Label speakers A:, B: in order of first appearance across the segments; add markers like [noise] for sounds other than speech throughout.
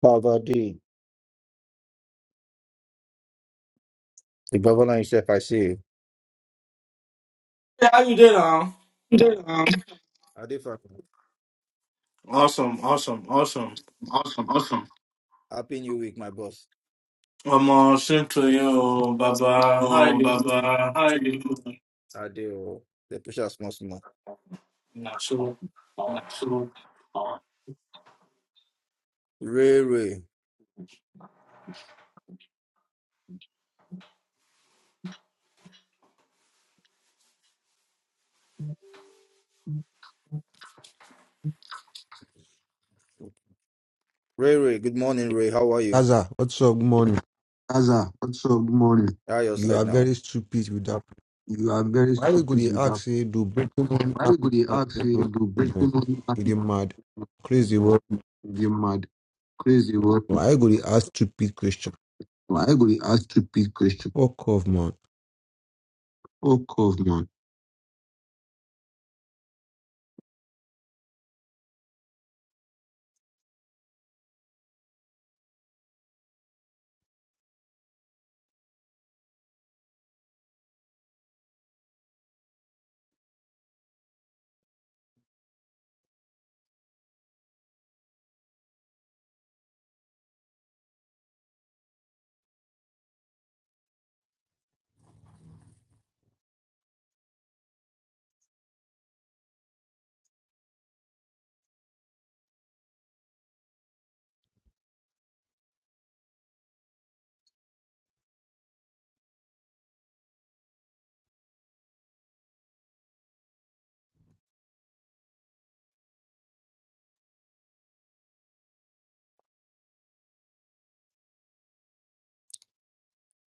A: Father D. The Babylon Chef, I see you.
B: How you doing? Al?
A: Um, Adifa,
B: Awesome, awesome, awesome.
A: awesome, awesome. happy new week, my boss.
B: I'm all sent to you, Baba. How
A: Yo,
B: you
A: Baba,
B: doing?
A: how are you? doing? Adeo, the pressure small small.
B: Nah, so-
A: Nasu. Ray Ray. Ray Ray, good morning, Ray. How are you?
C: Gaza, what's up? Good morning.
A: Gaza, what's up? Good morning. How your
C: You
A: side
C: are
A: now?
C: very stupid with that.
A: You are very
C: Why we go
A: stupid
C: dey
A: with
C: ask
A: that.
C: say do breaking one
A: Why you
C: happen
A: go dey
C: and
A: ask
C: they
A: say
C: go
A: do break
C: children?
A: woman
C: You
A: happy?
C: dey mad? Crazy world.
A: You mad, crazy what?
C: Why go dey ask stupid question?
A: Why you go dey ask stupid question?
C: Fuck off, man.
A: Fuck off, man.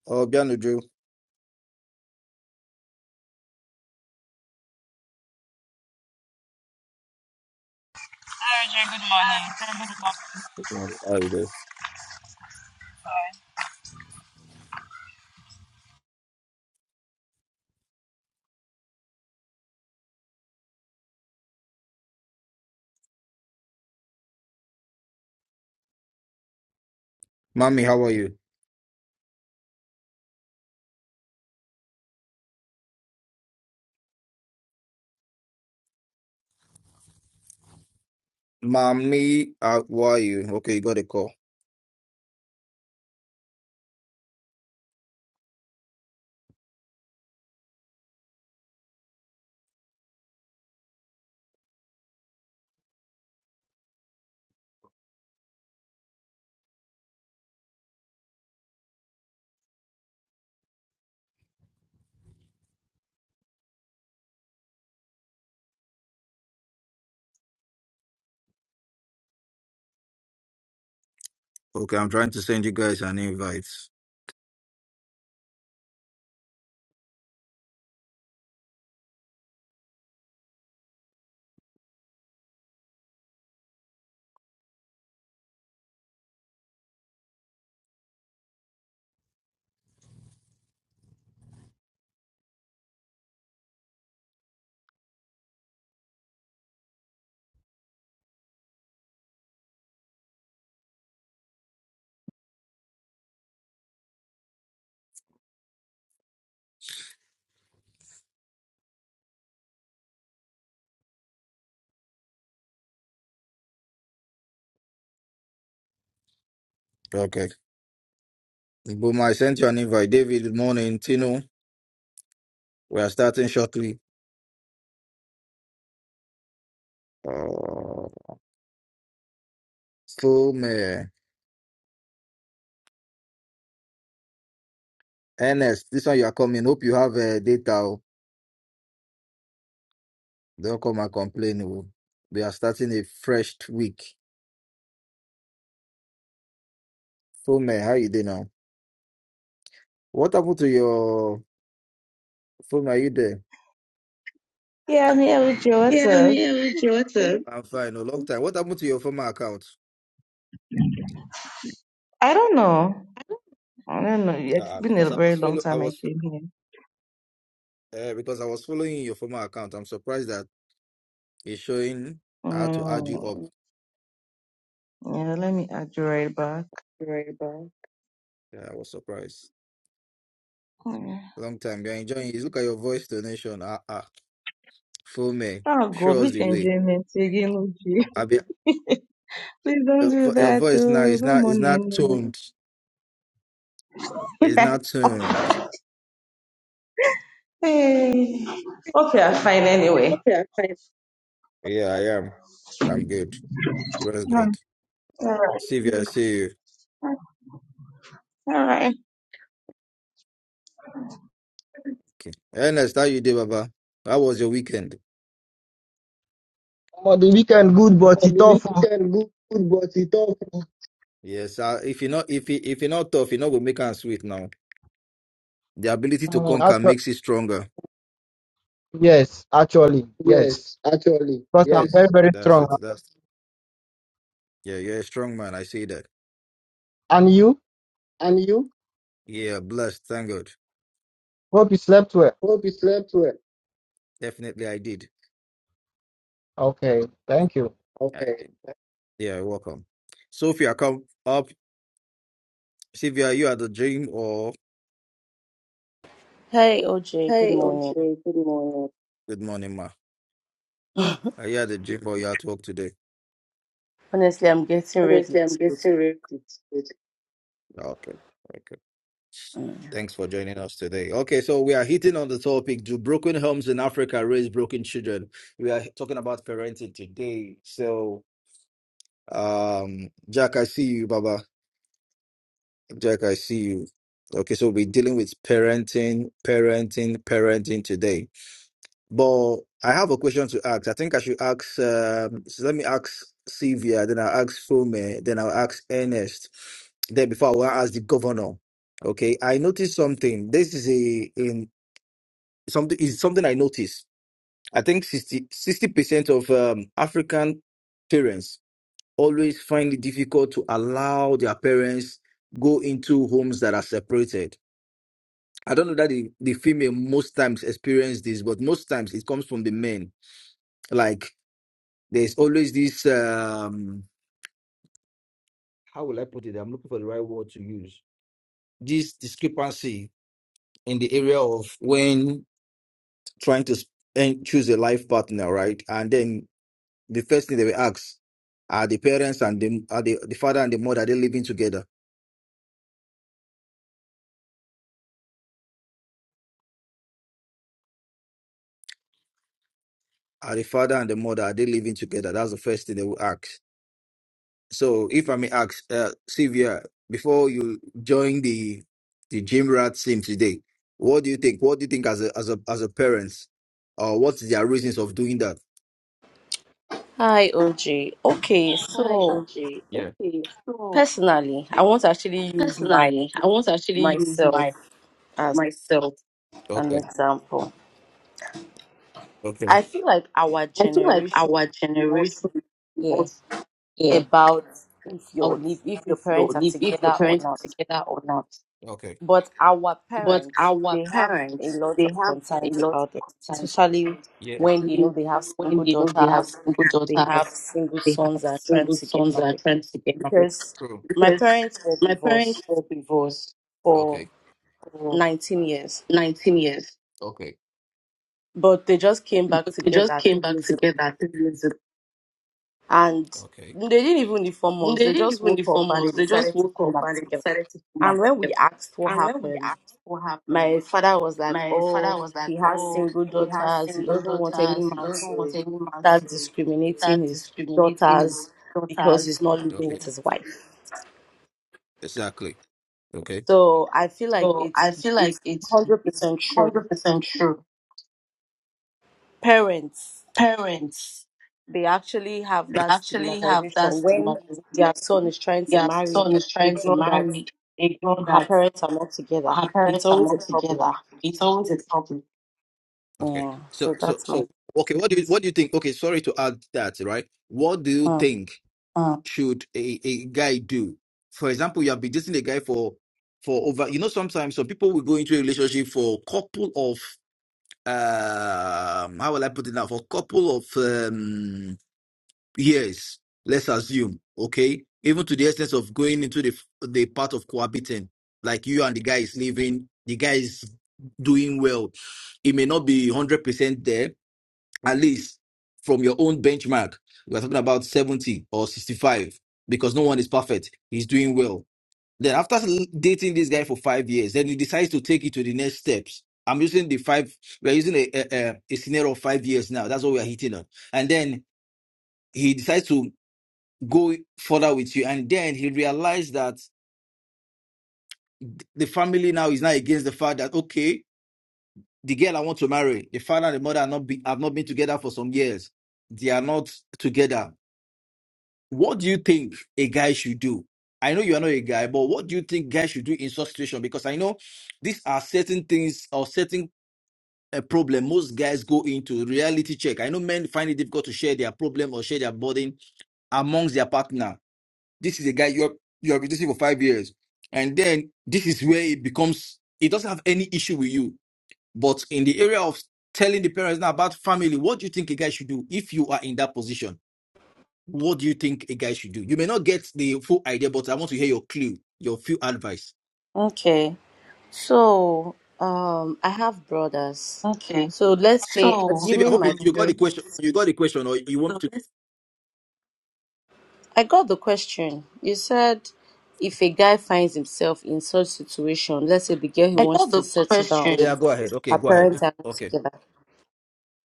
A: Oh, Bianudru.
D: Hi, Roger. Good morning.
A: Hello.
D: Hi.
A: Mommy, how are you? Mommy, how are you? Okay, you got a call. Okay, I'm trying to send you guys an invite. Okay. Boom, I sent you an invite. David, good morning. Tino, we are starting shortly. Uh, so, man. Ernest, this one you are coming. Hope you have uh, data. oh. Don't come and complain. oh. We are starting a fresh week. So, man, how you doing now? What happened to your phone? Are you there?
E: Yeah, I'm here with you. What's
A: Yeah, I'm
E: up?
A: here with you. What's up? I'm fine. A long time. What happened to your former account?
E: I don't know. I don't know. Yeah, It's
A: Uh,
E: been a
A: because I
E: very
A: was
E: long
A: follow, I
E: time I
A: was
E: came here.
A: uh, because I was following your former account. I'm surprised that it's showing. I had to add you
E: Mm,
A: up.
E: yeah, let me add you right back.
A: Yeah, I was surprised.
E: Mm.
A: Long time. You're enjoying it. Look at your voice donation. Ah, ah. Full man.
E: Oh God,
A: Show us
E: which
A: the way.
E: enjoyment again, Uchi?
A: I be,
E: [laughs] Please don't
A: your,
E: do
A: vo- your
E: that.
A: voice now
E: Oh,
A: is
E: no
A: not is
E: money
A: not tuned. It's
E: anyway.
A: not tuned.
E: [laughs] hey. Okay, I'm fine anyway.
A: Yeah, Yeah, I am. I'm good. Very
E: Mm,
A: good.
E: All right.
A: Sylvia, I see you.
E: All right.
A: Okay. Ernest, how you did, Baba? How was your weekend?
F: Omo, the weekend good, but
A: On
F: it
A: the
F: tough. oh.
A: weekend, good, but it's tough. Yes, uh, if you're not if you if you're not tough, you're not gonna make am sweet now. The ability to
F: Mm,
A: conquer
F: actu-
A: makes you stronger.
F: yes, actually, yes.
A: Yes, actually,
F: Because
A: Yeah,
F: I'm very,
A: yes.
F: very
A: that's
F: strong.
A: it. That's yeah, you're a strong man. I see that.
F: And you?
A: And you? Yeah, blessed, thank God.
F: Hope you slept well.
A: Hope you slept well. Definitely I did.
F: Okay, thank you.
A: I Okay. did. Yeah, you're welcome. Sophia, come up. Sylvia, you at the gym or
G: Hi, OJ. Good
A: Hey,
G: morning.
A: okay, good morning. good morning, ma.
G: [laughs]
A: Are you at the gym or you at work today?
G: Honestly, I'm getting ready
A: Honestly, I'm
G: to.
A: getting ready to sleep. Okay.
G: Mm.
A: Thanks for joining us today. Okay, so we are hitting on the topic Do broken homes in Africa raise broken children? We are talking about parenting today. So, um, Jack, I see you, Baba. Jack, I see you. Okay, so we're dealing with parenting, parenting, parenting today. But I have a question to ask. I think I should ask, um, so let me ask Sylvia, then I'll ask Fome, then I'll ask Ernest. Then before I will ask the governor. Okay, I noticed something. This is a in something is something I noticed. I think 60 percent of um, African parents always find it difficult to allow their parents go into homes that are separated. I don't know that the, the female most times experience this, but most times it comes from the men. Like there's always this um how will I put it? I'm looking for the right word to use. This discrepancy in the area of when trying to s- and choose a life partner, right? And then The first thing they will ask are the parents and the are the, the father and the mother are they living together? Are the father and the mother are they living together? That's the first thing they will ask. So if I may ask, uh, Sylvia, before you join the the gym rat team today, what do you think? What do you think as a as a as a parents? Or what's their reasons of doing that?
G: Hi, OJ. Okay,
A: Hi,
G: so
A: OJ. Yeah. Okay, so
G: personally, I want to actually use my
A: personally, I want to actually use
G: myself
A: my
G: as
A: myself.
G: an
A: Okay.
G: example. I
A: Okay.
G: feel like our
A: I feel like
G: generation
A: our
G: do not
A: generation
G: really
A: was.
G: care about if your
A: about
G: live if your
A: if
G: parents
A: your
G: are
A: if, if your
G: together or
A: parents are
G: not.
A: together or not. Okay.
G: But our
A: But
G: parents,
A: our
G: they have a
A: parents,
G: lot
A: they
G: of
A: have a
G: concerns
A: lot
G: about it,
A: of concerns,
G: especially
A: Yeah.
G: when they know
A: especially
G: they have
A: when
G: single
A: they know they have
G: daughters,
A: single
G: they have
A: daughters,
G: single
A: they have
G: sons that are trying
A: single
G: to get
A: sons that are
G: married.
A: trying to get married.
G: Because
A: True.
G: my
A: Because
G: parents were
A: my
G: divorced
A: parents were divorced
G: for
A: Okay. for
G: 19 years,
A: 19 years, Okay.
G: but they just came back
A: but they just
G: together three
A: came back
G: years ago.
A: together three years ago.
G: And
A: Okay.
G: they didn't even inform
A: They
G: us, they
A: didn't
G: just
A: even
G: woke up
A: inform
G: and they
A: us. They just
G: decided to
A: woke
G: come
A: up
G: back
A: and they
G: together.
A: decided to come back
G: And when we
A: together.
G: asked what
A: And when we
G: happened,
A: asked what happened,
G: my father was like,
A: my
G: oh,
A: father was like,
G: he has
A: "Oh,
G: single
A: he has
G: daughters. He
A: single
G: doesn't want any
A: daughters. He
G: man
A: doesn't want
G: to
A: any man
G: start
A: to
G: discriminating
A: start
G: his
A: discriminating
G: daughters
A: his
G: because he's
A: daughters."
G: not
A: Okay,
G: living with
A: because
G: his wife.
A: exactly. Okay.
G: So I feel like
A: So I
G: it's
A: feel
G: it's
A: like it's
G: hundred
A: it's
G: percent true.
A: hundred percent true.
G: Parents
A: Parents
G: they actually have
A: they
G: that
A: actually have that
G: stigmatization when
A: stigmatization.
G: their son is trying to
A: Their
G: marry
A: son is
G: a
A: trying to
G: girl that
A: marry a girl
G: her
A: that
G: parents are not together.
A: her
G: It's
A: parents are
G: always a
A: not
G: problem.
A: together. It's always a problem. Okay.
G: Yeah. So
A: So so
G: that's my.
A: so okay, what do you what do you think? Okay, sorry to add that, right? What do you
G: Hmm.
A: think Mm. should a, a guy do? For example, you have been dating a guy for for over you know, sometimes some people will go into a relationship for couple of um how will I put it now? For couple of um Yes, let's assume, okay? Even to the essence of going into the the part of cohabiting, like you and the guy is living, the guy is doing well. It may not be 100% there, at least from your own benchmark. We're talking about 70 or 65 because no one is perfect. He's doing well. Then after dating this guy for five years, then he decides to take it to the next steps. I'm using the five, we're using a, a, a a scenario of five years now. That's what we're hitting on. And then he decides to go further with you. And then he realized that the family now is not against the fact that okay, the girl I want to marry, the father and the mother are not be, have not been together for some years. They are not together. What do you think a guy should do? I know you are not a guy, but what do you think guys should do in such situation? Because I know these are certain things or certain uh, problem most guys go into reality check. I know men find it difficult to share their problem or share their burden amongst their partner This is a guy you're you're reducing for five years, and then this is where it becomes. It doesn't have any issue with you, but in the area of telling the parents now about family, what do you think a guy should do if you are in that position? What do you think a guy should do? You may not get the full idea, but I want to hear your clue, your few advice.
G: Okay. So, um, I have brothers.
A: Okay.
G: So let's
A: Si-
G: say,
A: So, Sylvia, I
G: assuming
A: hope
G: my
A: you, you um, got the question.
G: parents,
A: You got the question, or you want so to? this-
G: I got the question. You said if a guy finds himself in such situation, let's say the girl he
A: I got
G: wants to
A: the
G: settle down
A: question.
G: with,
A: Yeah, go ahead. Okay,
G: her
A: go
G: parents
A: ahead.
G: are not
A: Okay.
G: together.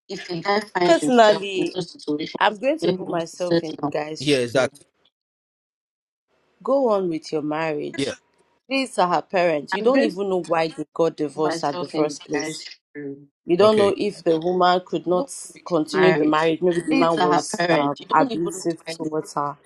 A: If a guy finds himself in
G: Personally,
A: such
G: I'm
A: situations,
G: going to
A: then he
G: put
A: wants to
G: myself in
A: settle
G: the
A: down.
G: guy's
A: Yeah,
G: shoe.
A: exactly.
G: Go on with your
A: Yeah.
G: marriage. These are her parents. You
A: I'm
G: don't
A: going to
G: even know why they got
A: put
G: divorced at the
A: myself in
G: first
A: the
G: place.
A: guy's shoe.
G: You don't know
A: Okay.
G: if the woman could
A: Don't
G: not
A: worry with your
G: continue the
A: marriage.
G: marriage. Maybe the
A: It's
G: man
A: her
G: was um,
A: parents. You don't even look
G: abusive
A: like the
G: towards her.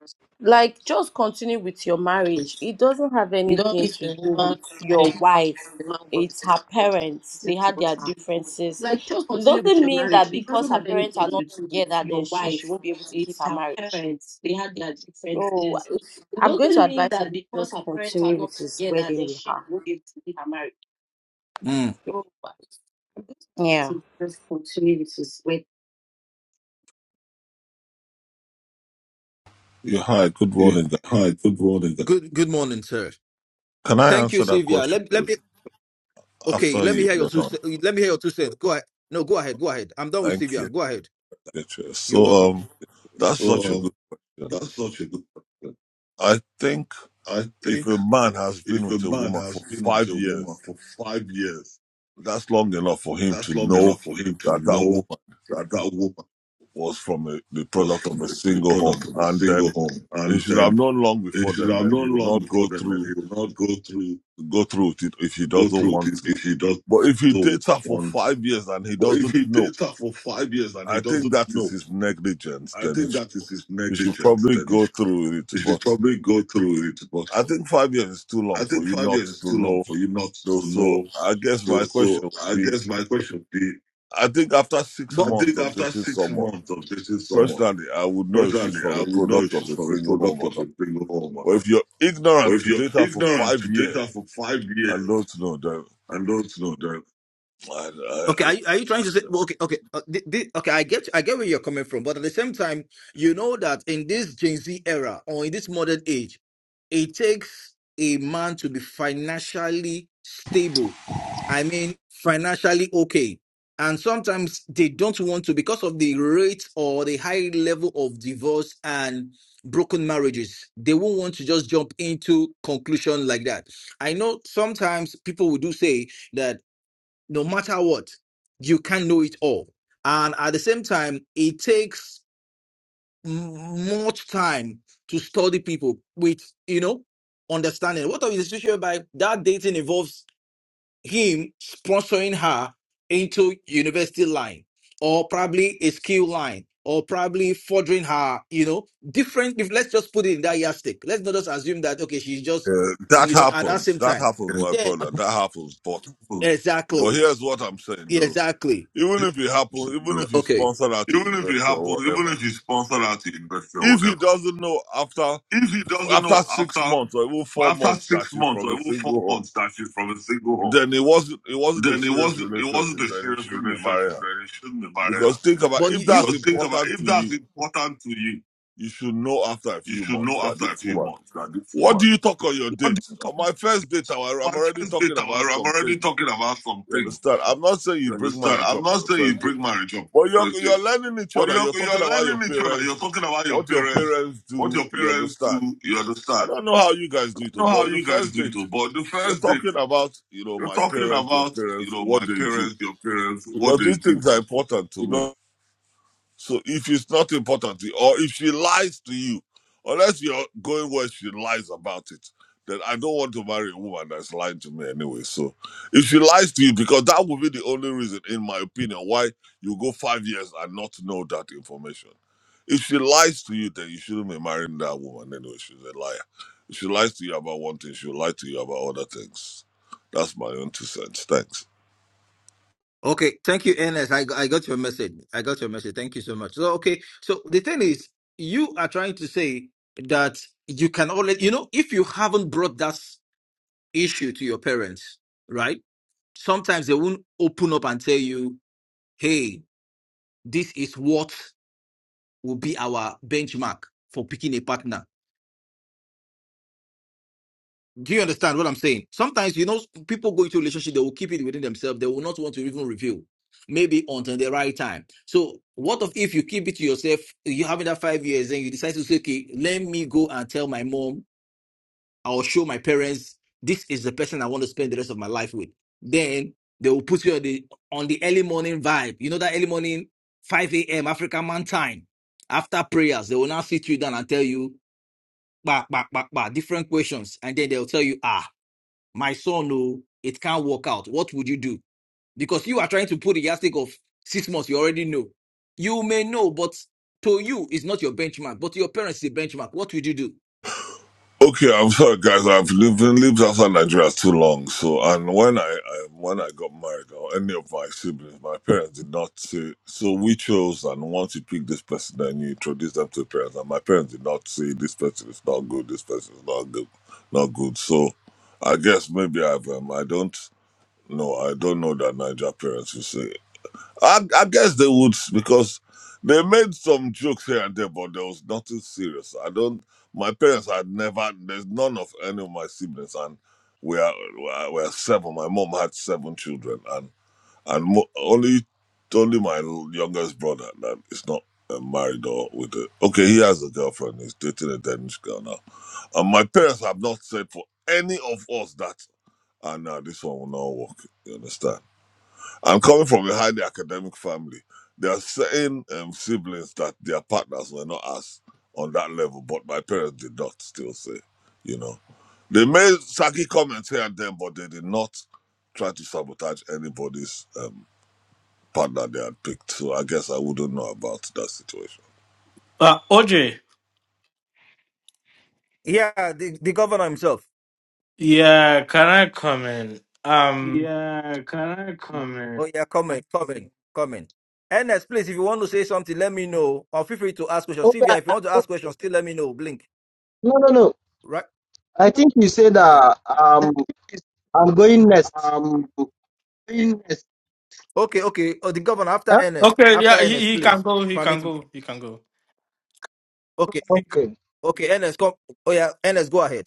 A: first
G: Like, just continue with your marriage.
A: place.
G: It doesn't have
A: You don't
G: anything
A: if
G: to
A: the
G: do
A: woman
G: with
A: could
G: your
A: marry
G: wife.
A: the man
G: It's her
A: was uh,
G: parents. They
A: decent
G: had
A: towards
G: their
A: her.
G: differences.
A: Like just
G: It
A: continue with
G: doesn't
A: your
G: mean
A: marriage.
G: that
A: It
G: because
A: doesn't
G: her
A: have
G: parents
A: anything
G: are
A: to
G: not
A: do with
G: together, then
A: your
G: she she
A: wife.
G: won't be able to keep
A: It's
G: her
A: her
G: marriage.
A: parents. They had their
G: So
A: differences.
G: if,
A: It
G: I'm going to
A: doesn't mean
G: advise him
A: that
G: to
A: because
G: just
A: her parents are
G: continue with
A: not
G: his
A: together,
G: wedding
A: then
G: with
A: she
G: her.
A: will be able to be her marriage. Mm.
G: Yeah.
H: Yeah, hi, good
A: Yeah.
H: morning. guys.
A: Hi, good morning. Good good morning, sir.
H: Can I
A: Thank you,
H: answer that
A: Sylvia.
H: question
A: Let,
H: please?
A: let me okay,
H: after
A: let me
H: you,
A: hear your
H: you're
A: two ce-
H: done?
A: let me hear your two cents. Go ahead. No, go ahead, go ahead. I'm done with
H: Thank you.
A: Sylvia. Go ahead.
H: Beatrice.
A: You're
H: So,
A: welcome.
H: um, that's such
A: So
H: a
A: um,
H: good question.
A: that's such a good question.
H: I think
A: I
H: if
A: think
H: a man has been
A: if a
H: with a
A: man
H: woman for
A: has been with
H: five
A: a woman
H: years,
A: for five years,
H: that's long enough for him
A: that's
H: to
A: long
H: know
A: enough for him to
H: that that
A: know
H: woman
A: that that woman.
H: was from a, the
A: was
H: product of
A: from
H: a
A: the, the
H: single home,
A: product of a
H: and
A: single
H: then
A: home.
H: he
A: And
H: should have
A: then
H: known long
A: it
H: before
A: should
H: then.
A: have
H: Then he
A: known
H: will
A: long
H: not
A: before
H: go
A: then that
H: through
A: he will not go through
H: go through with it if he
A: go
H: doesn't
A: through
H: want
A: it
H: to.
A: if he does
H: But if he
A: so
H: dates her for
A: want.
H: five years and he
A: But if
H: doesn't
A: he
H: know.
A: dates her for five years and he
H: I think
A: doesn't
H: that is
A: know,
H: his negligence.
A: I
H: Then he
A: think
H: should,
A: that is his
H: he should
A: negligence.
H: probably
A: Then he,
H: go
A: sh-
H: through with
A: he
H: it.
A: should
H: But
A: probably go through it. But
H: I think five years is too long
A: I
H: for
A: think
H: you
A: five
H: not
A: years is
H: to
A: too long
H: know.
A: for you not
H: Though,
A: to
H: so
A: know.
H: I guess
A: So,
H: my question
A: so
H: would
A: I
H: be:
A: guess my question would be, I
H: I think after six
A: But
H: months
A: think
H: of
A: after
H: dating
A: six
H: someone,
A: months of dating someone,
H: personally, I would know if she's
A: personally, I
H: from a
A: would know
H: product
A: if
H: of
A: she's
H: a
A: from a
H: single home
A: product
H: or
A: of a
H: not.
A: single
H: But
A: home.
H: if you're
A: Or
H: ignorant
A: if
H: to
A: you're
H: date her for
A: ignorant
H: five
A: to take her
H: years
A: for five
H: and
A: years
H: don't know, then
A: and don't know, then
H: I,
A: Okay,
H: I,
A: are you, are you trying to say well, okay, okay, uh, thi- thi- okay? I get, I get where you're coming from, but at the same time, you know that in this Gen Z era or in this modern age, it takes a man to be financially stable. I mean, financially okay, and sometimes they don't want to because of the rate or the high level of divorce and broken marriages. They won't want to just jump into conclusion like that. I know sometimes people will do say that no matter what, you can't know it all. And at the same time, it takes m- much time to study people with, you know, understanding. What of the situation by that dating involves him sponsoring her into university line or probably a skill line or probably furthering her, you know, different. If let's just put it in that yardstick, let's not just assume that, okay, she's just,
H: uh, that
A: you know, at that
H: happens.
A: same
H: That
A: time.
H: happens, my
A: Then
H: brother. That happens. But
A: Food.
H: but
A: Exactly.
H: here's what I'm saying,
A: Yeah,
H: though.
A: exactly.
H: Even
A: Here's
H: if it
A: what I'm
H: happens,
A: saying
H: even
A: though.
H: if he's
A: Okay.
H: sponsored out to
A: Even if it
H: university
A: happens,
H: or
A: even
H: whatever,
A: if he's sponsored out to investor or
H: if he
A: whatever,
H: doesn't know after
A: if he doesn't
H: after
A: know
H: six
A: after
H: months or even four
A: after
H: months that
A: six
H: she's
A: months
H: from
A: or
H: a
A: even four
H: single home,
A: months that she's from a single home,
H: then it wasn't it wasn't a
A: then it
H: serious
A: wasn't it wasn't
H: relationship.
A: a
H: Then he
A: serious
H: shouldn't
A: relationship.
H: marry her.
A: Then he shouldn't have married her.
H: Because think about
A: But
H: if
A: you, you
H: that's
A: Because think about
H: important
A: if
H: to
A: that's
H: you,
A: important to you,
H: you should know after a
A: you
H: few
A: should
H: months
A: know
H: that
A: after a
H: this
A: few
H: woman.
A: months that this
H: What do
A: woman.
H: you talk on your
A: What do
H: date?
A: you talk
H: On my first date, I- wa-
A: about?
H: I'm already
A: first
H: talking
A: date,
H: about
A: I'm
H: some
A: already
H: things.
A: talking about
H: You
A: something.
H: understand? I'm not saying you
A: You
H: bring
A: understand?
H: marriage
A: I'm
H: up on
A: not
H: your
A: saying you
H: first date.
A: bring marriage up for
H: But
A: the
H: you're
A: first date.
H: you're learning each
A: But
H: other. You're
A: you're,
H: talking
A: you're
H: about your
A: learning each other. You're
H: parents,
A: talking about your
H: what your
A: parents,
H: parents
A: what
H: do.
A: your
H: You
A: parents
H: understand?
A: do. You
H: I
A: understand?
H: don't know how you guys do
A: I
H: it, oh,
A: don't know how
H: but the
A: you guys
H: first
A: do it,
H: date,
A: but the
H: you're
A: first date,
H: talking about you know
A: you're
H: my
A: talking
H: parents, your
A: about, you
H: parents,
A: know,
H: what
A: my
H: they do,
A: parents, your parents, what
H: because
A: they
H: these
A: do.
H: things are important to
A: You
H: me.
A: know,
H: So if it's not important to you, or if she lies to you, unless you're going where she lies about it, then I don't want to marry a woman that's lying to me anyway. So if she lies to you, because that would be the only reason, in my opinion, why you go five years and not know that information. If she lies to you, then you shouldn't be marrying that woman anyway. She's a liar. If she lies to you about one thing, she'll lie to you about other things. That's my own two cents. Thanks.
A: Okay, thank you, Ernest. I, I got your message. I got your message. Thank you so much. So, okay, so the thing is, you are trying to say that you can already, you know, if you haven't brought that issue to your parents, right? sometimes they won't open up and tell you, hey, this is what will be our benchmark for picking a partner. Do you understand what I'm saying? Sometimes, you know, people go into a relationship, they will keep it within themselves. They will not want to even reveal, maybe until the right time. So, what of if you keep it to yourself? You having that five years, and you decide to say, okay, let me go and tell my mom I'll show my parents this is the person I want to spend the rest of my life with. Then they will put you on the on the early morning vibe. You know that early morning, 5 a.m. African man time. After prayers, they will now sit you down and tell you bah, bah, bah, bah, different questions. And then they'll tell you, ah, my son, no, it can't work out. What would you do? Because you are trying to put the yardstick of six months, you already know. You may know, but to you, it's not your benchmark, but to your parents, it's a benchmark. What would you do?
H: Okay, I'm sorry, guys. I've lived been lived outside Nigeria too long. So, and when I, I when I got married, or any of my siblings, my parents did not say. So we chose, and once you pick this person, then you introduce them to your parents. And my parents did not say this person is not good. This person is not good, not good. So, I guess maybe I've um, I don't know. I don't know that Niger parents will say. I, I guess they would because they made some jokes here and there, but there was nothing serious. I don't. My parents had never. There's none of any of my siblings, and we are we are we are seven. My mom had seven children, and and mo- only only my youngest brother that is not uh, married or with a okay. He has a girlfriend. He's dating a Danish girl now, and my parents have not said for any of us that. And now this one will not work. You understand? I'm coming from a highly academic family. There are certain um, siblings that their partners were not as on that level, but my parents did not still say, you know. They made sacky comments here and there, but they did not try to sabotage anybody's um, partner they had picked. So I guess I wouldn't know about that situation.
B: Uh, OJ,
A: Yeah, the, the governor himself.
B: yeah, can I come in? Um,
A: Yeah, can I comment? Oh yeah, comment, comment, comment. Ernest, please, if you want to say something, let me know. Or feel free to ask questions.
F: Okay, I,
A: Sylvia, if you
F: I,
A: want to
F: oh,
A: ask questions, still let me know. Blink.
F: no, no, no.
A: Right?
F: I think you said
A: Okay.
F: uh, um, I'm going next.
A: Um, Ernest, Okay, okay. Oh, the governor after
F: Huh?
A: Ernest.
B: okay,
A: After
B: yeah, he,
A: Ernest,
B: he can
A: please.
B: go, he can
A: Permit me.
B: go, he can go.
A: Okay.
F: Okay,
A: Okay, Ernest, come. Oh yeah, Ernest, go ahead.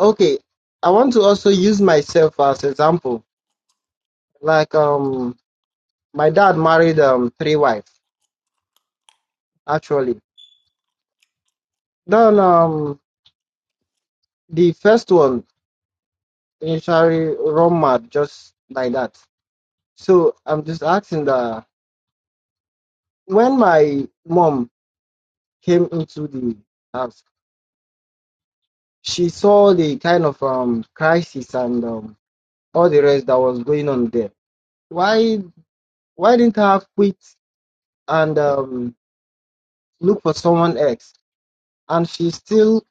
F: okay. I want to also use myself as example. Like um, my dad married um three wives actually. Then um, the first one initially run mad just like that. So I'm just asking that when my mom came into the house, she saw the kind of um crisis and um, all the rest that was going on there. Why why didn't her quit and um, look for someone else? And she still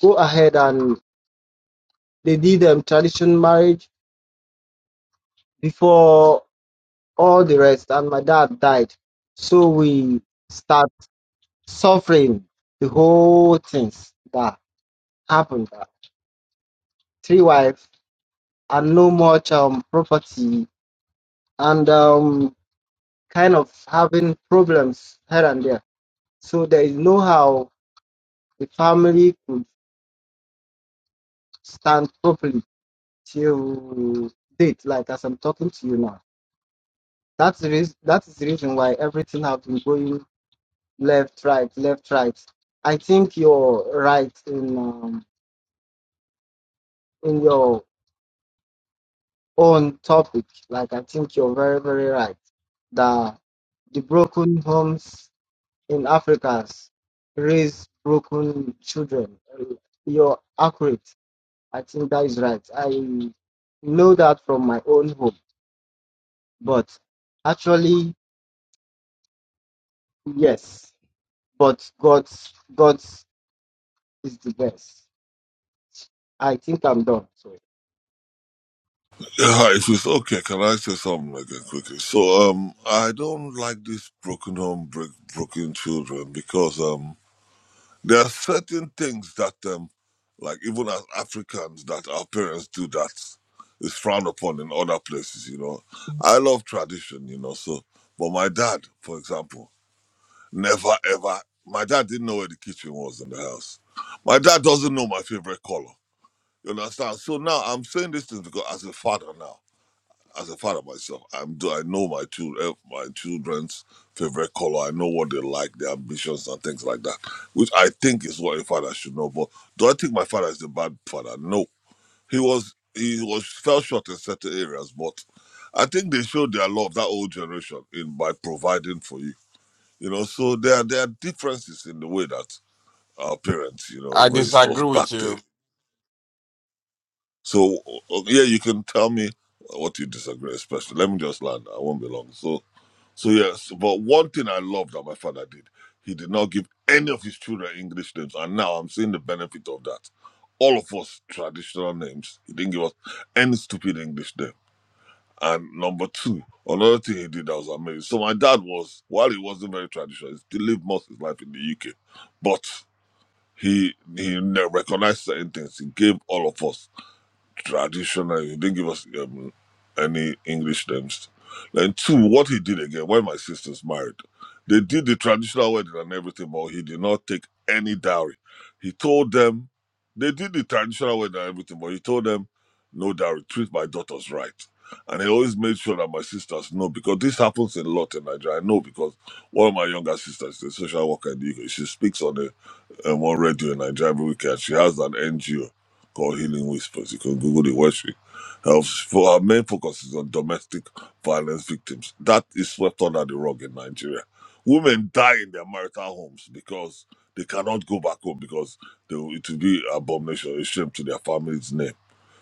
F: go ahead and they did um, traditional marriage before all the rest. And my dad died, so we start suffering the whole things that happened. three wives and no much um, property and um, kind of having problems here and there. So there is no how the family could stand properly till date, like as I'm talking to you now. That's the reason, that is the reason why everything has been going left, right, left, right. I think you're right in um, in your own topic. Like I think you're very, very right. That the broken homes in Africans raise broken children. You're accurate. I think that is right. I know that from my own home, but actually, yes. But God's God's is the best. I think I'm done. So
H: Yeah, hi, if it's okay, can I say something again quickly? So um, I don't like these broken home, break, broken children because um, There are certain things that, um, like even as Africans, that our parents do that is frowned upon in other places. You know, I love tradition. You know, so but my dad, for example, never ever. My dad didn't know where the kitchen was in the house. My dad doesn't know my favorite color. You understand? So now I'm saying these things because as a father now as a father myself, I'm do I know my children, my children's favorite color. I know what they like, their ambitions and things like that, which I think is what a father should know. But do I think my father is a bad father? No, he was he was fell short in certain areas, but I think they showed their love that old generation in by providing for you. You know, so there are, there are differences in the way that our parents, you know,
I: I
H: raised us
I: disagree
H: back
I: with
H: then.
I: you.
H: So uh, yeah, you can tell me what you disagree, especially. Let me just land. I won't be long. So So yes, but one thing I love that my father did, he did not give any of his children English names, and now I'm seeing the benefit of that. All of us traditional names, he didn't give us any stupid English name. And number two, another thing he did that was amazing. So my dad was, while he wasn't very traditional, he still lived most of his life in the UK, but he he ne- recognized certain things. He gave all of us traditional. He didn't give us um, any English names. Then two, what he did again when my sisters married, they did the traditional wedding and everything, but he did not take any dowry. He told them they did the traditional wedding and everything, but he told them no dowry. Treat my daughters right. And he always made sure that my sisters know because this happens a lot in Nigeria. I know because one of my younger sisters is a social worker in the UK. She speaks on the um, on radio in Nigeria every weekend. She has an NGO called Healing Whispers. You can Google the worship. Helps for our main focus is on domestic violence victims. That is swept under the rug in Nigeria. Women die in their marital homes because they cannot go back home because they, it will be abomination, a shame to their family's name.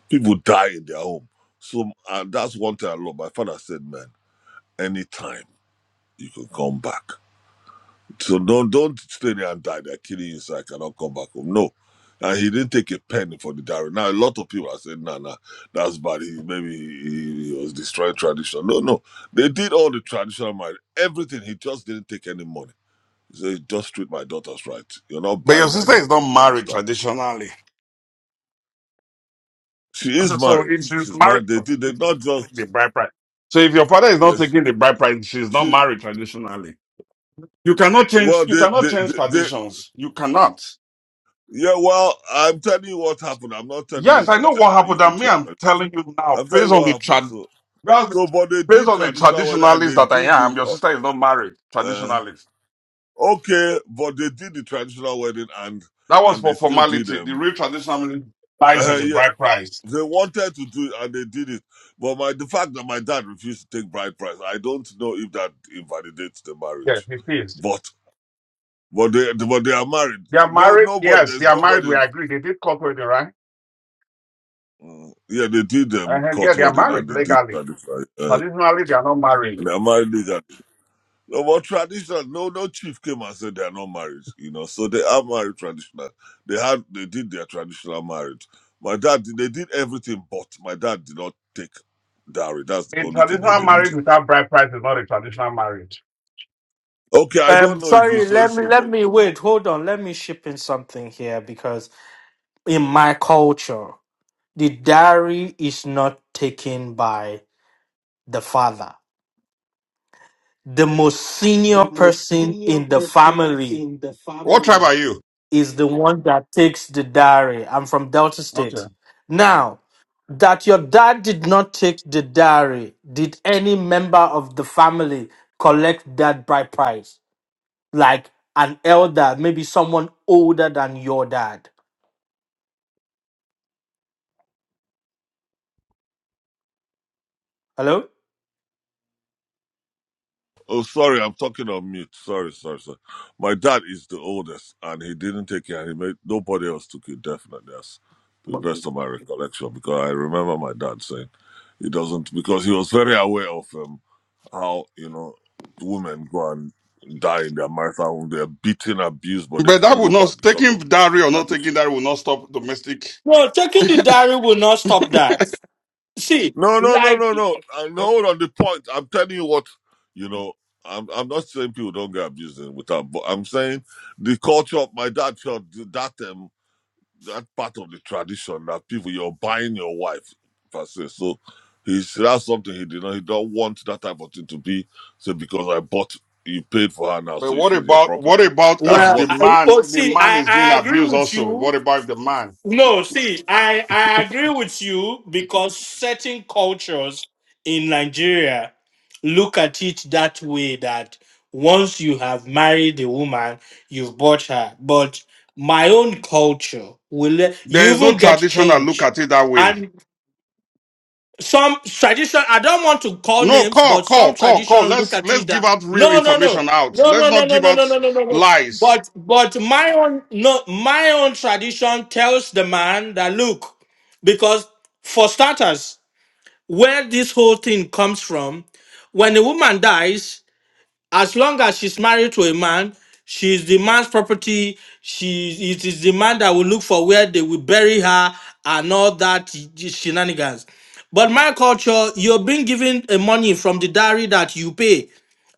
H: People die in their home. So and that's one thing I love. My father said, man, anytime you can come back. So don't don't stay there and die. They're killing you, so cannot come back home. No. And he didn't take a penny for the diary. Now a lot of people are saying, nah, nah, that's bad. He maybe he, he was destroying tradition. No, no. They did all the traditional marriage, everything. He just didn't take any money. He said, just treat my daughters right. You're not
I: But your
H: buying my
I: sister is not
H: daughters, you
I: married
H: understand?
I: traditionally. [laughs]
H: She is
I: So
H: married.
I: if she's
H: She's
I: married,
H: married. They did they not
I: your father is supposed to take the
H: just
I: bride price. So if your father is not
H: yes,
I: taking the bride price, she's not
H: she
I: married traditionally. You cannot change
H: well
I: you
H: they
I: cannot
H: they,
I: change
H: they, they
I: traditions. You cannot.
H: yeah, well, I'm telling you what happened. I'm not telling you
I: Yes, I
H: that
I: know what happened
H: you can
I: that me
H: change.
I: I'm telling you now,
H: I'm telling
I: based
H: you
I: on
H: what
I: the
H: happened.
I: trad
H: So,
I: well,
H: So, but they
I: based
H: did
I: on the
H: traditional wedding and
I: traditionalist
H: they
I: that
H: did
I: I am,
H: the
I: your
H: uh,
I: sister is not married,
H: uh,
I: traditionalist.
H: okay, but they did the traditional wedding and
I: That was
H: and they
I: for
H: still did
I: formality. The
H: them. [laughs]
I: real traditionalist lies in
H: Uh,
I: the
H: yeah,
I: bride price.
H: they wanted to do it and they did it. But my the fact that my dad refused to take bride price, I don't know if that invalidates the
I: Yes,
H: marriage.
I: it is.
H: But but they but they are married.
I: They are
H: No,
I: married.
H: nobody.
I: Yes, they
H: There's
I: are married.
H: nobody.
I: We agree. They did corporate, right?
H: Mm, yeah, they did them
I: And yeah,
H: court
I: they are
H: wedding
I: married
H: and they did
I: legally.
H: traditional. Uh,
I: Traditionally, they are not married.
H: and they are married legally. No, but traditional, no, no chief came and said they are not married, you know. So they are married traditional. They had, they did their traditional marriage. My dad, did- they did everything, but my dad did not take dowry. That's the
I: A
H: only thing he
I: traditional
H: didn't
I: marriage
H: do.
I: without bride price is not a traditional marriage.
H: Okay, I
B: Um,
H: don't know if you
B: sorry,
H: say
B: let me,
H: so,
B: let
H: but
B: me wait. Hold on, let me ship in something here because in my culture, the diary is not taken by the father. The most senior
A: the most
B: person
A: senior
B: in the
A: person
B: family
A: in the
I: What tribe
A: family.
I: are you?
B: is the one that takes the diary. I'm from Delta
I: Okay.
B: State. Now, that your dad did not take the diary, did any member of the family collect that bride price? Like an elder, maybe someone older than your dad. Hello?
H: oh, sorry, I'm talking on mute. Sorry, sorry, sorry. My dad is the oldest, and he didn't take it, and he made nobody else took it. Definitely, that's the best of my recollection because I remember my dad saying. He doesn't because he was very aware of um, how you know women go and die in their marital home. They're beaten, abused, but they
I: But that
H: can't go
I: would
H: back
I: not
H: because
I: taking
H: of
I: dowry or not
H: tradition.
I: taking dowry will not stop domestic.
B: Well, taking the diary will not stop that. see,
H: No, no, no,
B: like,
H: no, no. Uh, no, hold on the point. I'm telling you what you know. I'm I'm not saying people don't get abused in without, but I'm saying the culture. of My dad felt that them. that part of the tradition that people you're buying your wife per se. So he's that's something he did not he don't want that type of thing to be so because I bought you paid for her now,
I: But
H: so
I: what
H: she's your
I: about what
H: property.
I: about
H: That's
I: if
B: well,
H: what
I: the
B: I,
I: man
B: oh,
I: the
B: see,
I: man
B: I,
I: is being
B: I agree
I: abused
B: with
I: also?
B: you.
I: What about if the man?
B: No, see, I, I agree with you because certain cultures in Nigeria look at it that way that once you have married a woman, you've bought her. But my own culture will let
I: There
B: you
I: is no
B: even get
I: tradition that look
B: change.
I: at it that way.
B: some tradition i don't want to call
I: No,
B: names
I: call,
B: but some
I: call, call,
B: tradition
I: call.
B: look
I: Let's
B: at
I: let's
B: it
I: give
B: that
I: out real
B: no no no
I: information out.
B: no
I: Let's
B: no no
I: not
B: no
I: give
B: no no
I: out
B: no no no no
I: lies.
B: but but my own no my own tradition tells the man that look because for starters where this whole thing comes from when a woman dies as long as she's married to a man, she is the man's property. She it is the man that will look for where they will bury her and all that shenanigans. But my culture, you're being given a money from the dowry that you pay,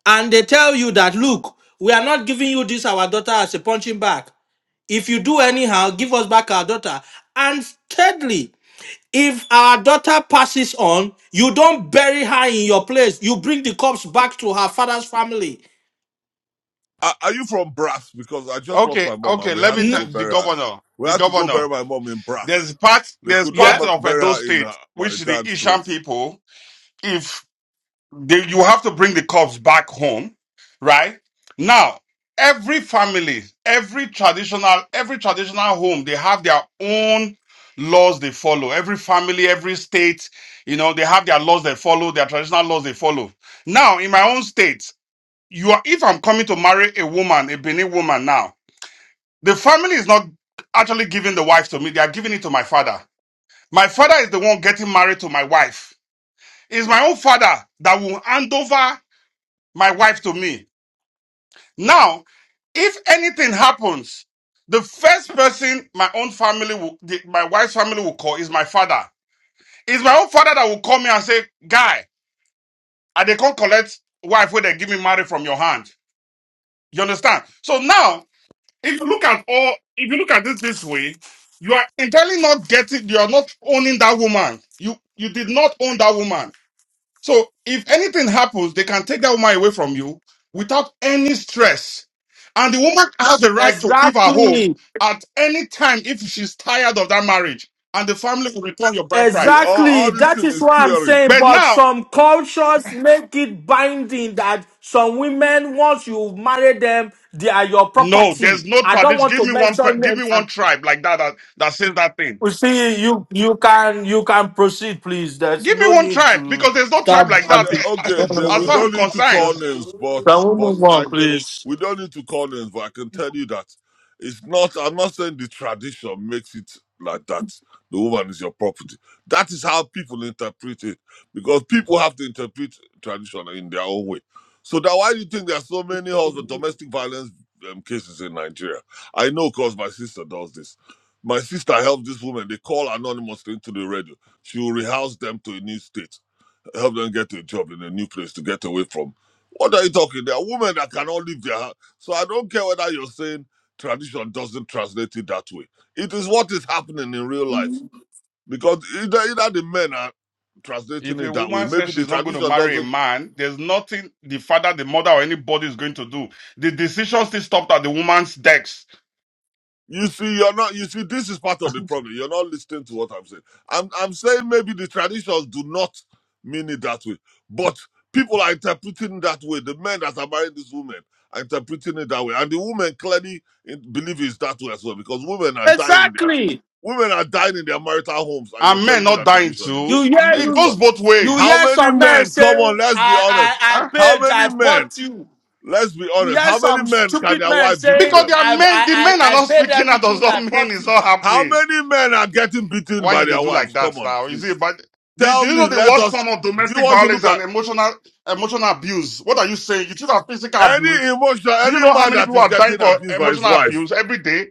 B: and they tell you that look, we are not giving you this our daughter as a punching bag. If you do anyhow, give us back our daughter. And thirdly, if our daughter passes on, you don't bury her in your place. You bring the corpse back to her father's family.
H: are, are you from Brass? Because I just lost
I: Okay,
H: my mom and
I: okay.
H: we
I: Let
H: had
I: me
H: to
I: tell
H: go
B: N-
I: the
H: bury her.
I: governor.
H: We
I: The
H: had to go
I: governor.
H: bury my mom in Brass.
I: There's part.
H: They
I: There's
H: could not
B: yeah.
I: part
H: ma-
I: of
H: bury
I: Edo
H: her in her,
I: State
H: my
I: which the
H: dad's
I: Ishan
H: place.
I: people, if they, you have to bring the corpse back home, right? Now, every family, every traditional, every traditional home, they have their own laws they follow. Every family, every state, you know, they have their laws they follow, their traditional laws they follow. Now, in my own state, you are if I'm coming to marry a woman, a Benin woman now. The family is not actually giving the wife to me, they are giving it to my father. My father is the one getting married to my wife. It's my own father that will hand over my wife to me. Now, if anything happens, the first person my own family will, the, my wife's family will call is my father. It's my own father that will call me and say, Guy, I they can't collect wife where they give me married from your hand. You understand? So now if you look at all, if you look at it this way, you are entirely not getting, you are not owning that woman. You you did not own that woman. So if anything happens, they can take that woman away from you without any stress. And the woman has the right to leave her home
B: Exactly.
I: at any time if she's tired of that marriage, and the family will return your birthright.
H: See, all,
B: Exactly.
H: all this
B: That
H: thing
B: is
H: is
B: what I'm
H: theory.
B: saying.
I: But
B: But
I: now,
B: some cultures make it binding that some women, once you marry them, they are your
I: no, there's
B: property.
I: no
B: I don't
I: tradition.
B: want
I: Give
B: to
I: me one, pe-
B: mention
I: give
B: names.
I: me
B: I'm-
I: one tribe like that that, that says that thing.
B: You see, you you can you can proceed, please. There's
I: Give me
B: no
I: one
B: need
I: tribe
B: to
I: because there's no tribe
B: start.
I: like
H: Yeah,
I: that.
B: banting.
H: okay.
B: No,
I: [laughs]
B: no,
H: Then
I: As
H: we
B: no,
I: far as I'm
H: don't need to
I: concerned,
H: call
B: no.
H: names, but
B: Can we
H: but
B: move
H: I
B: on,
H: can.
B: please?
H: We don't need to call names, but I can tell you that it's not. I'm not saying the tradition makes it like that. The woman is your property. That is how people interpret it, because people have to interpret tradition in their own way. So that why do you think there are so many husband domestic violence um, cases in Nigeria? I know, cause my sister does this. My sister helped this woman. They call anonymously into the radio. She will rehouse them to a new state help them get a job in a new place to get away from. What are you talking? There are women that cannot leave their house. So I don't care whether you're saying tradition doesn't translate it that way. It is what is happening in real life. Because either, either the men are translating
I: if
H: it
I: a
H: that way.
I: woman says
H: Maybe the
I: she's not going to
H: tradition
I: marry a
H: doesn't.
I: man, there's nothing the father, the mother, or anybody is going to do. The decision still stopped at the woman's decks.
H: You see, you're not. You see, this is part of the problem. You're not listening to what I'm saying. I'm I'm saying maybe the traditions do not mean it that way, but people are interpreting that way. The men that are marrying these women are interpreting it that way, and the women clearly in- believe it's that way as well because women are dying in their
B: Exactly.
H: women are dying in their marital homes, and you're
I: And men
H: telling me
I: not
H: that
I: dying
H: tradition. Did not.
B: You
I: too.
B: hear
H: You
I: It
B: you
I: goes
H: understand?
I: both
B: you
H: How
I: ways.
B: hear
H: many
B: some men
H: men?
B: say,
H: Come on, let's
B: I
H: be
B: I
H: honest.
B: I
I: Huh?
H: How
B: paid, I
H: many men?
B: bought you.
H: Let's be honest. How
B: There's
H: many
B: some
H: men can
B: stupid
H: their
B: man
H: wife beat to
B: saying
I: Because
H: them?
I: they are
B: I I
I: men, the men are
B: I, I
I: not
B: paid
I: speaking, that does
B: everything
I: not
B: I
I: mean
B: bought
I: it's
B: you.
I: not
H: How
I: happening.
H: many men are getting beaten
I: Why
H: by
I: you they
H: their
I: do like
H: wives? Come
I: that
H: on,
I: now? You see,
H: please.
I: but do, do
H: Tell
I: you
H: me,
I: know the
H: let
I: worst
H: us.
I: form of
H: Do you
I: domestic
H: want to
I: violence
H: look at
I: and emotional emotional abuse? What are you saying? You should have physical
H: any
I: abuse.
H: emotional,
I: Do you
H: any
I: know how
H: man
I: many
H: that
I: people
H: is
I: are dying
H: getting
I: for
H: abused by his
I: emotional
H: wife?
I: abuse every day?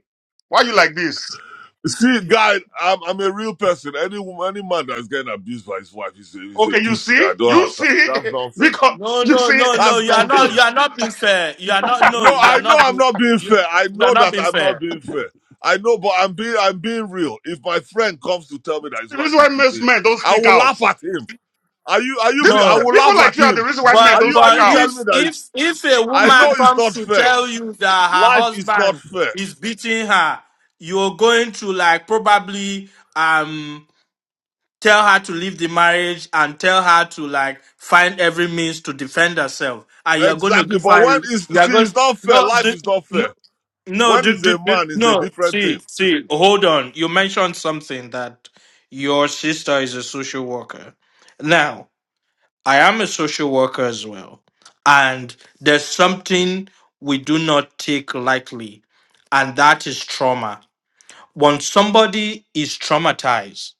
I: Why you like this?
H: See, guy, I'm, I'm a real person. Any woman, any man that is getting abused by his wife is a, is a
I: Okay, you
H: pussy.
I: see,
H: I don't
I: you
H: have time.
I: see,
H: That's
I: [laughs]
H: nonsense.
I: because
B: No,
I: you
B: no,
I: see,
B: no, no.
H: That's
B: You
I: [laughs]
B: are not.
I: the
B: You
H: nonsense.
B: are not being fair. You are not. No,
H: No,
B: you are
H: I know
B: not.
H: I'm
B: Being,
H: not being fair.
B: you,
H: I
B: you are
H: know
B: not
H: that
B: being
H: I'm not
B: fair.
H: being fair. I know, but I'm being I'm being real. If my friend comes to tell me that his wife
I: reason
H: is
I: why
H: beating
I: most
H: him,
I: men don't
H: I
I: speak
H: will
I: out.
H: laugh at him. Are you are you? Be,
I: This
H: I
B: No,
H: will
I: people
H: laugh
I: like
H: at
I: you are the
H: him.
I: reason why men
H: Are
B: but
I: don't
H: you are
I: speak
B: but
H: you
I: out.
H: telling me
B: if
H: that? It's,
B: if if a
H: I know
B: woman
H: it's
B: comes
H: not
B: to
H: fair.
B: tell you that her
H: Life is not
B: husband
H: fair.
B: is beating her, you're going to like probably um. tell her to leave the marriage and tell her to like find every means to defend herself and you're going to
H: Exactly.
B: give
H: But
B: her
H: when is
B: you are
H: see,
B: going
H: it's not fair.
B: no
H: Life
B: do,
H: is not fair.
B: no no
H: When
B: do,
H: it's
B: do,
H: a
B: do,
H: man, it's a
B: no
H: different thing.
B: see see hold on you mentioned something that your sister is a social worker now i am a social worker as well and there's something we do not take lightly and that is trauma when somebody is traumatized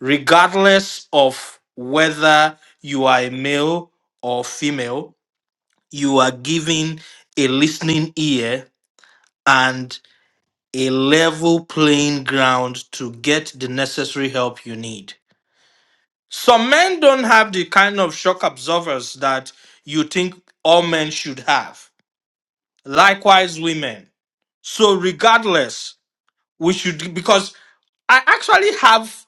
B: regardless of whether you are a male or female, you are giving a listening ear and a level playing ground to get the necessary help you need. Some men don't have the kind of shock absorbers that you think all men should have. Likewise, women. So, regardless, we should, because I actually have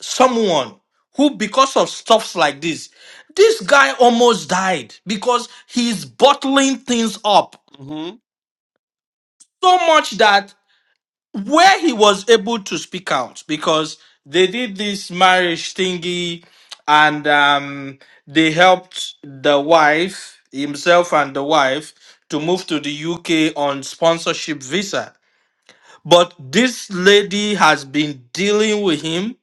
B: someone who because of stuffs like this this guy almost died because he's bottling things up
I: hmm
B: so much that where he was able to speak out because they did this marriage thingy and um, they helped the wife himself and the wife to move to the uk on sponsorship visa but this lady has been dealing with him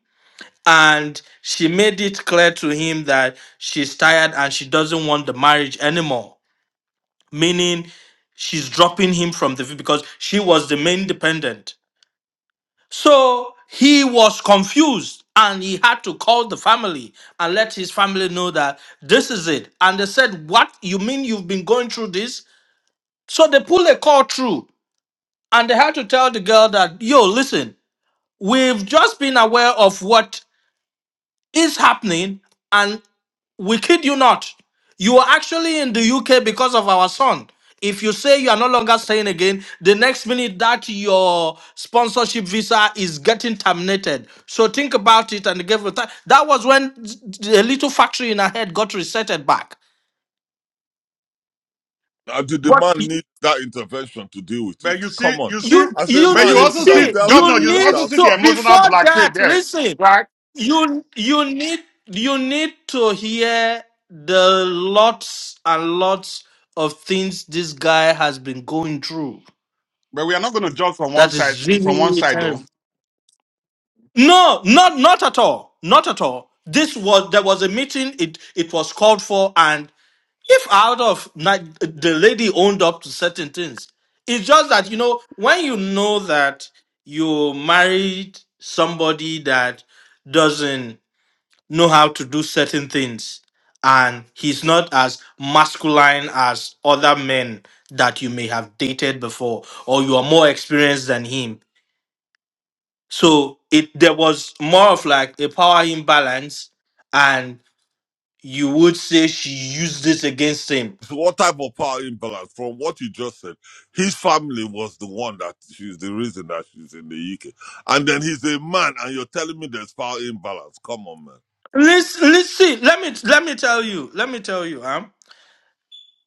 B: and she made it clear to him that she's tired and she doesn't want the marriage anymore meaning she's dropping him from the because she was the main dependent so he was confused and he had to call the family and let his family know that this is it and they said what you mean you've been going through this so they pulled a call through and they had to tell the girl that yo listen we've just been aware of what is happening and. We kid you not. You are actually in the UK because of our son. If you say you are no longer staying again, the next minute that your sponsorship visa is getting terminated. So think about it and give it time. That was when the little factory in her head got resetted back.
H: Now, did the
B: But
H: man need that intervention to deal with
I: But
H: it?
I: you see,
H: Come on.
I: you see,
B: you
H: As a
B: you
I: but
H: man,
I: you
H: he
B: need
I: also
H: should
I: see,
H: have
B: see
H: dealt with
I: governor,
B: you
H: it
I: you
B: need
I: also
H: without.
I: see
B: to
I: the emotional
B: before
I: blackmail
B: that.
I: there,
B: Listen,
I: right?
B: you you need you need to hear the lots and lots of things this guy has been going through
I: But we are not going to judge from one
B: that
I: side
B: is really
I: from one
B: really
I: side though.
B: terrible no not not at all not at all this was there was a meeting it it was called for and if out of ni- the lady owned up to certain things it's just that you know when you know that you married somebody that doesn't know how to do certain things and he's not as masculine as other men that you may have dated before or you are more experienced than him so it there was more of like a power imbalance and you would say she used this against him
H: So what type of power imbalance? From what you just said, his family was the one that she's the reason that she's in the UK, and then he's a man, and you're telling me there's power imbalance. Come on, man.
B: listen listen let me let me tell you let me tell you huh?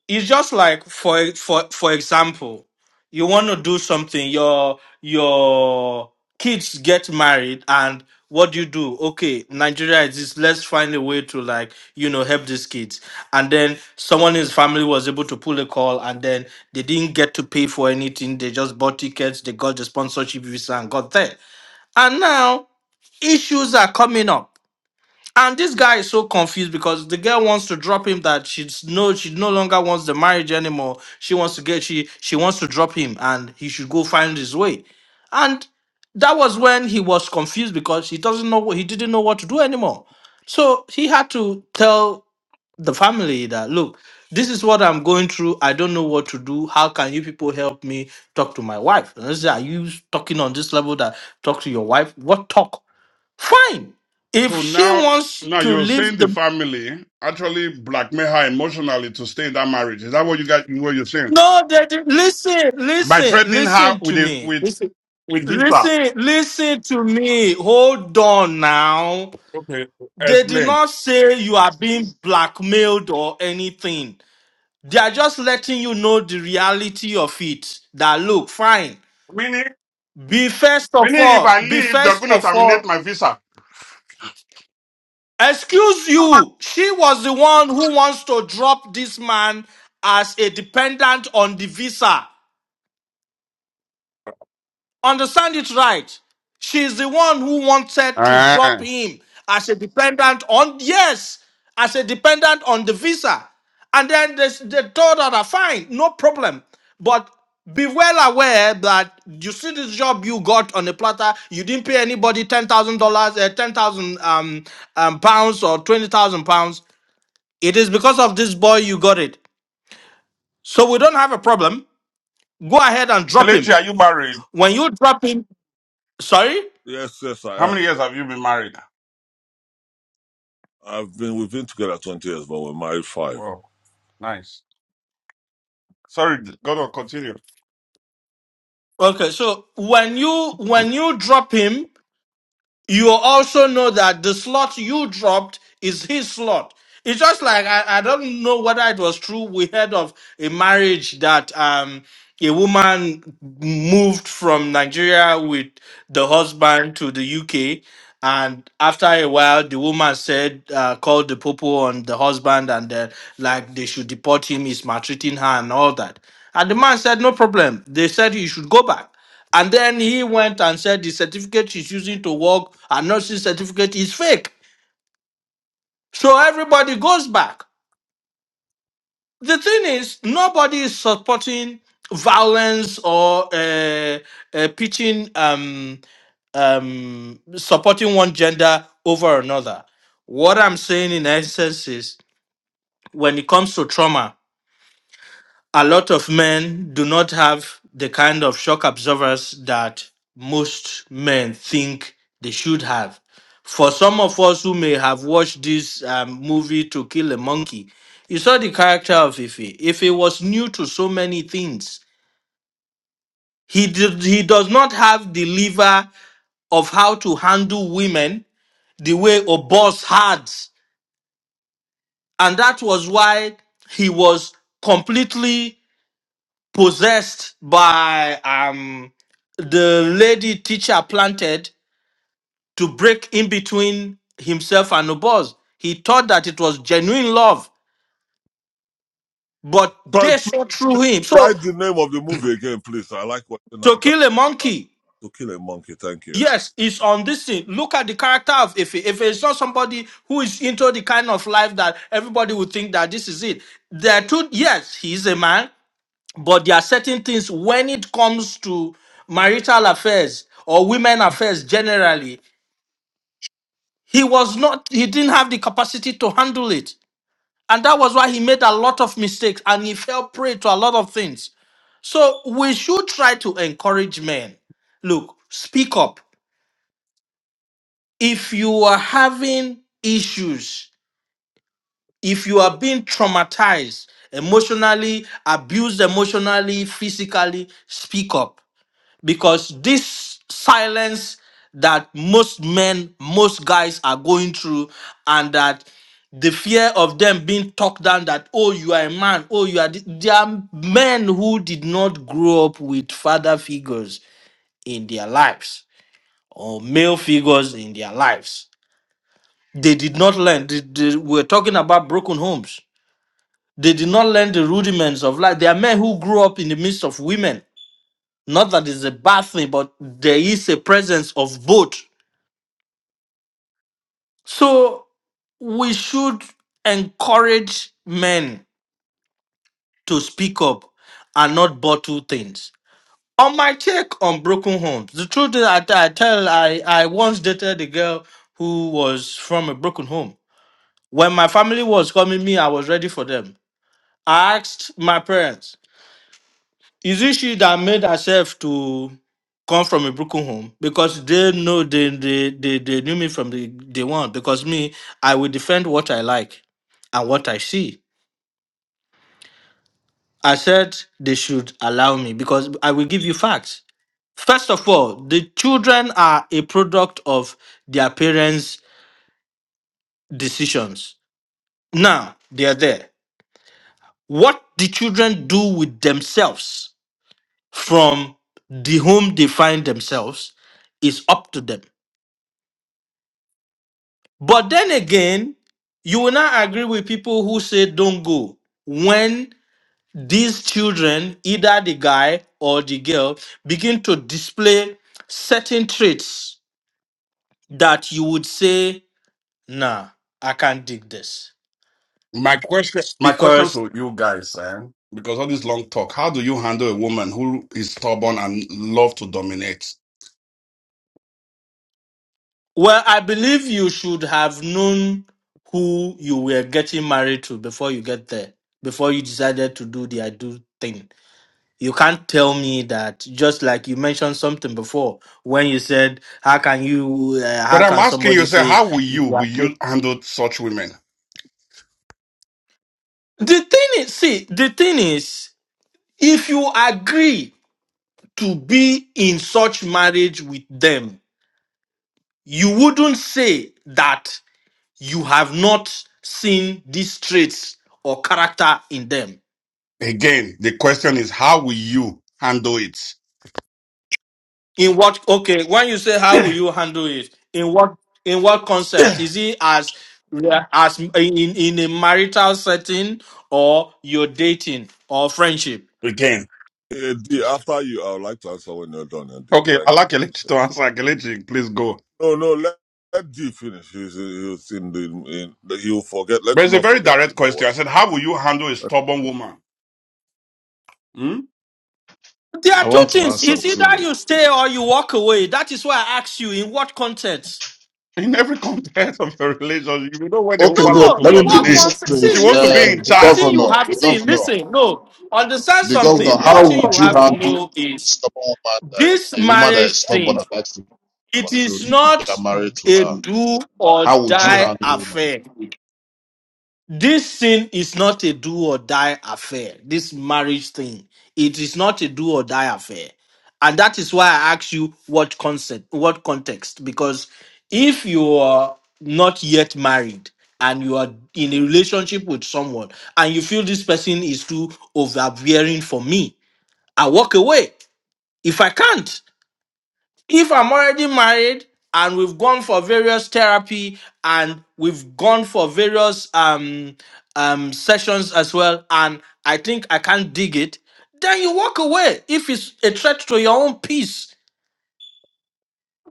B: it's just like for for for example you want to do something your your kids get married and what do you do okay nigeria is this let's find a way to like you know help these kids and then someone in his family was able to pull a call and then they didn't get to pay for anything they just bought tickets they got the sponsorship visa and got there and now issues are coming up and this guy is so confused because the girl wants to drop him that she's no she no longer wants the marriage anymore. She wants to get she she wants to drop him and he should go find his way. And that was when he was confused because he doesn't know what he didn't know what to do anymore. So he had to tell the family that look, this is what I'm going through. I don't know what to do. How can you people help me talk to my wife? And they say, Are you talking on this level that talk to your wife? What talk? Fine. If
I: So
B: she
I: now
B: wants
I: now
B: to
I: you're
B: leave
I: saying the
B: the
I: family actually blackmail her emotionally to stay in that marriage. Is that what you guys what you're saying?
B: no, that listen,
I: By
B: listen,
I: threatening her
B: listen to
I: with a
B: me.
I: with
B: Listen,
I: with visa.
B: listen, listen to me. Hold on now.
I: Okay,
B: They did
I: explain.
B: not say you are being blackmailed or anything. They are just letting you know the reality of it. That look, fine.
I: Meaning
B: Be first of
I: meaning if
B: all,
I: I
B: be
I: leave, they're
B: first
I: going to
B: of all
I: terminate my visa.
B: Excuse you. She was the one who wants to drop this man as a dependent on the visa. Understand it right. She's the one who wanted to drop
I: Ah.
B: him as a dependent on, yes, as a dependent on the visa. And then they, they told her, that, fine, no problem. But be well aware that you see this job you got on a platter. You didn't pay anybody ten thousand dollars, uh, ten thousand um, um pounds or twenty thousand pounds. It is because of this boy you got it. So we don't have a problem. Go ahead and drop
I: Kelechi,
B: him.
I: are you married?
B: When you drop him, sorry?
H: Yes, yes,
I: How
H: I am.
I: many years have you been married?
H: I've been we've been together twenty years, but we're married five.
I: Wow, nice. Sorry, God will continue.
B: Okay, so when you when you drop him, you also know that the slot you dropped is his slot. It's just like I, I don't know whether it was true. We heard of a marriage that um a woman moved from Nigeria with the husband to the UK, and after a while, the woman said uh, called the popo on the husband and then like they should deport him. He's maltreating her and all that. And the man said no problem. They said he should go back. And then he went and said the certificate she's using to work, a nursing certificate, is fake. So everybody goes back the thing is, nobody is supporting violence or uh, uh, pitching um, um, supporting one gender over another. What I'm saying in essence is, when it comes to trauma, a lot of men do not have the kind of shock absorbers that most men think they should have. For some of us who may have watched this um, movie to kill a monkey, you saw the character of Ife. Ife was new to so many things. He did, he does not have the lever of how to handle women the way Obos had, and that was why he was completely possessed by um the lady teacher planted to break in between himself and the boss. He thought that it was genuine love, but
H: So
B: they
H: please
B: saw through him. So
H: write the name of the movie again, please. I like watching
B: to
H: Nigerian.
B: kill a monkey,
H: To kill a monkey, thank you. Okay.
B: yes, it's on this thing. Look at the character of Ife. if it's not somebody who is into the kind of life that everybody would think that this is it. There are two yes, he is a man, but there are certain things when it comes to marital affairs or women affairs generally he was not he didn't have the capacity to handle it and that was why he made a lot of mistakes and he fell prey to a lot of things so we should try to encourage men look speak up if you are having issues if you are being traumatized emotionally abused emotionally physically speak up because this silence that most men, most guys are going through, and that the fear of them being talked down that, oh, you are a man, oh, you are. thi- There are men who did not grow up with father figures in their lives or male figures in their lives. They did not learn. They, they were talking about broken homes. They did not learn the rudiments of life. There are men who grew up in the midst of women Not that it's a bad thing, but there is a presence of both. So we should encourage men to speak up and not bottle things. On my check on broken homes, the truth is I, I tell I, I once dated a girl who was from a broken home. When my family was coming me, I was ready for them. I asked my parents, Is it she that made herself to come from a broken home? Because they know they they they, they knew me from the day one. Because me, I will defend what I like and what I see. I said they should allow me because I will give you facts. First of all, the children are a product of their parents' decisions. Now they are there. What the children do with themselves from the home they find themselves is up to them. But then again, you will not agree with people who say don't go when these children, either the guy or the girl, begin to display certain traits that you would say, nah, I can't dig this.
I: My question, my question
B: Because,
I: to you guys, eh, because all this long talk, how do you handle a woman who is stubborn and love to dominate?
B: well, I believe you should have known who you were getting married to before you get there, before you decided to do the I do thing You can't tell me that just like you mentioned something before when you said, "How can you? Uh, how
I: But I'm
B: can
I: asking
B: somebody
I: you, sir,
B: say?"
I: how will
B: you
I: you
B: are
I: will
B: big?"
I: you handle such women?
B: The thing is, see, the thing is, if you agree to be in such marriage with them, you wouldn't say that you have not seen these traits or character in them
I: Again, the question is, how will you handle it?
B: In what? Okay, when you say how will you handle it? In what? In what concept?
I: [coughs]
B: Is it as yeah. as in in a marital setting or you're dating or friendship?
I: [clears throat] Again,
H: Eh, D, after you, I would like to answer when you're done. And D,
I: okay, I
H: thank you.
I: like Kelechi
H: So-
I: to answer. Kelechi, please go.
H: No, no, let, let D finish. He's, he's in the in, he'll forget. Let
I: But
H: him
I: it's a
H: not
I: very
H: forget. You
I: direct
H: know
I: question.
H: what?
I: I said, how will you handle a stubborn woman? Hmm?
B: There are
J: I
B: two
J: want to
B: things.
J: answer
B: It's either
J: too.
B: you stay or you walk away. That is why I asked you in what context.
I: In every [laughs] context of your relationship, you know when a
J: Okay,
I: woman
J: no,
I: loves
B: No,
I: to
J: let me
B: in
J: make
B: what
J: it
I: dominate,
B: context?
I: she
B: See,
J: straight.
I: wants to
B: listen.
J: Uh,
I: be in
J: the
B: One
I: charge.
B: thing you
J: governor,
B: have
J: the
B: see,
J: governor,
B: listen. No, understand
J: the
B: something.
J: governor,
B: One
J: how
B: thing
J: would
B: you
J: you
B: have to
J: handle
B: know
J: a
B: is
J: stubborn woman, that,
B: this
J: a woman that is
B: marriage
J: stubborn
B: thing.
J: and likes to
B: It
J: control
B: is
J: if you
B: not
J: are married to
B: a
J: her?
B: do or
J: How would you
B: die
J: handle the woman?
B: affair. This sin is not a do or die affair. This marriage thing, it is not a do or die affair. And that is why I ask you what concept, what context. Because if you are not yet married and you are in a relationship with someone and you feel this person is too overbearing for me, I walk away if I can't if I'm already married and we've gone for various therapy and we've gone for various um um sessions as well, and I think I can't dig it, then you walk away if it's a threat to your own peace.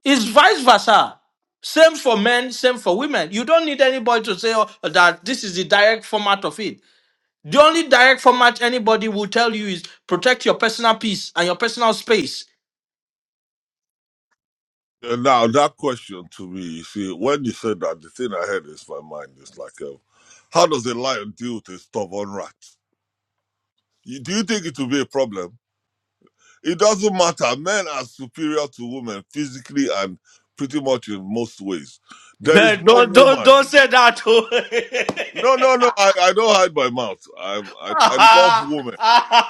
B: It's vice versa. Same for men, same for women. You don't need anybody to say oh, that this is the direct format of it. The only direct format anybody will tell you is protect your personal peace and your personal space
H: Eh, Now that question to me, you see, when you said that, the thing I heard is my mind is like, um, how does a lion deal with a stubborn rat? You- Do you think it will be a problem? It doesn't matter. Men are superior to women physically and pretty much in most ways. There
B: No,
H: is no
B: don't don't
H: woman.
B: don't say that. oh.
H: No, no, no.
B: [laughs]
H: I, I don't hide my mouth. i I I love
B: Ah,
H: women.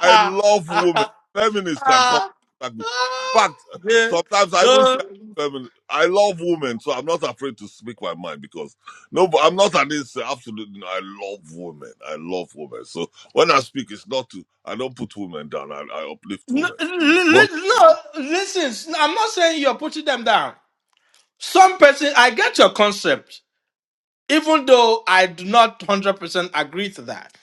H: I love women.
B: ah, ah,
H: Feminists can come
B: ah.
H: attack me. In fact,
B: Yeah,
H: sometimes I even say
B: the-
H: I'm feminist. I love women, so I'm not afraid to speak my mind because no, but I'm not an instant. Absolutely, no. I love women. I love women. So when I speak, it's not to. I don't put women down. I, I uplift
B: no,
H: women.
B: li-
H: But
B: li- no, listen. I'm not saying you're putting them down. Some person, I get your concept, even though I do not one hundred percent agree to that.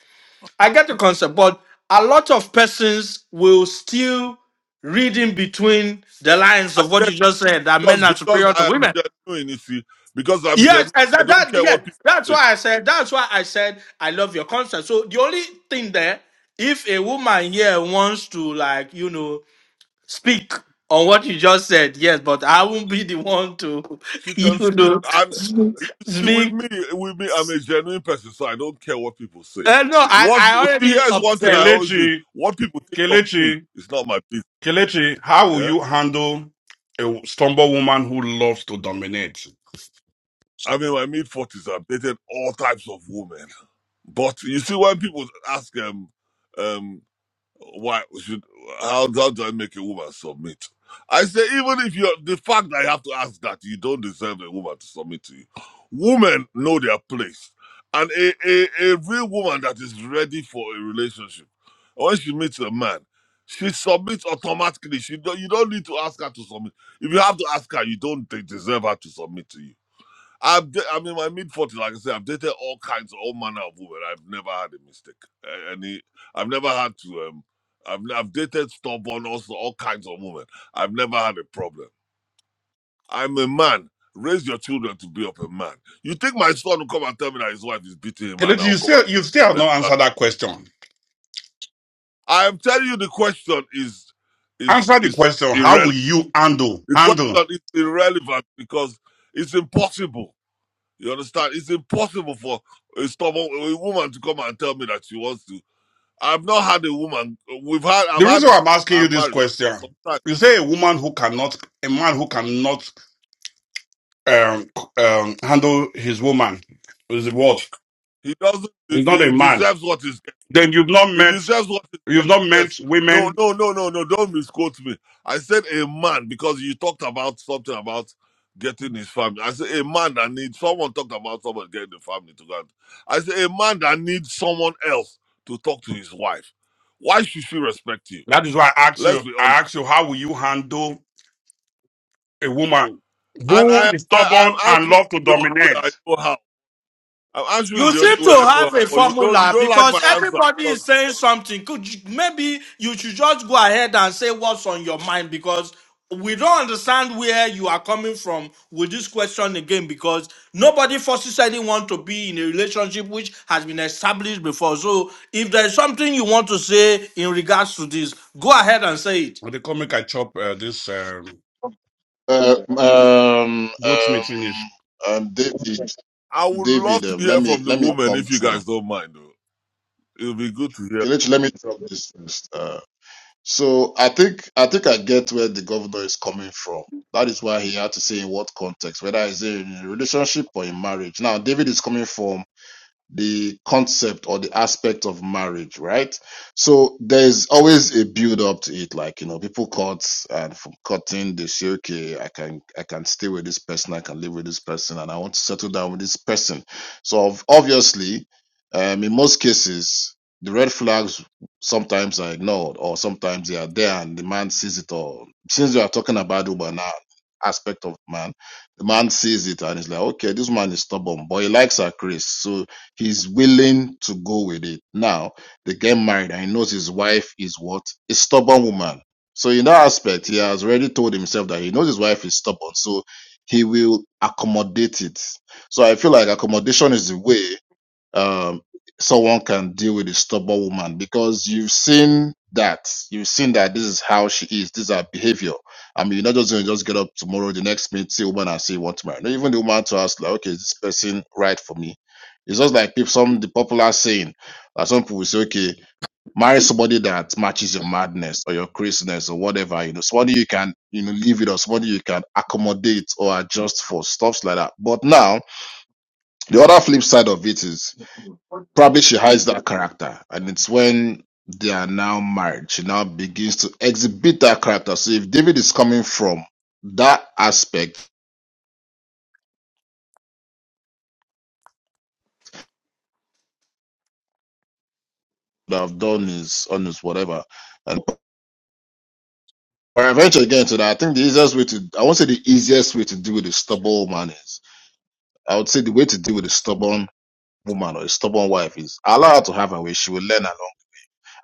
B: I get the concept, but a lot of persons will still reading between the lines
H: I
B: of
H: get
B: what you just said that
H: because
B: men are
H: because
B: superior to
H: I am
B: women.
H: genuine, you see, because I'm
B: Yes,
H: genuine, I
B: exactly.
H: don't
B: That,
H: care what
B: yes,
H: people
B: that's
H: say.
B: why I said. That's why I said I love your concept. So the only thing there, if a woman here wants to like you know speak on what you just said, yes, but I won't be the one to
H: She
B: [laughs]
H: can
B: you
H: speak,
B: know
H: and
B: [laughs]
H: you see, with
B: speak.
H: me, with me, I'm a genuine person, so I don't care what people say.
B: Uh, no, I
H: What
B: I
H: see,
B: already
H: here's one thing I
B: observed.
H: always do:
I: Kelechi.
H: what people think of me
I: Kelechi,
H: is not my business.
I: Kelechi, how will
H: Yeah,
I: you handle a stumble woman who loves to dominate?
H: I'm in my mid forties. I've dated all types of women, but you see, when people ask um, um, Why should how, how do I make a woman submit? I say even if you are the fact that I have to ask that you don't deserve a woman to submit to you. Women know their place, and a, a, a real woman that is ready for a relationship, when she meets a man, she submits automatically. She don't, you don't need to ask her to submit. If you have to ask her, you don't de- deserve her to submit to you. I've d- I'm in my mid forties, like I said, I've dated all kinds, all manner of women. I've never had a mistake. A- Any, I've never had to. Um, I've n- I've dated stubborn, also all kinds of women. I've never had a problem. I'm a man. Raise your children to be up a man. You think my son will come and tell me that his wife is beating him, and
I: Kelechi,
H: I'll
I: you
H: come and
I: still you
H: say,
I: still have
H: "Let."
I: not answered that question.
H: I am telling you, the question is is
I: Answer the
H: is
I: question, how will
H: irrelevant.
I: you handle
H: The
I: handle?
H: question is irrelevant because it's impossible. You understand? It's impossible for a stubborn a woman to come and tell me that she wants to. I've not had a woman. We've had. I've
I: The
H: had.
I: reason why I'm asking you
H: I'm
I: this
H: married.
I: question,
H: Sometimes
I: you say a woman who cannot a man who cannot um um handle his woman is what?
H: he doesn't. He
I: He's not
H: he
I: a man.
H: deserves what is.
I: Then you've not
H: He
I: met
H: deserves what is.
I: you've not met
H: Yes. No.
I: women.
H: No. No. No. No. Don't misquote me. I said a man because you talked about something about getting his family. I said a man that needs someone talked about someone getting the family together. I said a man that needs someone else to talk to his wife. Why should she respect you?
I: That is why I asked you
H: Let's be honest.
I: I asked you how will you handle a woman
H: And
I: who
H: I,
I: is
H: I,
I: stubborn
H: I'm
I: and
H: answering
I: love to
H: the only way I
I: dominate.
H: know how. I'm answering
B: You
H: the only
B: seem to
H: way I know
B: have
H: how.
B: a
H: But you don't, you
B: formula
H: don't like my
B: because
H: answer
B: everybody is
H: because
B: saying something. Could you, maybe you should just go ahead and say what's on your mind because we don't understand where you are coming from with this question again because nobody forces anyone to be in a relationship which has been established before. So if there's something you want to say in regards to this, go ahead and say it.
I: When they come make I chop uh, this um,
J: Uh, um,
I: goat
J: um,
I: meat finish.
J: um, David,
H: I would love
J: David,
H: to
J: um, let
H: hear
J: me,
H: from the
J: let me
H: woman
J: come
H: if you
J: through.
H: guys don't mind. Though it'll be good to hear
J: Okay, let,
H: from
J: let
H: her.
J: me drop this first. So I think I think I get where the governor is coming from. That is why he had to say in what context, whether it's in a relationship or in marriage. Now David is coming from the concept or the aspect of marriage, right? So there's always a build up to it. Like, you know, people cut and from cutting, they say, okay, I can, I can stay with this person. I can live with this person and I want to settle down with this person. So ob- obviously, um, in most cases, the red flags sometimes are ignored or sometimes they are there and the man sees it all. Since we are talking about Uber now, aspect of man, the man sees it and he's like, okay, this man is stubborn, but he likes her Chris. So He's willing to go with it. Now they get married and he knows his wife is what? A stubborn woman. So in that aspect, he has already told himself that he knows his wife is stubborn. So he will accommodate it. So I feel like accommodation is the way um, someone can deal with a stubborn woman because you've seen that you've seen that this is how she is this is her behavior i mean you're not just going to just get up tomorrow the next minute see a woman and say you want to marry no, even the woman to ask like okay is this person right for me it's just like people some the popular saying that some people will say okay marry somebody that matches your madness or your craziness or whatever you know somebody you can you know live with or somebody you can accommodate or adjust for stuffs like that but now the other flip side of it is Probably she hides that character, and it's when they are now married, she now begins to exhibit that character. So if David is coming from that aspect, that I've done is on his whatever. And but eventually getting to that, I think the easiest way to I won't say the easiest way to deal with a stubborn woman is I would say the way to deal with a stubborn woman or a stubborn wife is allow her to have her way. She will learn along.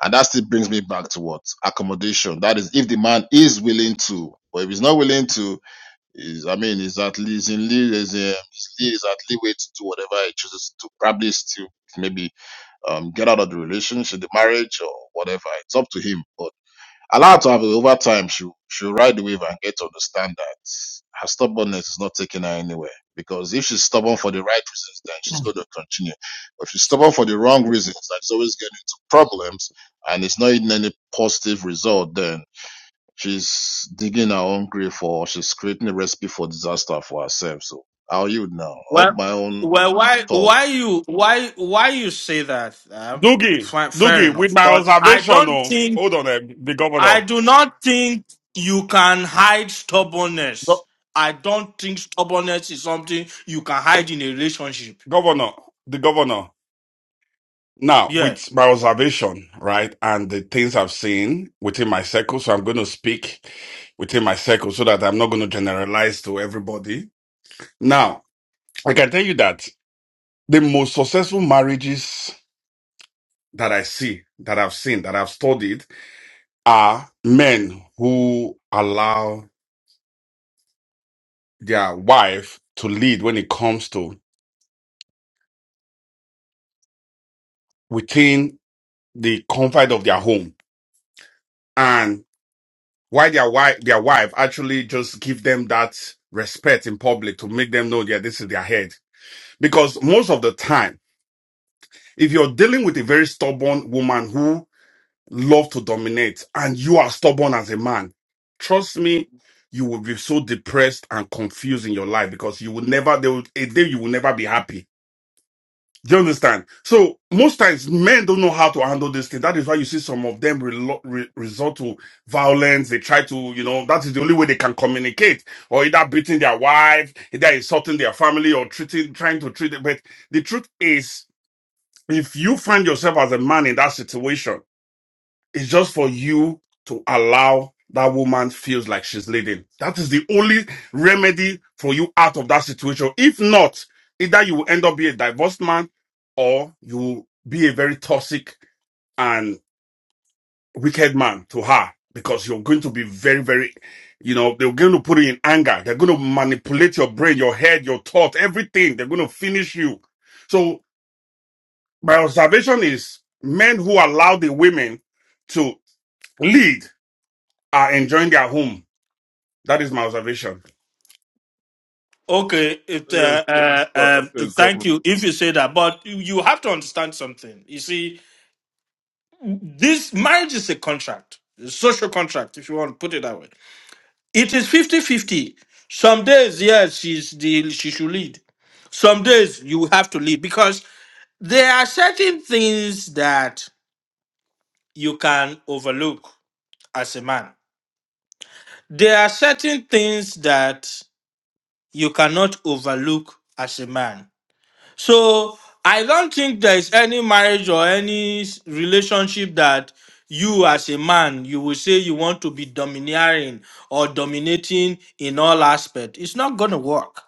J: And that still brings me back to what? Accommodation. That is if the man is willing to, or if he's not willing to, Is I mean, is that Lee is in Lee is um, is Lee is at leeway to do whatever he chooses to probably still maybe um get out of the relationship, the marriage or whatever. It's up to him. But allow her to have it over time. She she'll ride the wave and get to understand that her stubbornness is not taking her anywhere. Because if she's stubborn for the right reasons, then she's going to continue. But if she's stubborn for the wrong reasons, then she's always getting into problems and it's not even any positive result. Then She's digging her own grave for she's creating a recipe for disaster for herself. So how are you now? Up
B: Well,
J: my own
B: well, why,
J: talk.
B: why you, why, why you say that? Um,
I: Doogie,
B: Fine, fair
I: Doogie, with
B: enough.
I: my
B: But I
I: observation,
B: don't
I: oh,
B: think
I: hold on, eh, the
B: I
I: governor,
B: do not think you can hide stubbornness.
I: Go-
B: I don't think stubbornness is something you can hide in a relationship.
I: governor, the governor. Now,
B: Yeah.
I: with my observation, right, and the things I've seen within my circle, so I'm going to speak within my circle so that I'm not going to generalize to everybody. Now, I can tell you that the most successful marriages that I see, that I've seen, that I've studied are men who allow their wife to lead when it comes to within the confines of their home. why their wife their wife actually just give them that respect in public to make them know that this is their head because most of the time if you're dealing with a very stubborn woman who love to dominate and you are stubborn as a man trust me you will be so depressed and confused in your life because you will never there will, a day you will never be happy do you understand? So most times men don't know how to handle this thing. That is why you see some of them relo- re- resort to violence. They try to, you know, that is the only way they can communicate or either beating their wife, either insulting their family or treating, trying to treat it. But the truth is, if you find yourself as a man in that situation, it's just for you to allow that woman feels like she's leading. That is the only remedy for you out of that situation. If not, either you will end up being a divorced man or you will be a very toxic and wicked man to her because you're going to be very, very, you know, they're going to put you in anger. They're going to manipulate your brain, your head, your thought, everything. They're going to finish you. So my observation is men who allow the women to lead are enjoying their home. That is my observation.
B: Okay. It,
H: Yes.
B: uh,
H: so-
B: uh,
H: so-
B: uh,
H: okay, come.
B: thank you if you say that. But you you have to understand something. You see, this marriage is a contract, a social contract, if you want to put it that way. It is is fifty-fifty. Some days, yes, she's the, she should lead. Some days you have to lead because there are certain things that you can overlook as a man. There are certain things that you cannot overlook as a man. So I don't think there is any marriage or any s- relationship that you as a man you will say you want to be domineering or dominating in all aspect. It's not going to work.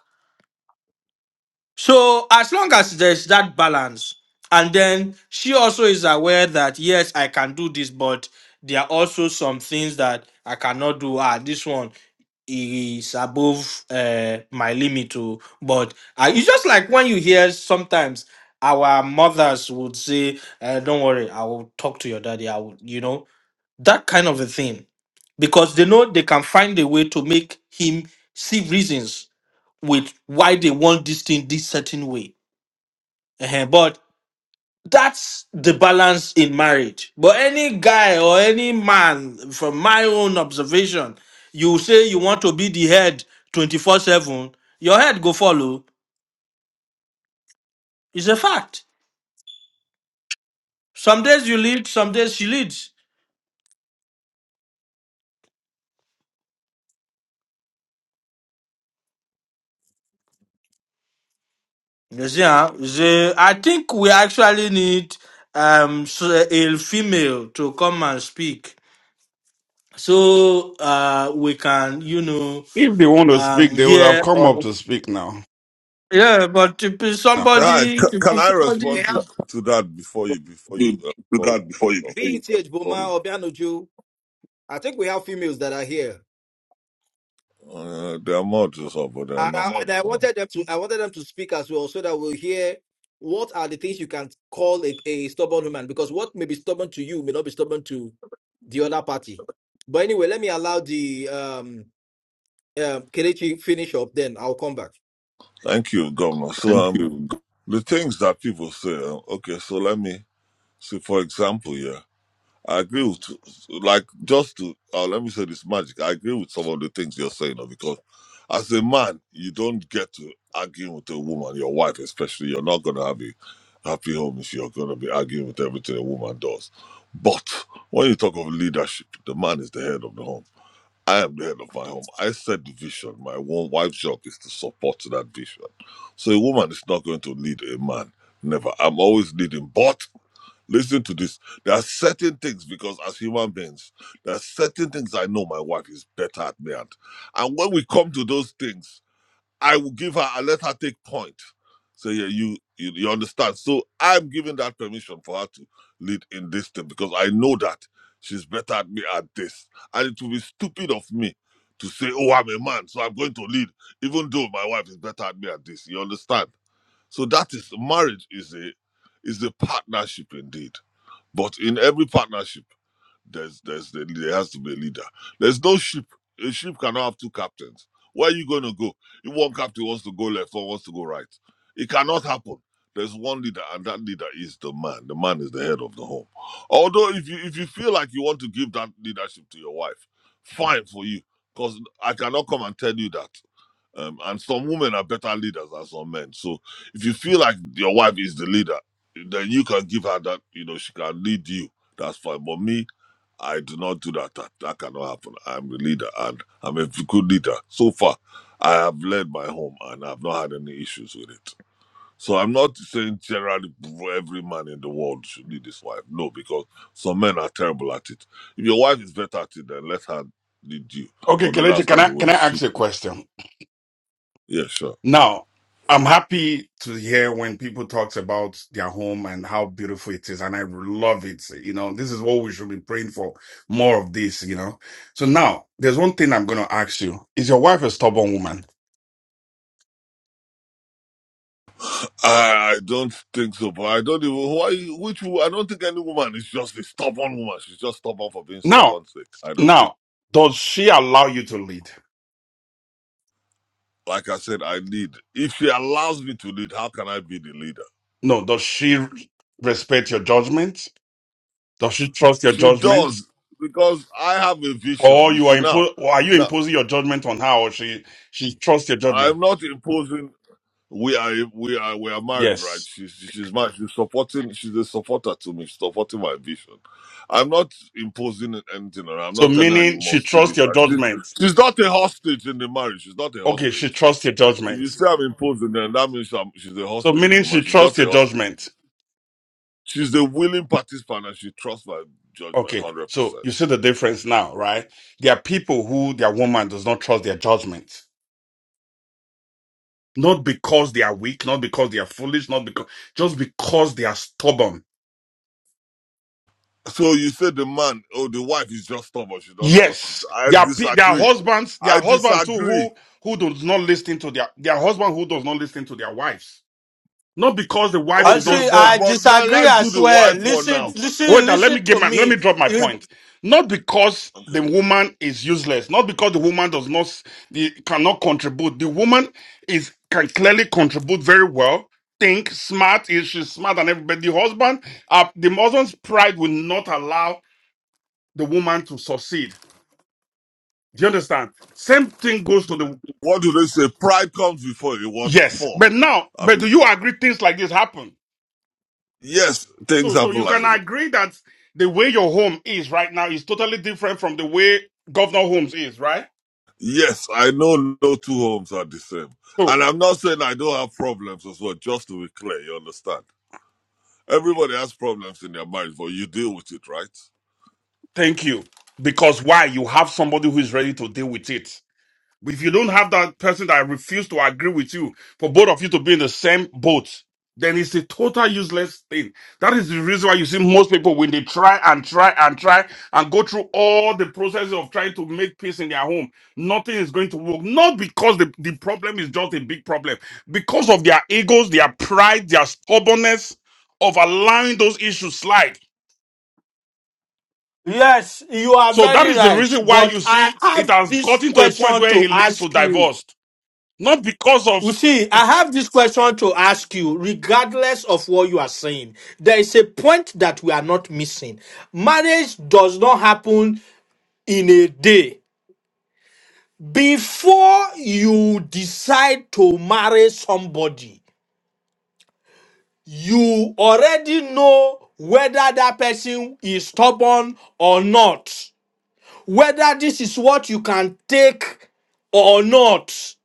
B: So as long as there's that balance, and then she also is aware that yes, I can do this, but there are also some things that I cannot do. Ah, this one is above uh, my limit too. But uh, it's just like when you hear sometimes our mothers would say, uh, "Don't worry, I will talk to your daddy." I will, you know, that kind of a thing, because they know they can find a way to make him see reasons with why they want this thing this certain way. uh But that's the balance in marriage. But any guy or any man, from my own observation, you say you want to be the head 24 7, your head go follow. It's a fact. Some days you lead, some days she leads. You see, huh? You see, I think we actually need um s- a female to come and speak so uh we can you know
I: If they want to
B: um
I: speak, they would have come
B: hear
I: up to speak now.
B: Yeah, but if it's
A: Now,
H: Right,
B: somebody,
H: c-
A: If
H: can I
A: somebody do
H: respond to to that before you before you uh,
A: do
H: before we
A: that
H: get
A: before you
H: off,
A: begin. BETH Oh, Boma
H: please?
A: Obianoju. I think we have females that are here,
H: Uh, they are models up, but they are
A: and I,
H: not.
A: and I wanted them to. I wanted them to speak as well, so that we'll hear what are the things you can call a, a stubborn woman. Because what may be stubborn to you may not be stubborn to the other party. But anyway, let me allow the um, um Kelechi finish up. Then I'll come back.
H: Thank you, Governor. So
A: Thank
H: um,
A: you. Hmm.
H: the things that people say. uh, Okay, so let me see. For example, yeah. I agree with like just to uh, let me say this magic. I agree with some of the things you're saying uh, because as a man, you don't get to argue with a woman, your wife especially. You're not gonna have a happy home if you're gonna be arguing with everything a woman does. But when you talk of leadership, the man is the head of the home I am the head of my home. I set the vision. My one wife's job is to support to that vision. So a woman is not going to lead a man. Never. I'm always leading. But listen to this. There are certain things because as human beings, there are certain things I know my wife is better at me at. And when we come to those things, I will give her I let her take point. So yeah, you, you you understand. So I'm giving that permission for her to lead in this thing because I know that she's better at me at this, and it will be stupid of me to say, "Oh, I'm a man, so I'm going to lead," even though my wife is better at me at this. You understand? So that is marriage is a is a partnership indeed. But in every partnership. There's, there's, there has to be a leader. There's no ship. A ship cannot have two captains. Where are you going to go? If one captain wants to go left, one wants to go right. It cannot happen. There's one leader, and that leader is the man. The man is the head of the home. Although, if you if you feel like you want to give that leadership to your wife, fine for you, because I cannot come and tell you that. Um, and some women are better leaders than some men. So if you feel like your wife is the leader, then you can give her that. You know, she can lead you. That's fine. But me, I do not do that. That, that cannot happen. I'm the leader and I'm a good leader. So far, I have led my home and I've not had any issues with it. So I'm not saying generally every man in the world should lead his wife. No, because some men are terrible at it. If your wife is better at it, then let her lead you.
I: Okay,
H: Although
I: Kelechi,
H: that's
I: can
H: not
I: I
H: the way
I: can
H: it
I: I
H: should.
I: ask you a question?
H: Yeah, sure.
I: Now, I'm happy To hear when people talks about their home and how beautiful it is, and I love it. You know, this is what we should be praying for more of this. You know, so now there's one thing I'm going to ask you: Is your wife a stubborn woman?
H: I, I don't think so, but I don't even why which wo- I don't think any woman is just a stubborn woman. She's just stubborn for being
I: Now,
H: stubborn sake. I don't think.
I: Now, does she allow you to lead?
H: Like I said, I lead. If she allows me to lead, how can I be the leader?
I: No. Does she respect your judgment? Does she trust your
H: She
I: judgment?
H: does because I have a vision.
I: Or
H: You
I: you are
H: see now,
I: impo- or are you
H: now
I: imposing your judgment on her or she she trusts your judgment?
H: I'm not imposing. We are we are we are married, right?
I: Yes.
H: She's she's my she's supporting. She's a supporter to me. She's supporting my vision. I'm not imposing anything on her. I'm
I: So
H: not telling her you
I: meaning she
H: must do
I: trusts
H: this.
I: your
H: Right? She's
I: judgment.
H: she's not a hostage in the marriage. She's not a
I: Okay, she
H: hostage.
I: trusts your
H: If
I: judgment.
H: you say I'm imposing, then that means I'm, she's a
I: So
H: hostage in
I: meaning
H: the
I: she
H: marriage. She's not
I: trusts
H: a
I: your
H: hostage.
I: judgment.
H: She's a willing participant and she trusts my judgment
I: Okay.
H: 100%.
I: So you see the difference now, right? There are people who their woman does not trust their judgment. Not because they are weak, not because they are foolish, not because just because they are stubborn
H: So you said the man, oh, the wife is just stubborn. She don't trust him.
I: Yes,
H: I
I: there are pe- there are
H: disagree.
I: husbands, their
H: I
I: husband too
H: disagree.
I: who who does not listen to their their husband who does not listen to their wives. Not because the wife
B: I
I: is not
H: Okay,
B: see.
H: but
B: I
I: smart.
H: but let,
B: disagree
H: let's do
B: as
H: the
B: well.
H: wife one
B: Listen,
H: now.
I: Wait,
B: listen,
I: now let me
B: listen
I: get
B: to
I: my let
B: me.
I: me drop my
B: You-
I: point. Not because
H: Okay.
I: the woman is useless. Not because the woman does not s- the, cannot contribute. The woman is can clearly contribute very well. Think smart is she's smart than everybody. The husband, uh, the husband's pride will not allow the woman to succeed. Do you understand? Same thing goes to the
H: What do they say? Pride comes before a what?
I: Yes,
H: For.
I: but now,
H: I
I: but do
H: mean,
I: you agree things like this happen?
H: yes, things
I: So, so
H: happen
I: you
H: like
I: can
H: this.
I: agree that the way your home is right now is totally different from the way Governor Holmes is, right?
H: Yes, I know no two homes are the same.
I: So,
H: And I'm not saying I don't have problems as well, just to be clear, you understand? Everybody has problems in their marriage, but you deal with it, right?
I: thank you. Because why? You have somebody who is ready to deal with it. If you don't have that person that refuse to agree with you, for both of you to be in the same boat, then it's a total useless thing. That is the reason why you see most people when they try and try and try and go through all the processes of trying to make peace in their home, nothing is going to work. Not because the, the problem is just a big problem, because of their egos, their pride, their stubbornness of allowing those issues slide.
B: yes, you are
I: So that
B: very
I: is the
B: right.
I: reason why you
B: But I
I: see it
B: have
I: has
B: this
I: gotten to a point
B: question
I: where
B: to
I: it leads to
B: ask you.
I: divorce not because of
B: You see, I have this question to ask you, regardless of what you are saying. There is a point that we are not missing. Marriage does not happen in a day. Before you decide to marry somebody, you already know whether that person is stubborn or not, whether this is what you can take or not.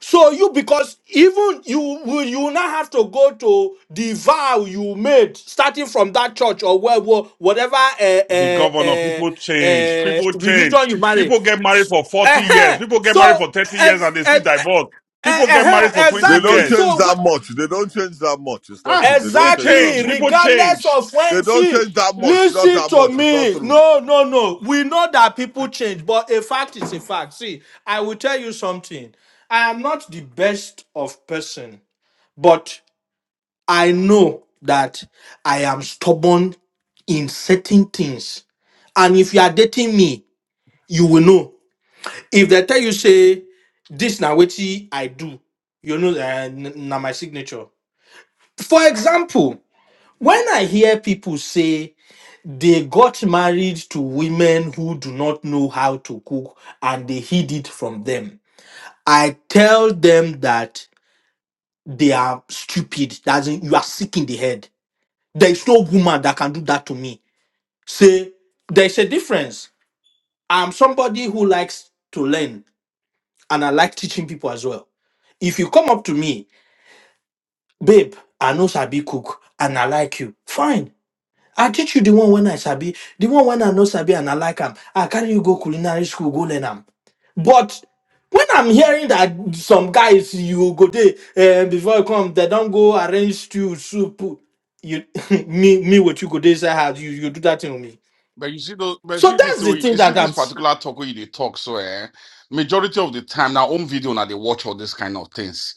B: So you because even you will you will not have to go to the vow you made starting from that church or where, where- whatever uh,
I: the
B: uh,
I: governor.
B: uh,
I: People change.
B: uh,
I: People change.
B: religion you marry.
I: People get married for 40 years.
B: uh
I: People get married
B: So
I: for 30 years and
B: ex-
I: they still
B: ex-
I: divorce.
B: eh,
I: People get
B: eh,
I: married for
B: eh,
I: 20
H: They don't
B: exactly.
I: years.
H: change
B: So
H: that much. They don't change that much. It's not
I: Ah,
H: true. They
I: they
H: don't change that
B: Exactly,
I: change.
H: much.
I: People
B: regardless
I: change.
B: of
H: They
B: when,
H: don't
B: see,
H: change that much. Not
B: listen
H: that
B: to
H: much. It's not
B: me.
H: true.
B: No, no, no. We know that people change, but a fact is a fact. See, I will tell you something. I am not the best of person, but I know that I am stubborn in certain things. And if you are dating me, you will know. If they tell you say this now what I do, you know that na my signature. For example. When I hear people say they got married to women who do not know how to cook and they hid it from them, I tell them that they are stupid. That is, you are sick in the head. There is no woman that can do that to me. Say, there is a difference. I'm somebody who likes to learn and I like teaching people as well. If you come up to me, babe, I know Sabi cook and I like you, fine. I teach you the one when I sabi, the one when I know sabi and I like am. I carry you go culinary school, go learn am. But when I'm hearing that some guys you go there uh, before you come, they don't go arrange stew, soup. You [laughs] me me what you go there inside house, you you do that thing with me.
I: But you see, those, but you
B: So
I: see this,
B: that's the thing
I: you see
B: that
I: this
B: I'm.
I: particular talk where they talk. So, eh, majority of the time now, home video now they watch all these kind of things.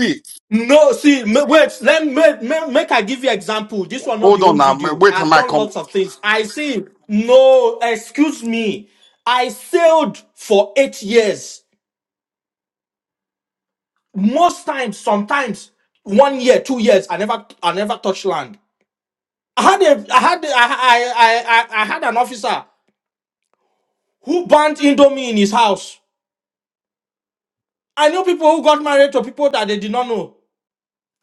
I: See,
B: No, see, ma- wait. Let me make, make I give you example. This will not be
I: hold on
B: home
I: now. ma-
B: video.
I: Wait, am
B: I've
I: I
B: done
I: come,
B: lots of things. I see. No, excuse me. I sailed for eight years. Most times, sometimes one year, two years, I never, I never touch land. I had a, I had, a, I, I, I, I I had an officer who burnt Indomie in his house. I knew people who got married to people that they did not know.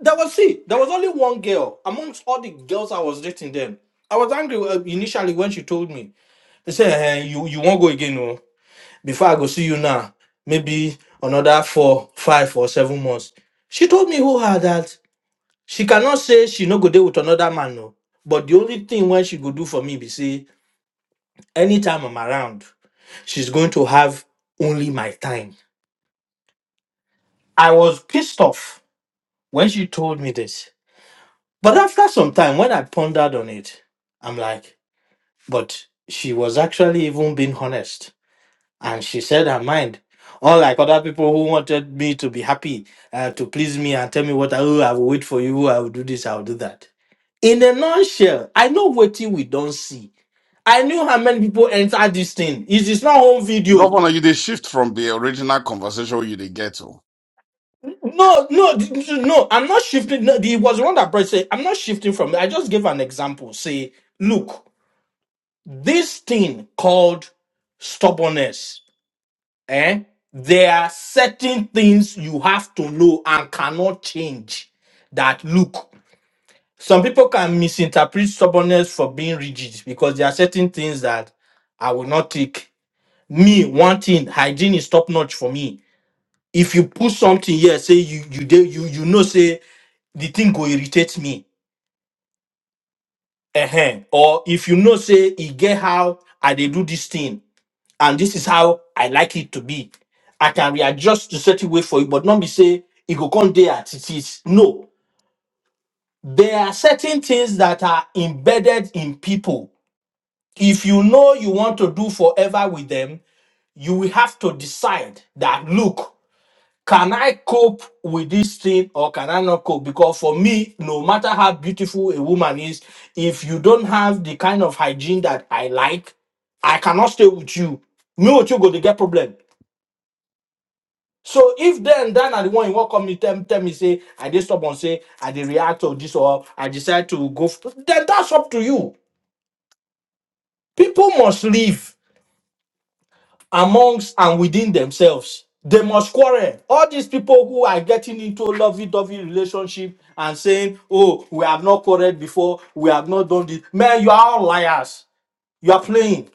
B: There was see, there was only one girl amongst all the girls I was dating then. I was angry uh, initially when she told me. They said, eh, "You, you won't go again, no. Before I go see you now, maybe another four, five, or seven months." She told me who her that. She cannot say she no go there with another man, no. But the only thing when she go do for me be say, anytime I'm around, she's going to have only my time. I was pissed off when she told me this. But after some time, when I pondered on it, I'm like, but she was actually even being honest and she said her mind. Unlike other people who wanted me to be happy, uh, to please me and tell me what I, oh, I will wait for you, oh, I will do this, I will do that. In a nutshell, I know what we don't see. I knew how many people enter this thing. It is not home video.
I: governor? You they shift from the original conversation you they get to
B: No, no, d- d- no. I'm not shifting. No, it was one that Brett said. I'm not shifting from. it. I just gave an example. Say, look, this thing called stubbornness. eh, there are certain things you have to know and cannot change. That look, some people can misinterpret stubbornness for being rigid because there are certain things that I will not take. Me, one thing, hygiene is top notch for me. If you put something here, say you you dey- you you know say the thing go irritate me, uh or if you know say e get how I dey do this thing and this is how I like it to be. I can readjust to certain way for you, but not be say it go come there as it is. No, there are certain things that are embedded in people. If you know you want to do forever with them, you will have to decide that look, can I cope with this thing or can I not cope? Because for me, no matter how beautiful a woman is, if you don't have the kind of hygiene that I like, I cannot stay with you. Me with you go to get problem. So if then Dan are the one you want come me tell, tell me say I did stubborn say I did react to this or I decide to go f- then that's up to you. People must live amongst and within themselves. They must quarrel. All these people who are getting into lovey-dovey relationship and saying, "Oh, we have not quarreled before. We have not done this." Man, you are all liars. You are playing.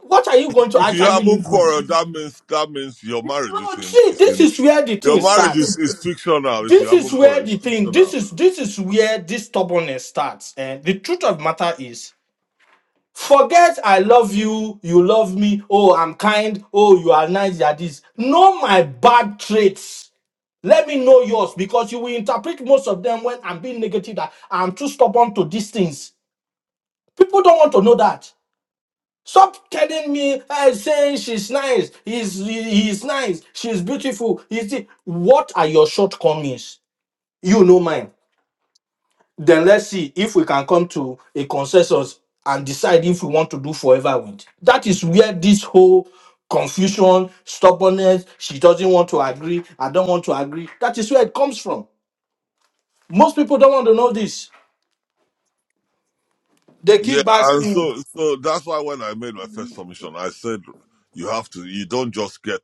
B: What are you going to
H: If you
B: actually
H: haven't
B: live with?
H: quarreled, that means that means your marriage is
B: No,
H: in
B: see,
H: is
B: this
H: in
B: is where the
H: your
B: thing
H: marriage
B: starts
H: is, is fictional. If you
B: this is
H: haven't
B: where
H: quarreled, it's
B: the thing this
H: fictional.
B: is this is where this stubbornness starts and the truth of matter is forget i love you you love me oh i'm kind oh you are nice you are this know my bad traits let me know yours because you will interpret most of them when i'm being negative that i'm too stubborn to these things people don't want to know that Stop telling me, uh, saying she's nice, he's, he- he's nice, she's beautiful. Is it? What are your shortcomings? You know mine. Then let's see if we can come to a consensus and decide if we want to do forever with. That is where this whole confusion, stubbornness, she doesn't want to agree, I don't want to agree. That is where it comes from. Most people don't want to know this. They
H: Yeah,
B: keep
H: and
B: asking.
H: so so that's why when I made my first submission, I said you have to. You don't just get.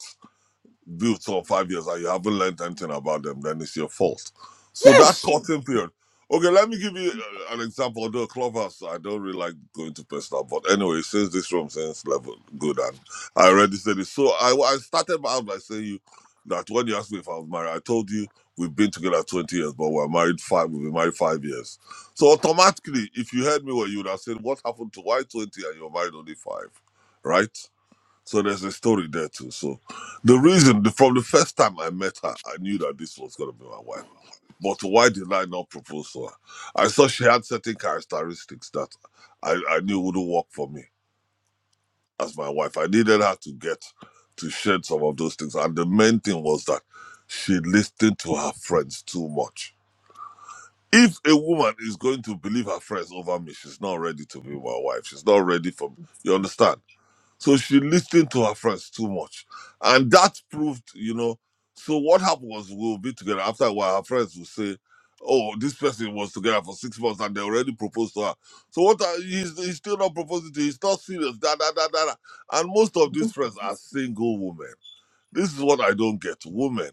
H: do for five years and you haven't learned anything about them, then it's your fault. So that
B: Yes.
H: cutting period. Okay, let me give you uh, an example. Although Clubhouse, I don't really like going to personal, but anyway, since this room since level good and I already said it. So I, I started out by saying you that when you asked me if I was married, I told you we've been together 20 years, but we're married five, we've been married five years. So automatically, if you heard me well, you would have said, What happened to why 20 and you're married only five? Right? So there's a story there too. So the reason the, from the first time I met her, I knew that this was gonna be my wife. But why did I not propose to her? I saw she had certain characteristics that I, I knew wouldn't work for me as my wife. I needed her to get to shed some of those things. And the main thing was that she listened to her friends too much. If a woman is going to believe her friends over me, she's not ready to be my wife. She's not ready for me. You understand? So she listened to her friends too much. And that proved, you know, so what happened was we'll be together. After a while, her friends will say, Oh, this person was together for six months and they already proposed to her. So what are, he's, he's still not proposing to you. He's not serious. Da, da, da, da, da. And most of these friends are single women. This is what I don't get. Women,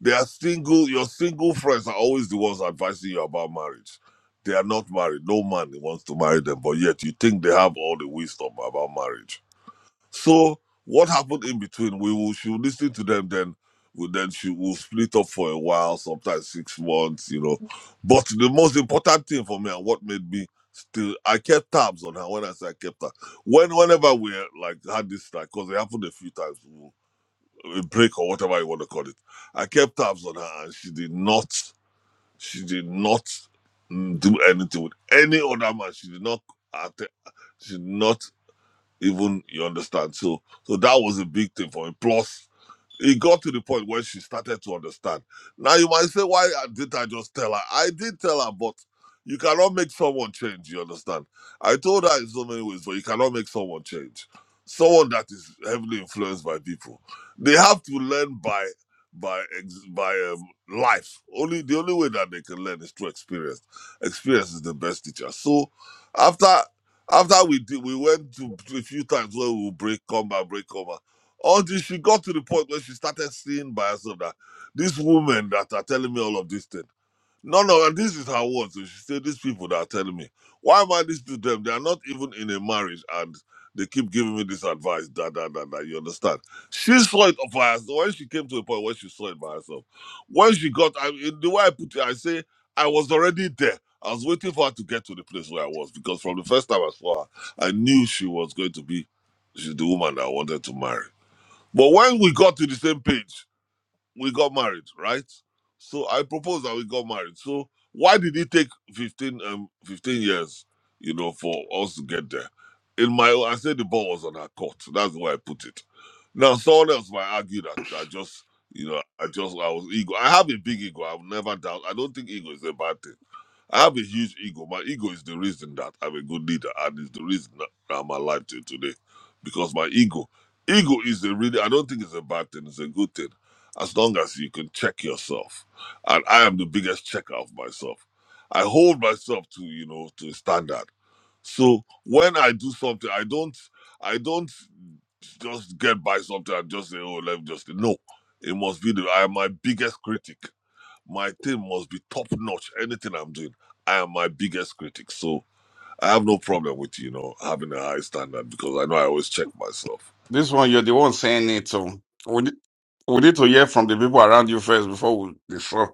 H: they are single. Your single friends are always the ones advising you about marriage. They are not married. No man wants to marry them, but yet you think they have all the wisdom about marriage so what happened in between? We will she will listen to them then. We then she will split up for a while, sometimes six months, you know. But the most important thing for me and what made me still I kept tabs on her. When I say I kept her, when whenever we like had this like because it happened a few times, a break or whatever you want to call it, I kept tabs on her and she did not she did not mm, do anything with any other man. She did not att- she did not even you understand so so that was a big thing for me plus it got to the point where she started to understand. Now you might say, why did I just tell her? I did tell her, but you cannot make someone change. You understand? I told her in so many ways, but you cannot make someone change. Someone that is heavily influenced by people, they have to learn by by ex- by um, life. Only the only way that they can learn is through experience. Experience is the best teacher. So after after we did, we went to a few times where we would break, come back, break, come back all this, she got to the point where she started seeing by herself that these women that are telling me all of this thing. No, no, and this is her words. so She said, These people that are telling me, why am I this to them? They are not even in a marriage and they keep giving me this advice, da da da da. You understand? She saw it by herself. When she came to a point where she saw it by herself, when she got, I mean, the way I put it, I say, I was already there. I was waiting for her to get to the place where I was because from the first time I saw her, I knew she was going to be she's the woman that I wanted to marry. But when we got to the same page, we got married, right? So I proposed that we got married. So why did it take 15, um, 15 years, you know, for us to get there? In my, I said the ball was on our court. That's the way I put it. Now someone else might argue that I just, you know, I just I was ego. I have a big ego. I've never doubt. I don't think ego is a bad thing. I have a huge ego. My ego is the reason that I'm a good leader, and it's the reason that I'm alive till today, because my ego, ego is a really. I don't think it's a bad thing. It's a good thing, as long as you can check yourself. And I am the biggest checker of myself. I hold myself to you know to a standard. So when I do something, I don't, I don't just get by something and just say, oh, let me just no. It must be the I am my biggest critic my team must be top notch. Anything I'm doing, I am my biggest critic. So I have no problem with you know having a high standard because I know I always check myself.
I: this one. You're the one saying it. So. We need to hear from the people around you first before we destroy.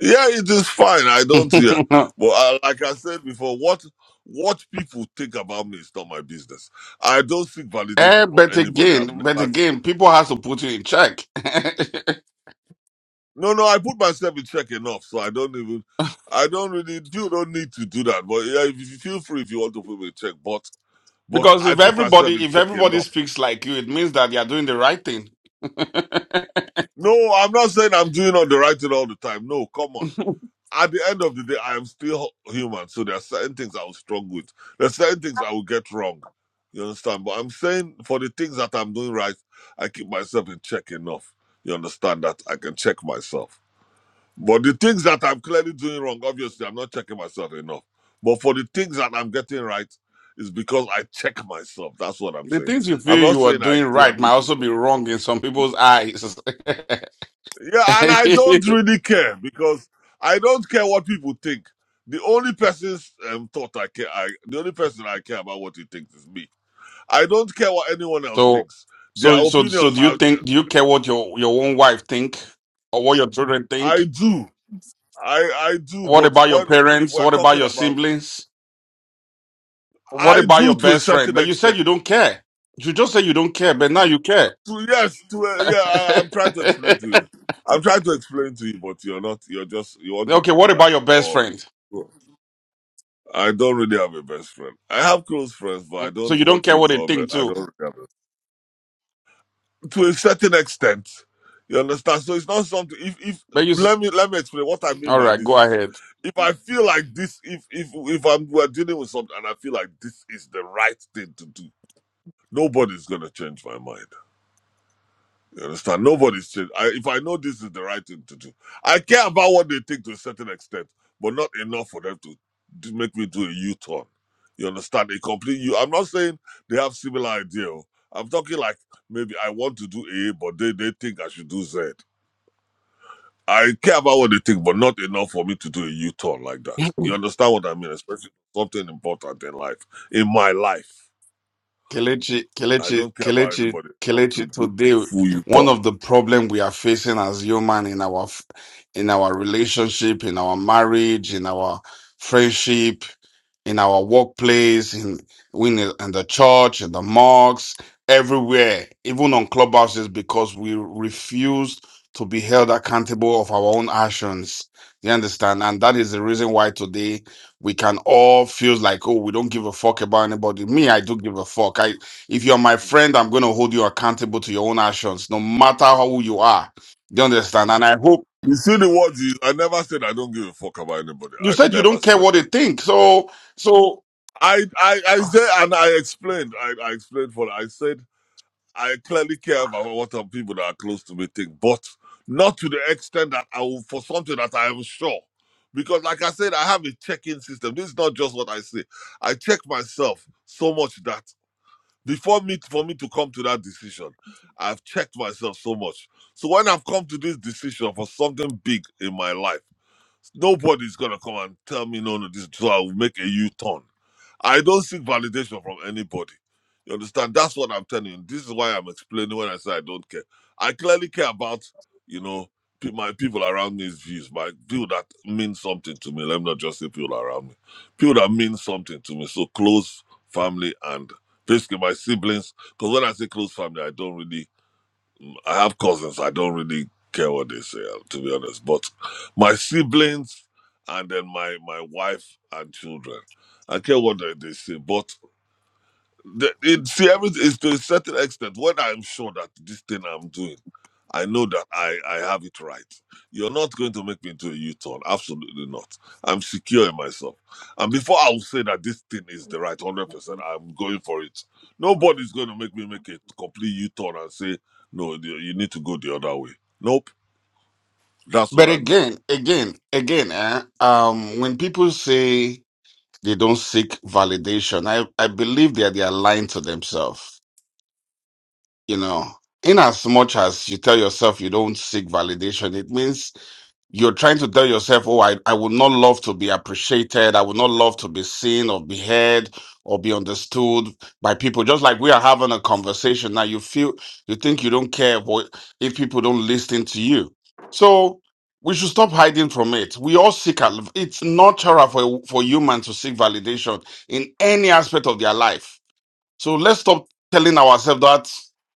H: Yeah, it is fine. I don't yeah,
I: [laughs]
H: but I, like I said before, what what people think about me is not my business. I don't seek
I: Eh,
H: validation from
I: but
H: anybody. I've
I: again, but
H: never. se-
I: again, people has to put you in check. [laughs]
H: No, no, I put myself in check enough, so I don't even. I don't really. You don't need to do that, but yeah, if you feel free if you want to put me in check, but. But
I: because
H: I
I: if
H: put myself
I: everybody
H: in
I: if
H: check
I: everybody
H: enough.
I: speaks like you, it means that they are doing the right thing. [laughs] the
H: No, I'm not saying I'm doing all the right thing all the time. No, come on. At the end of the day, I am still human, so there are certain things I will struggle with. There are certain things I will get wrong. You understand? But I'm saying for the things that I'm doing right, I keep myself in check enough. You understand that I can check myself. But the things that I'm clearly doing wrong, obviously, I'm not checking myself enough. But for the things that I'm getting right, it's because I check myself. That's what I'm saying.
I: things you
H: I'm
I: feel
H: not
I: you are
H: saying I
I: doing
H: do
I: right might
H: everything.
I: also be wrong in some people's eyes.
H: Yeah, and I don't
I: [laughs]
H: really care because I don't care what people think. The only person's um, thought I care, I, the only person I care about what he thinks is me. I don't care what anyone else
I: so
H: thinks. Their
I: so so so
H: opinions
I: do you
H: are,
I: think do you care what your your own wife think or what your children
H: I
I: think?
H: do, I I do.
I: What
H: But
I: about your
H: when if
I: parents?
H: we're
I: What about
H: talking
I: your
H: about,
I: siblings? What
H: I
I: about
H: do
I: your
H: to a
I: best friend?
H: certain
I: But you said
H: extent.
I: you don't care. You just said you don't care, but now you care.
H: To yes, to a, yeah,
I: [laughs]
H: I, I'm trying to explain to you. I'm trying to explain to you, but you're not. You're just you want it
I: okay,
H: to be
I: what
H: like
I: about your best
H: or.
I: friend?
H: I don't really have a best friend. I have close friends, but
I: Mm,
H: I
I: So
H: don't
I: you don't
H: what
I: care
H: you
I: what they
H: call best.
I: think
H: I don't
I: too.
H: really have a, to a certain extent. You understand? So it's not something. If if
I: But you, s-
H: let me let me explain what I mean
I: all
H: by
I: right, go
H: this is,
I: ahead.
H: if I feel like this, if if if I'm we're dealing with something and I feel like this is the right thing to do, nobody's gonna change my mind. You understand? Nobody's changed. I, if I know this is the right thing to do, I care about what they think to a certain extent, but not enough for them to, to make me do a U-turn. You understand? A complete U. I'm not saying they have similar idea. oh. I'm talking like maybe I want to do A, but they, they think I should do Z. I care about what they think, but not enough for me to do a U-turn like that. You understand what I mean? Especially something important in life, in my life.
I: Kelechi,
H: I
I: Kelechi,
H: don't care about
I: Kelechi,
H: anybody enough to
I: Kelechi,
H: do a
I: today
H: full
I: one
H: U-turn.
I: of the problem we are facing as human in our f- in our relationship, in our marriage, in our friendship, in our workplace, in in, the- in the church, in the mosques, everywhere, even on clubhouses, because we refuse to be held accountable of our own actions. You understand? And that is the reason why today we can all feel like oh we don't give a fuck about anybody me i do give a fuck i if you're my friend i'm going to hold you accountable to your own actions no matter how you are you understand and i hope
H: You see, the words is, I never said I don't give a fuck about anybody.
I: you
H: I
I: said you
H: never
I: don't care
H: said
I: what they
H: that.
I: think so so
H: I, I, I said, and I explained, I, I explained for I said, I clearly care about what the people that are close to me think, but not to the extent that I will, for something that I am sure. Because, like I said, I have a check in system. This is not just what I say. I check myself so much that before me, for me to come to that decision, I've checked myself so much. So, when I've come to this decision for something big in my life, Nobody's gonna come and tell me no, no, this so I will make a U-turn. I don't seek validation from anybody. You understand? That's what I'm telling you. This is why I'm explaining when I say I don't care. I clearly care about, you know, pe- my people around me's views, my people that mean something to me. Let me not just say people around me. People that mean something to me. So close family and basically my siblings. Because when I say close family, I don't really um, I have cousins. I don't really care what they say, uh, to be honest. But my siblings and then my my wife and children, I care what they, they say. But the, it, see everything is to a certain extent when i'm sure that this thing i'm doing i know that i i have it right you're not going to make me into a u-turn absolutely not i'm secure in myself and before i will say that this thing is the right 100% i'm going for it nobody's going to make me make a complete u-turn and say no you you need to go the other way nope that's what
I: but
H: i mean
I: again again again eh, um when people say they don't seek validation i i believe that they are lying to themselves you know in as much as you tell yourself you don't seek validation it means You're trying to tell yourself, oh, I, I would not love to be appreciated. I would not love to be seen or be heard or be understood by people. Just like we are having a conversation now, you feel, you think you don't care what, if people don't listen to you. So we should stop hiding from it. We all seek, al- it's natural for, for human to seek validation in any aspect of their life so let's stop telling ourselves that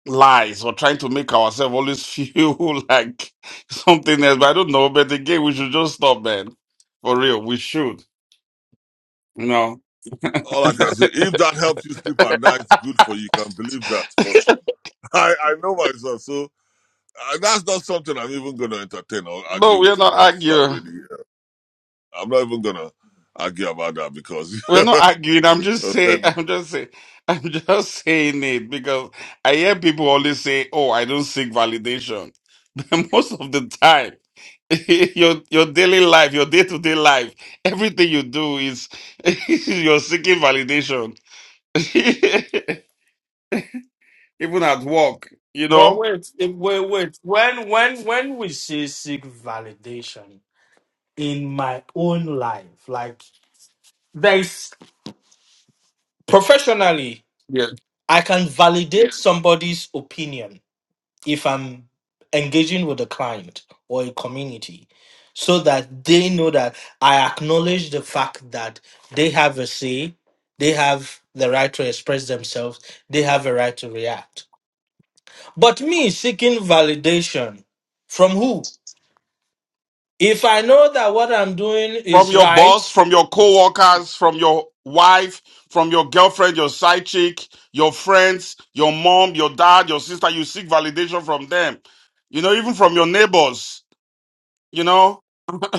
I: lies or trying to make ourselves always feel [laughs] like something else. But I don't know. But again, we should just stop, man. For real, we should. You know.
H: all i can say if that helps you sleep at night good for you You can believe that but [laughs] i i know myself so uh, that's not something I'm even going to entertain or
I: No,
H: argue
I: we're
H: with. You
I: not
H: know, it's not
I: arguing.
H: really. uh, I'm not even going to argue about that because [laughs]
I: We're not arguing. I'm just
H: uh,
I: saying. [laughs]
H: then-
I: I'm just saying. [laughs] I'm just saying it because I hear people always say, "Oh, I don't seek validation," [laughs] but most of the time, [laughs] your your daily life, your day to day life, everything you do is [laughs] you're seeking validation [laughs] even at work, you
B: But
I: know?
B: wait, eh, wait, wait. When when when we say seek validation in my own life, like there's professionally,
I: Yeah.
B: I can validate somebody's opinion. if I'm engaging with a client or a community so that they know that I acknowledge the fact that they have a say, they have the right to express themselves, they have a right to react. But me seeking validation from who? If I know that what I'm doing
I: From
B: is
I: your boss,
B: right,
I: from your co-workers, from your wife, from your girlfriend, your side chick, your friends, your mom, your dad, your sister, you seek validation from them. You know, even from your neighbors, you know?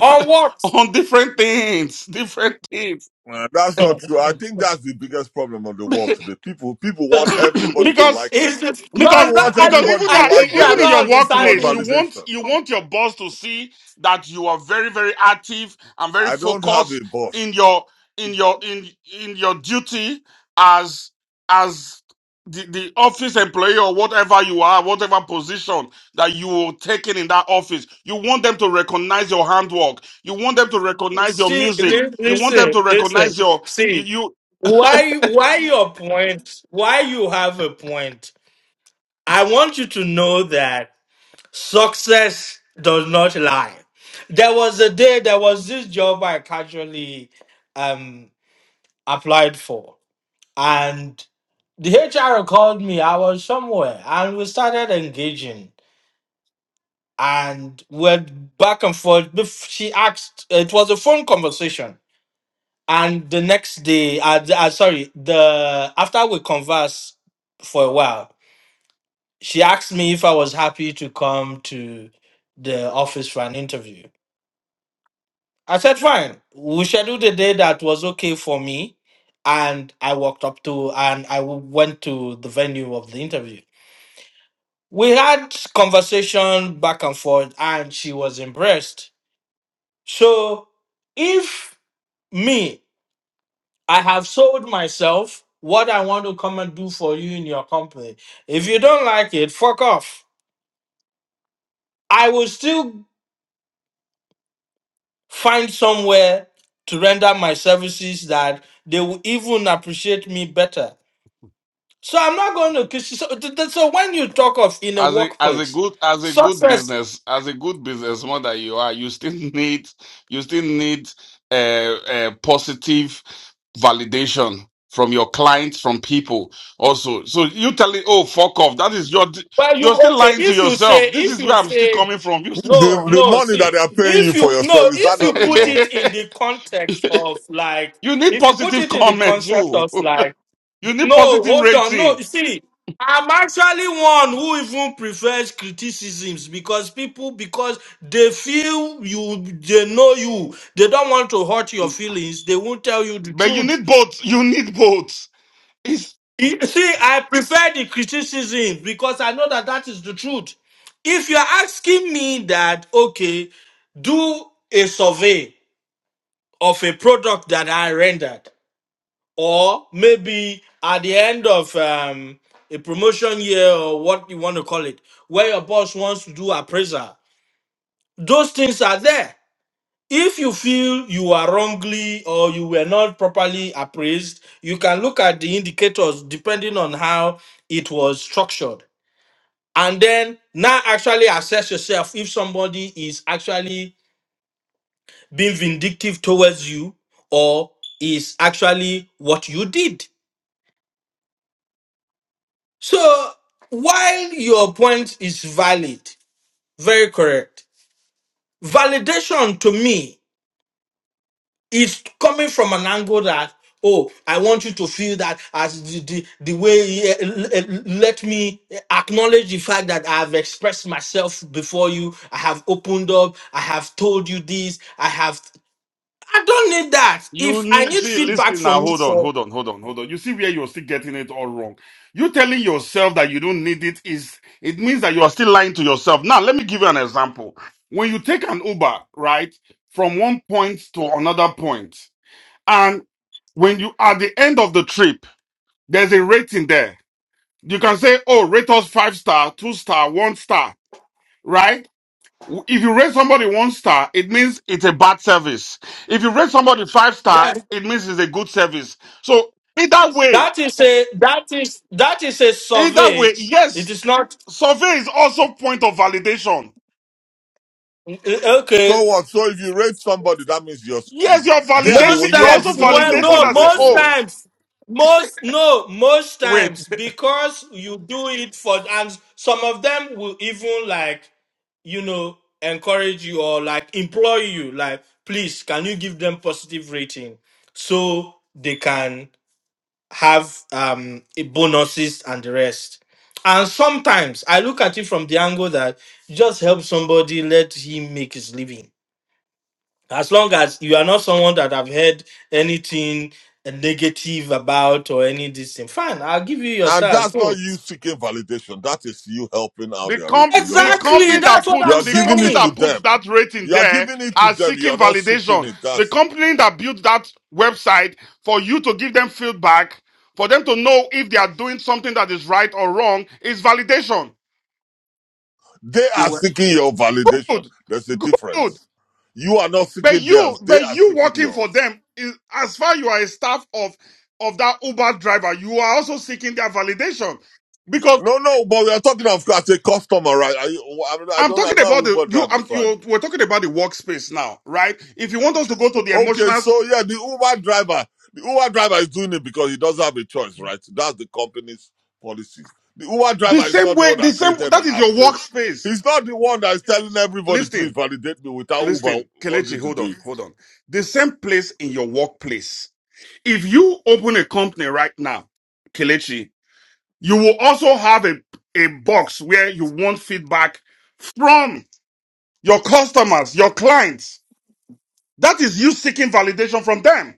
B: on what?
I: on different things, different things.
H: Uh, that's not true.
B: [laughs]
H: I think that's the biggest problem of the world
I: [coughs]
H: today. People, people want everybody to
I: because
H: like them.
B: Is this, no,
H: People
B: no,
I: Because
H: want
B: I,
I: because
B: thi-
H: everybody
I: even
H: to
B: I
I: at, e,
B: think
H: like
B: we
H: them.
B: are
I: even in
H: They're
B: not
I: your
H: seeking too much
I: workplace, you
B: understanding.
I: want
H: validation.
I: you want your boss to see that you are very very active and very
H: I don't have a
I: focused
H: boss.
I: in your in your in in your duty as as the, the office employee or whatever you are, whatever position that you were taken in in that office. You want them to recognize your handwork. You want them to recognize your
B: See,
I: music.
B: li-
I: You want them
B: listen,
I: to recognize
B: listen.
I: your
B: See,
I: you
B: why, why your point? Why you have a point? I want you to know that success does not lie. There was a day, there was this job I casually um applied for, and the HR called me. I was somewhere, and we started engaging, and went back and forth. Bef- She asked. It was a phone conversation. and the next day I, I sorry the after we conversed for a while she asked me if i was happy to come to the office for an interview i said fine we scheduled the day that was okay for me and i walked up to and i w- went to the venue of the interview we had conversation back and forth and she was impressed so if me I have sold myself what I want to come and do for you in your company. If you don't like it, fuck off. I will still find somewhere to render my services that they will even appreciate me better. So I'm not going to kiss you. So, th- th- so when you talk of in a
I: As a as a
B: workplace,
I: good as a good
B: success,
I: business as a good businessman that you are, you still [laughs] need you still need a, a positive validation from your clients, from people also. So you tell it, oh fuck off. That is your
B: well, you
I: you're still
B: okay.
I: lying to
B: If you say,
I: yourself. This
B: if
I: is
B: you
I: where I'm still
B: say,
I: coming from. You still,
H: The,
B: no,
H: the
B: no,
H: money that
B: see,
H: they are paying
B: if
H: you for
B: you,
H: your
B: no,
H: service, is that
B: if
I: [laughs]
H: not
B: you put
H: enough?
B: it in the context of like,
I: you need
B: if you put
I: positive
B: it in the
I: comments
B: concept
I: too.
B: of like,
I: [laughs] you need
B: No,
I: positive
B: hold on. No,
I: rating.
B: you see, I'm actually one who even prefers criticisms because people, because they feel you, they know you, they don't want to hurt your feelings, they won't tell you the
I: But you
B: truth.
I: need both. You need both.
B: You see, I prefer the criticisms because I know that that is the truth. If you're asking me that, okay, do a survey of a product that I rendered. or maybe at the end of um, a promotion year or what you want to call it, where your boss wants to do appraisal. Those things are there. If you feel you are wrongly or you were not properly appraised, you can look at the indicators depending on how it was structured. And then now actually assess yourself if somebody is actually being vindictive towards you or is actually what you did So while your point is valid, very correct, validation to me is coming from an angle that, oh, I want you to feel that as the, the, the way, eh, l- eh, let me acknowledge the fact that I have expressed myself before you. I have opened up. I have told you this. I have, I don't need that.
I: You
B: If I
I: need
B: need
I: see,
B: feedback
I: listen now.
B: from you,
I: Hold on,
B: so
I: hold on, hold on, hold on. You see where you're still getting it all wrong. You telling yourself that you don't need it is it means that you are still lying to yourself. Now, let me give you an example. When you take an Uber, right, from one point to another point, and when you at the end of the trip, there's a rating there. You can say, "Oh, rate us five star, two star, one star," right? If you rate somebody one star, it means it's a bad service. If you rate somebody five star,
B: yes.
I: it means it's a good service. So either way,
B: that is a, that is, that is a
I: either
B: survey.
I: way,
B: It
I: yes,
B: is not,
I: survey is also point of validation.
B: eh, okay.
H: So what? So if you rate somebody, that means you're,
I: Yes, you're
H: there. they
B: Most
H: when
I: validating,
H: you
I: you're
H: are
I: also
B: times,
H: giving them
B: well,
H: your
I: validating
B: no,
I: and say,
H: validation.
B: most
H: you're. right?
I: oh,
B: times, most, no, most
I: wait.
B: times, because you do it for, and some of them will even like, you know, encourage you or like employ you, like, please, can you give them positive rating so they can have um bonuses and the rest. And sometimes I look at it from the angle that just help somebody, let him make his living as long as you are not someone that I've heard anything negative about or any this thing, fine, I'll give you your
H: And
B: stars.
H: that's not
B: Go.
H: you seeking validation. That is you helping out
I: The
H: their
I: com
H: rating. You're
I: the
H: not seeking
B: Exactly,
I: company
H: it.
B: that's
I: that
B: what
I: puts
B: I'm
H: You're
I: the
H: giving
I: company
H: it
B: saying.
H: to
I: that puts
H: them.
I: that rating
H: You're
I: there
H: giving it to
I: are
H: them.
I: seeking
H: You're not seeking
I: validation.
H: it.
I: The
H: That's
I: company that built that website for you to give them feedback, for them to know if they are doing something that is right or wrong, is validation.
H: they
B: It
H: are
B: wa-
H: seeking your validation.
I: Good,
H: There's a
I: good.
H: difference. You are not
I: But
H: seeking
I: you,
H: theirs. They
I: but
H: are
I: you
H: seeking
I: working for
H: yours.
I: them is as far you are a staff of of that Uber driver, you are also seeking their validation because.
H: No, no, but we are talking of as a customer, right? I, I, mean, I
I: I'm
H: don't. I'm
I: talking
H: not an
I: about the
H: Uber
I: you.
H: driver,
I: I'm
H: so I,
I: you. We're talking about the workspace now, right? If you want us to go to the
H: Okay,
I: emotional,
H: so yeah, the Uber driver, the Uber driver is doing it because he doesn't have a choice, right? That's the company's policies. The Uber
I: the
H: driver is
I: same
H: not the
I: way,
H: one
I: the
H: that
I: same.
H: created
I: That
H: an
I: is
H: app.
I: your
H: Say,
I: workspace.
H: he's not the one that is telling everybody, please
I: Listen,
H: validate me without Uber
I: listen, Kelechi.
H: wanting to
I: Hold
H: do it.
I: on, hold on. The same place in your workplace. If you open a company right now, Kelechi, you will also have a a box where you want feedback from your customers, your clients. That is you seeking validation from them.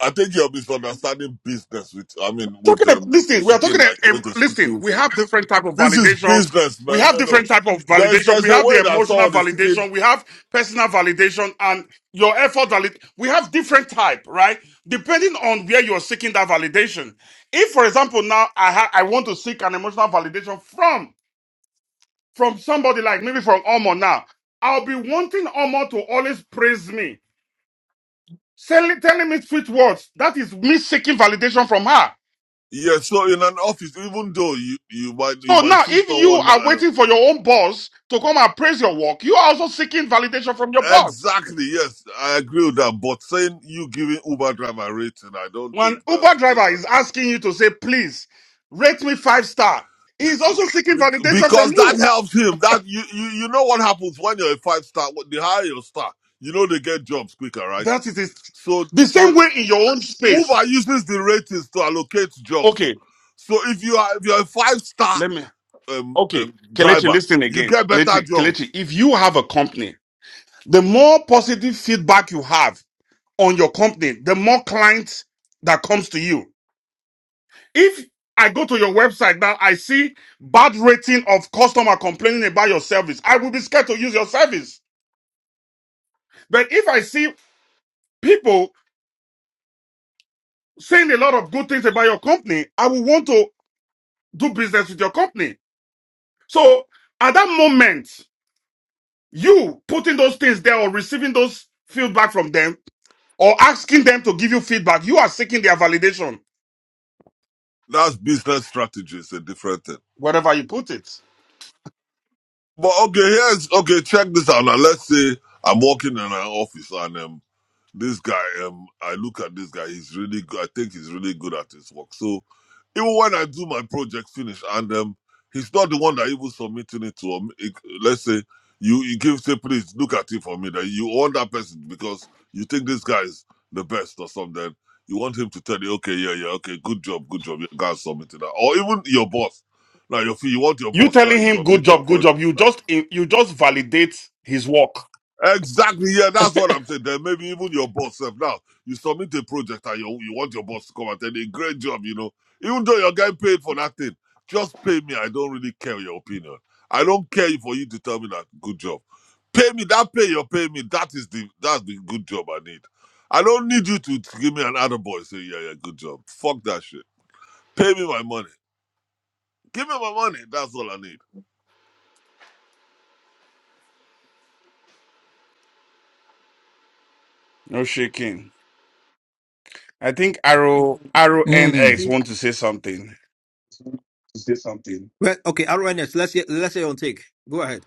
H: I think you're misunderstanding business with, I mean,
I: talking
H: with
I: about,
H: um,
I: listen, we are
H: seeking,
I: talking,
H: like going
I: um,
H: to seek
I: listen,
H: you.
I: we have different type of
H: This is
I: validation.
H: business,
I: We
H: man.
I: have
H: No, no.
I: different type of
H: There's
I: validation. We
H: there's a
I: have
H: way
I: the
H: that
I: emotional
H: someone is seeking.
I: validation. We have personal validation and your effort valid. We have different type, right? Depending on where you're seeking that validation. If, for example, now I ha- I want to seek an emotional validation from from somebody like maybe from Omo now, I'll be wanting Omo to always praise me, telling telling me sweet words. That is me seeking validation from her.
H: Yeah, so in an office, even though you, you might you
I: So
H: might
I: now,
H: see
I: if you
H: someone
I: are
H: now.
I: waiting for your own boss to come and praise your work, you are also seeking validation from your boss.
H: Exactly, yes, I agree with that. But saying you giving Uber driver rating, I don't
I: When
H: think
I: Uber
H: that's the case.
I: driver is asking you to say, please rate me five star, he's also seeking
H: Bec-
I: validation from
H: Because that
I: you.
H: helps him. That you, you you know what happens when you're a five star. When they hire your star, you know they get jobs quicker, right?
I: That is it.
H: So
I: The
H: so
I: same way in your own space.
H: Uber uses the ratings to allocate jobs.
I: Okay,
H: So if you are if you're a five star
I: let me,
H: um,
I: okay,
H: um,
I: Kelechi,
H: driver,
I: listen
H: you
I: again.
H: get better
I: Kelechi, Kelechi,
H: jobs.
I: if you have a company, the more positive feedback you have on your company, the more clients that comes to you. If I go to your website now, I see bad rating of customer complaining about your service. I will be scared to use your service. But if I see people saying a lot of good things about your company, I will want to do business with your company. So at that moment, you putting those things there or receiving those feedback from them or asking them to give you feedback, you are seeking their validation
H: That's business strategy. It's a different thing.
I: wherever you put it.
H: But okay, here's okay. Check this out now. Let's say I'm walking in an office and um, this guy um, I look at this guy. He's really good. I think he's really good at his work. So even when I do my project finish and um, he's not the one that even submitting it to um, it- let's say you you give say please look at it for me that you want that person because you think this guy is the best or something. You want him to tell you okay yeah yeah okay good job good job you guys submitted that or even your boss. Now you feel you want your
I: You
H: boss now
I: telling
H: you
I: him good
H: submit your
I: job, good
H: project.
I: job. You just you just validate his work.
H: Exactly. Yeah, that's what I'm saying. Then maybe even your boss self. Now you submit a project and you, you want your boss to come and tell you, great job, you know. Even though you're getting paid for that thing, just pay me. I don't really care your opinion. I don't care for you to tell me that good job. Pay me that pay you're paying me. That is the that's the good job I need. I don't need you to give me an other boy say, yeah, yeah, good job. Fuck that shit. Pay me my money. Give me my money. That's all I need.
I: No shaking. I think Arrow Arrow
A: I Mm.
I: NX
A: think
I: want to say something.
A: to say something. Well, okay, RNX. Let's hear, let's hear on take. Go ahead.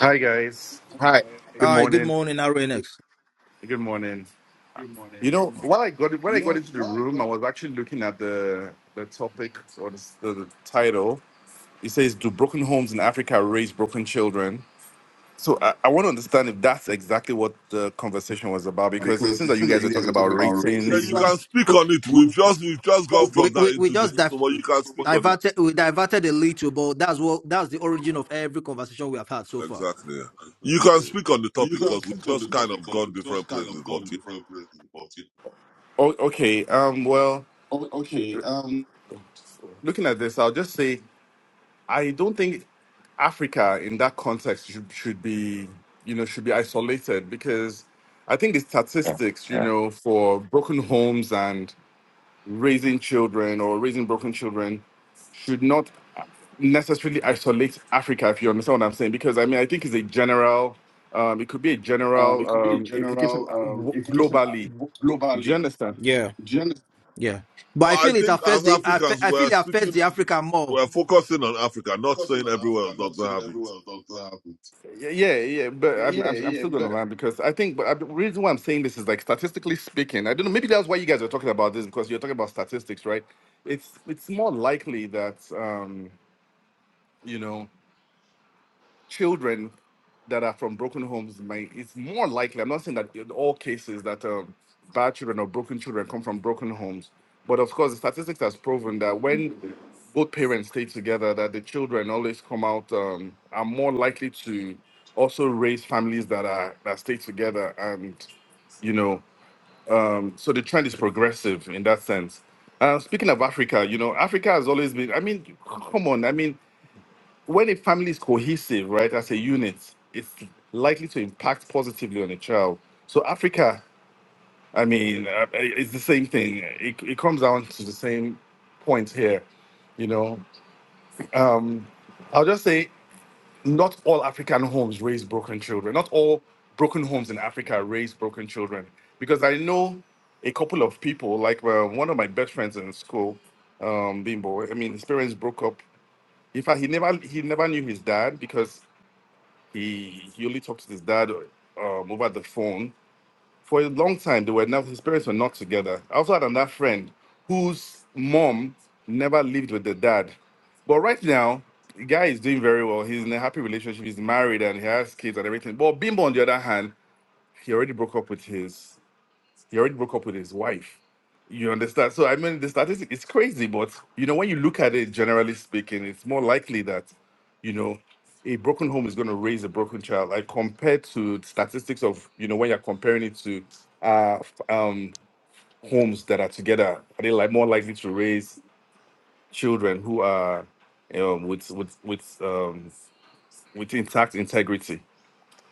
K: Hi guys.
I: Hi.
K: Good
A: All right. Good
K: morning.
A: morning, RNX.
K: Good morning. You
A: morning.
K: know, when I got when
A: You
K: I got
A: know
K: into the
A: why?
K: room, I was actually looking at the the topic or the, the, the title. It says, "Do broken homes in Africa raise broken children?" So I, I want to understand if that's exactly what the conversation was about because it
A: because
K: seems
A: it
K: that you
A: seems like
K: guys are
A: you guys
K: talking
A: are
K: about
A: talking about
H: Yeah,
K: ratings.
H: you
A: racism.
H: can speak on it. We've
A: We
H: just we've just gone
A: just We
H: from that
A: we, we
H: into
A: just
H: different.
A: di-
H: So, but
A: know
H: you can
A: what
H: speak on it.
A: diverted we diverted a little, but that's what that's the origin of every conversation we have had so far.
H: Exactly. yeah. You can
A: Yeah.
H: speak on the
A: You
H: topic
A: can
H: because we
A: speak on the
H: just kind
A: topic
H: of
A: because
H: gone
A: it's just
H: different
A: kind of
H: places, but
A: gone
H: yeah.
A: different places. But it...
K: Oh, okay. Um. Well,
A: oh, okay, um,
K: looking at this, I'll just say. I don't think Africa in that context should, should be, you know, should be isolated because I think the
B: Yeah.
K: statistics, you
B: Yeah.
K: know, for broken homes and raising children or raising broken children should not necessarily isolate Africa, if you understand what I'm saying. Because I mean, I think it's a general, um, it could be a
A: um,
K: general
A: it could be a
K: um, implication
A: general
K: uh,
A: um
K: w-
A: implication uh,
K: globally. Do you
A: globally.
K: understand?
A: Yeah, Gen- yeah. But
H: Well,
A: I
H: I
A: feel it
H: think
A: affects
H: as
A: the I, fe-
H: Africans,
A: I feel
H: we're
A: it affects
H: speaking,
A: the Africa more.
H: we're focusing on Africa, not
A: focusing
H: saying
A: on
H: everywhere
A: Africa,
H: else
A: not
H: doesn't
A: saying
H: have it.
A: everywhere else doesn't happen.
K: Yeah, yeah, yeah, but I'm,
A: Yeah,
K: I'm, I'm
A: yeah,
K: still going to
A: but
K: land because I think, but I, the reason why I'm saying this is like statistically speaking, I don't know, maybe that's why you guys are talking about this because you're talking about statistics, right? It's it's more likely that um, you know children that are from broken homes might it's more likely i'm not saying that in all cases that um, bad children or broken children come from broken homes but of course the statistics has proven that when both parents stay together that the children always come out um, are more likely to also raise families that are that stay together and you know um, so the trend is progressive in that sense uh, speaking of africa you know africa has always been i mean come on i mean when a family is cohesive, right, as a unit, it's likely to impact positively on a child. So Africa, I mean, uh, it's the same thing. It, it comes down to the same point here, you know. Um, I'll just say, not all African homes raise broken children. Not all broken homes in Africa raise broken children, because I know a couple of people, like well, one of my best friends in school, um, Bimbo. I mean, his parents broke up. In fact, he never he never knew his dad because he, he only talked to his dad um, over the phone for a long time. They were not his parents were not together. I also had another friend whose mom never lived with the dad, but right now the guy is doing very well. He's in a happy relationship. He's married and he has kids and everything. But Bimbo, on the other hand, he already broke up with his he already broke up with his wife. You understand? So I mean, the statistic is crazy, but you know, when you look at it, generally speaking, it's more likely that you know a broken home is going to raise a broken child, like compared to statistics of you know when you're comparing it to uh, f- um, homes that are together, are they like more likely to raise children who are you know, with with with um, with intact integrity?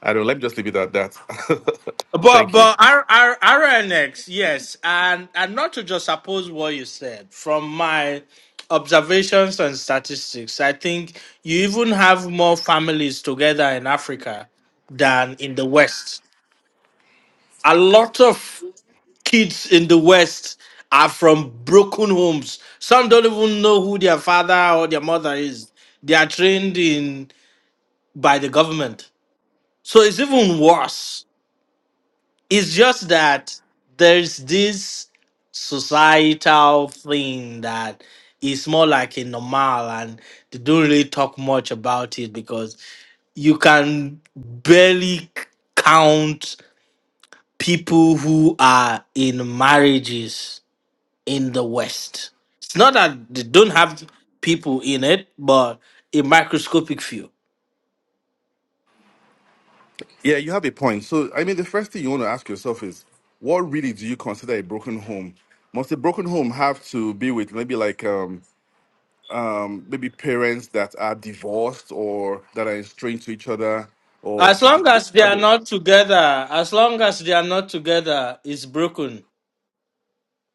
K: I don't. Let me just leave it at that. [laughs]
B: but
K: Thank you.
B: but R, R, RNX, yes, and and not to just suppose what you said from my observations and statistics, I think you even have more families together in Africa than in the West. A lot of kids in the West are from broken homes. Some don't even know who their father or their mother is. They are trained in by the government. So it's even worse. It's just that there's this societal thing that is more like a normal and they don't really talk much about it because you can barely count people who are in marriages in the West. It's not that they don't have people in it, but a microscopic few.
K: Yeah, you have a point. So, I mean, the first thing you want to ask yourself is, what really do you consider a broken home? Must a broken home have to be with maybe like um, um, maybe parents that are divorced or that are estranged to each other, or
B: As
K: do, do,
B: long
K: do-
B: as they
K: are
B: are
K: they-
B: not together, as long as they are not together, it's broken.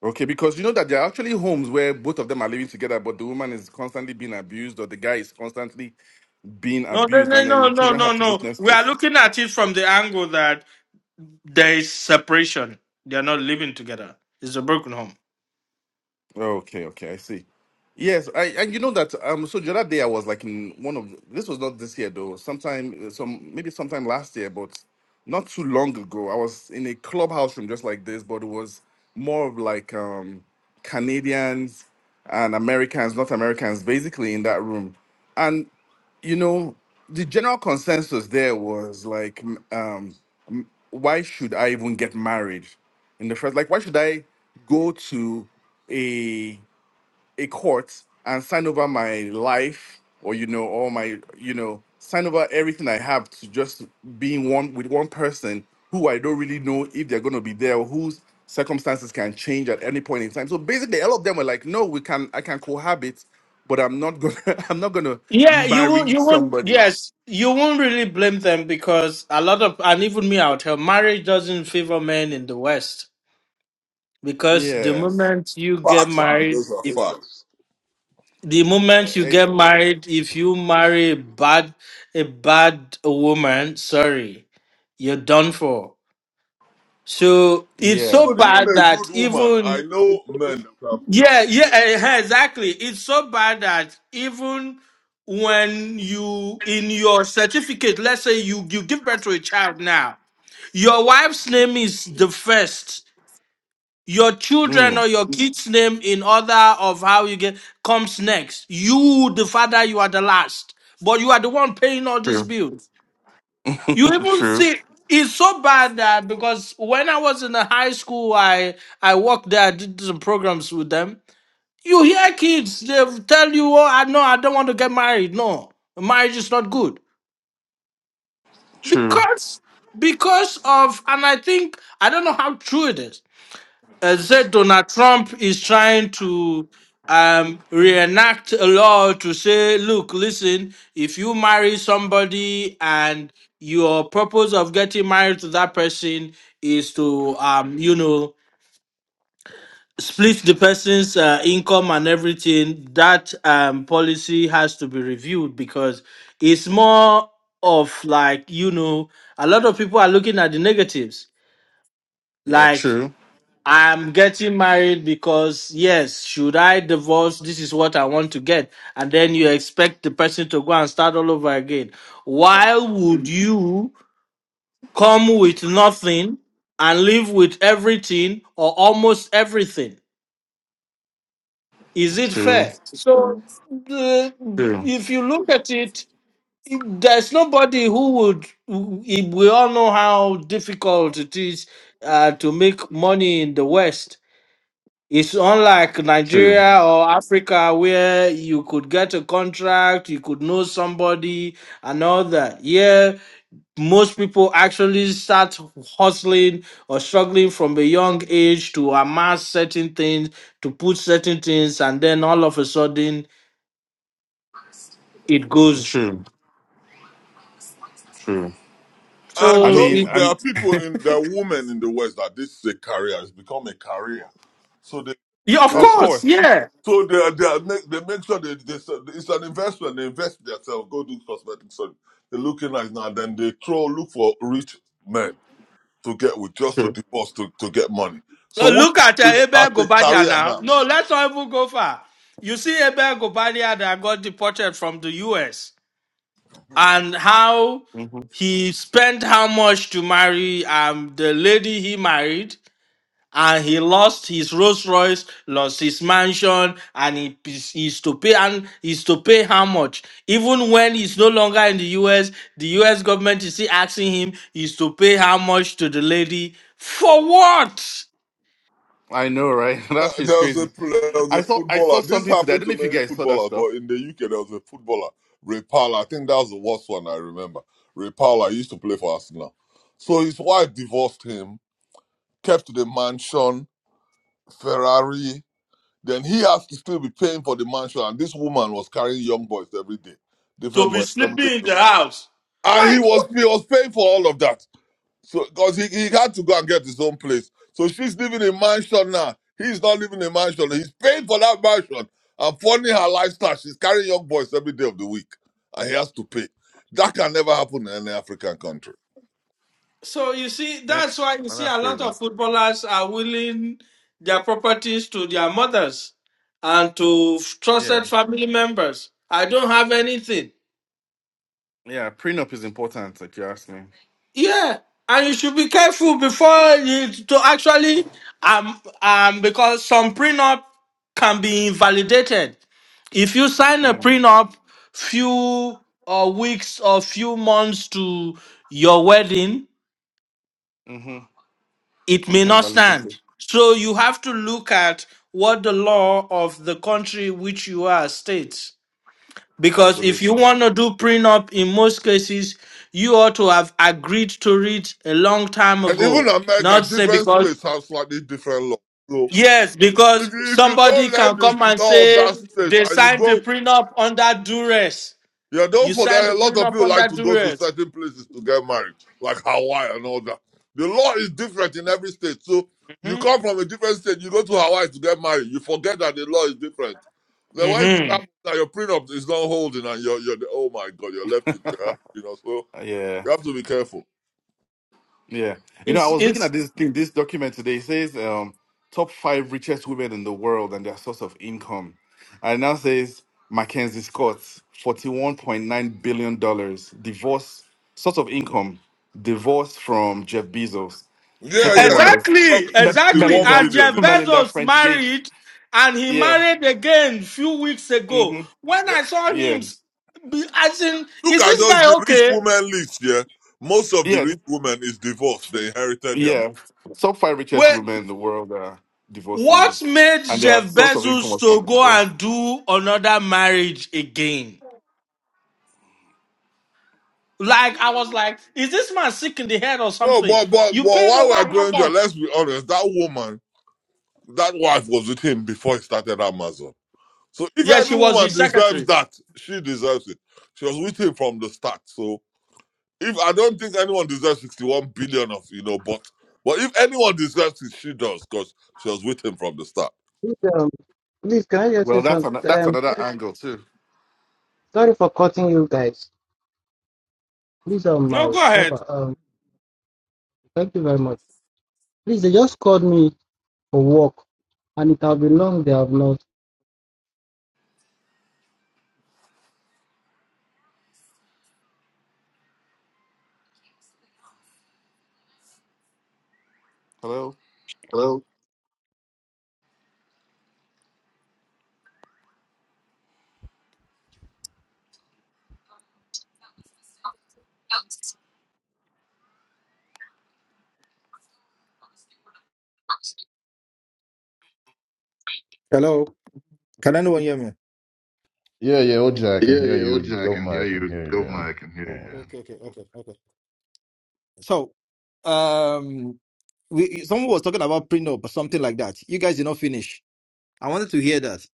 K: okay? Because you know that there are actually homes where both of them are living together, but the woman is constantly being abused or the guy is constantly being
B: No, no,
K: abused,
B: no,
K: and then
B: no,
K: the
B: no,
K: children
B: no.
K: have to
B: no.
K: witness
B: We are
K: this.
B: looking at it from the angle that there is separation. They are not living together. It's a broken home.
K: Okay, okay, I see. Yes, I and you know that um so the other day I was like in one of the- this was not this year though sometime uh, some maybe sometime last year but not too long ago I was in a clubhouse room just like this but it was more of like um Canadians and Americans North Americans basically in that room and you know the general consensus there was like m- um m- why should I even get married in the first like why should I go to a a court and sign over my life or you know all my you know sign over everything i have to just being one with one person who i don't really know if they're going to be there or whose circumstances can change at any point in time so basically all of them were like no we can i can cohabit but i'm not gonna [laughs] i'm not gonna
B: Yeah, you won't.
K: marry
B: You won't.
K: somebody
B: Yes, you won't really blame them because a lot of, and even me, I would tell, marriage doesn't favor men in the West. because the
K: yes
B: moment you get
H: Facts, man.
B: married
H: Those are
B: if
H: facts.
B: the
K: Eh,
B: moment you
K: eh, eh,
B: get married if you marry a bad a bad woman sorry you're done for so it's
K: yeah
B: so
H: But even
B: bad
H: a
B: that
H: good woman, I
B: even
H: know men that have.
B: yeah yeah eh, eh, exactly it's so bad that even when you in your certificate let's say you you give birth to a child now your wife's name is the first your children
K: Mm,
B: or your kids name in order of how you get comes next you the father you are the last but you are the one paying all these
K: true
B: bills you
K: [laughs]
B: even
K: true
B: see it's so bad that because when i was in the high school i i worked there i did some programs with them you hear kids they tell you oh i no i don't want to get married no marriage is not good
K: true
B: because because of and i think i don't know how true it is uh, said Donald Trump is trying to um, reenact a law to say, look, listen, if you marry somebody and your purpose of getting married to that person is to, um, you know, split the person's uh, income and everything, that um, policy has to be reviewed because it's more of like, you know, a lot of people are looking at the negatives.
K: yeah
B: Like,
K: true
B: I'm getting married because, yes, should I divorce? This is what I want to get. And then you expect the person to go and start all over again. Why would you come with nothing and live with everything or almost everything? Is it
K: true
B: fair? So, uh,
K: true
B: if you look at it, it- there's nobody who would. We all know how difficult it is uh, to make money in the West It's unlike
K: true
B: Nigeria or Africa where you could get a contract, you could know somebody and all that. Here, most people actually start hustling or struggling from a young age to amass certain things, to put certain things, and then all of a sudden it goes.
K: true True. I
H: And
B: So
H: don't
K: mean,
B: it,
H: there are
K: I'm
H: people in there are women in the West that this is a career. It's become a career, so they
B: yeah, of
K: of
B: course,
K: course.
B: yeah.
H: So they are, they, are make, they make sure they, they s- it's an investment. They invest themselves, go do cosmetic surgery. They look in like now, then they throw look for rich men to get with just to
K: True.
H: divorce to, to get money. So
B: Uh,
H: women
B: Look at
H: are
B: uh,
H: doing it as
B: Abel
H: a
B: Gobadia
H: career
B: now.
H: now.
B: No, let's not even go far. You see Abel Gobadia that got deported from the U.S. and how
K: hmm
B: he spent how much to marry um the lady he married and he lost his Rolls Royce, lost his mansion, and he is he's to pay and he's to pay how much? Even when he's no longer in the US, the US government is still asking him he's to pay how much to the lady for what?
K: I know, right? [laughs]
H: Uh,
K: that
H: There
K: shit's
H: was a
K: crazy.
H: pl- there was a
K: I saw I
H: footballer.
K: saw
H: This
K: something today. I
H: happened
K: don't
H: to
K: know if you
H: many
K: guys saw that
H: footballers,
K: stuff.
H: but in the UK there was a footballer, Ray Powell. I think that was the worst one I remember. Ray Powell, used to play for Arsenal. So his wife divorced him, kept the mansion, Ferrari, Then he has to still be paying for the mansion. And this woman was carrying young boys every day,
B: To
H: different
B: be
H: boys every day.
B: sleeping in the house.
H: And he
B: Like what?
H: was he was paying for all of that. So because he, he had to go and get his own place. So she's living in mansion now. He's not living in mansion. He's paying for that mansion and funding her lifestyle. She's carrying young boys every day of the week. And he has to pay. That can never happen in any African country.
B: So you see,
K: Man,
B: that's why you
K: oh,
B: see a
K: that's
B: lot
K: crazy.
B: of footballers are willing their properties to their mothers and to
K: Yeah,
B: trusted family members. I don't have anything.
K: yeah. Prenup is important, if you ask me.
B: Yeah, and you should be careful before you to actually um um because some prenup can be invalidated. If you sign a
K: Mm-hmm.
B: prenup few uh, weeks or few months to your wedding,
K: Mm-hmm.
B: it
K: You
B: may
K: can
B: not
K: invalidate it.
B: stand. So you have to look at what the law of the country which you are states. Because if you
K: Absolutely.
B: want to do prenup, in most cases, you ought to have agreed to it a long time
H: And even
B: ago.
H: America,
B: Not say
H: different
B: because,
H: states have slightly different laws. So
B: yes, because
H: if you, if you don't
B: somebody
H: learn
B: can
H: this
B: come and
H: law of
B: say
H: that state
B: they
H: and you
B: signed the
H: go
B: prenup under duress.
H: Yeah, don't
B: You signed
H: forget,
B: the
H: a lot of
B: prenup
H: people
B: under
H: like to go to
B: duress.
H: certain places to get married, like Hawaii and all that. The law is different in every state. So you
B: hmm
H: come from a different state, you go to Hawaii to get married, you forget that the law is different. Then when it
B: hmm
H: happens that your prenup is not holding and you're, you're oh my God, you're left with your, you know, so
K: Uh, Yeah.
H: you have to be careful.
K: Yeah. You know, I
B: It's,
K: was looking
B: it's
K: at this thing, this document today. It says um, top five richest women in the world and their source of income. And it now says Mackenzie Scott, $41.9 billion, dollars, divorce, source of income, divorce from Jeff Bezos.
H: Yeah,
K: Second
H: yeah, I
K: one
H: think
K: was
B: Exactly,
H: about
K: Me-
B: exactly.
H: 61
K: Melinda,
B: And
H: billion.
K: [laughs]
B: Jeff
H: Yeah.
K: Melinda
B: Bezos
K: French Gates.
B: married, and he
K: Yeah.
B: married again a few weeks ago.
K: hmm
B: When
H: Yeah.
B: I saw him,
K: Yeah.
B: s- be- as in,
H: Look
B: is
H: at
B: this
H: those,
B: guy
H: the rich
B: okay?
H: women list, yeah. Most of the
K: Yeah.
H: rich
K: th-
H: women is divorced. They inherited their money.
K: Yeah. Top five richest
B: Well,
K: women in the world are
B: what
K: divorcees
B: made
K: and their
B: Jeff
K: source of income
B: Bezos
K: was from
B: to go
K: divorce.
B: and do another marriage again? Like I was like, is this man sick in the head or
H: Bro,
B: something?
H: but but
B: You
H: well,
B: paid
H: while
B: over
H: we're
B: how
H: going there,
B: much?
H: let's be honest. That woman, that wife was with him before he started Amazon. So if
B: Yeah,
H: any
B: she was
H: woman
B: his
H: deserves
B: secretary.
H: that, she deserves it. She was with him from the start. So if I don't think anyone deserves sixty-one billion of you know, but but if anyone deserves it, she does because she was with him from the start.
F: Please, um, please, can I just say
K: Well, that's an,
F: something?
K: that's
F: Um,
K: another angle too.
F: sorry for cutting you guys. Please, um,
B: No,
F: my
B: go ahead.
F: helper, um, thank you very much. Please, they just called me for work, and it have been long. They have not.
K: Hello.
A: Hello? Hello. Can anyone hear me?
J: Yeah, yeah, OJ, I can
A: Yeah,
J: hear
A: yeah,
J: you.
A: OJ, I can
J: Governor,
A: hear
J: I can
A: you.
J: hear you. Yeah.
A: Governor, I can hear
J: Go
A: you. yeah.
J: on.
A: Okay, okay, okay, okay. So, um, we someone was talking about prenup or something like that. You guys did not finish. I wanted to hear that.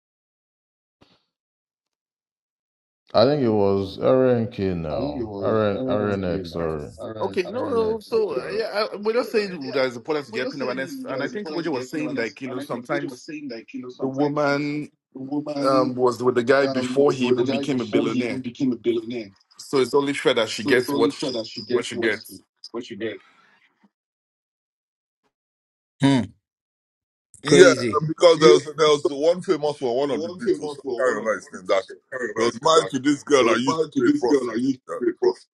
J: I think it was RNK
A: I think it
J: now.
A: was
J: RN, RNX,
A: RNK now.
J: sorry.
A: RN,
K: Okay, No. know,
A: RNX,
K: so
A: something
K: uh,
A: like
K: yeah, I, we're just
A: that.
K: saying
A: yeah.
K: that it's important to
A: Well,
K: get
A: you're
K: clean up, and, it's-
A: saying there
K: and I
A: is
K: think
A: importance
K: Ojo
A: to
K: was
A: getting
K: saying
A: awareness,
K: like you know
A: and I think what you were
K: sometimes
A: saying, like you know,
K: the
A: sometimes
K: woman
A: the woman
K: um was with the guy
A: um
K: before
A: was
K: he
A: with the
K: even
A: guy
K: became a
A: before he even
K: billionaire,
A: became a billionaire.
K: so it's only fair that she
A: So it's
K: gets
A: only
K: what
A: fair
K: she
A: that she
K: what
A: gets
K: she
A: what she
K: gets.
A: what she gets. Hmm.
H: Yeah,
A: Crazy.
H: because there was
A: Yes,
H: there was one famous one,
A: the
H: one of the
A: one
H: Beatles.
A: famous
H: I
A: for
H: can't
A: one of
H: remember
A: the
H: his name. That
A: British
H: he was
A: caravans is
H: married
A: that
H: to this girl
A: he
H: that
A: was
H: used to
A: married to
H: be a
A: this girl that
H: prostitute,
A: used to be a
H: yeah.
A: prostitute.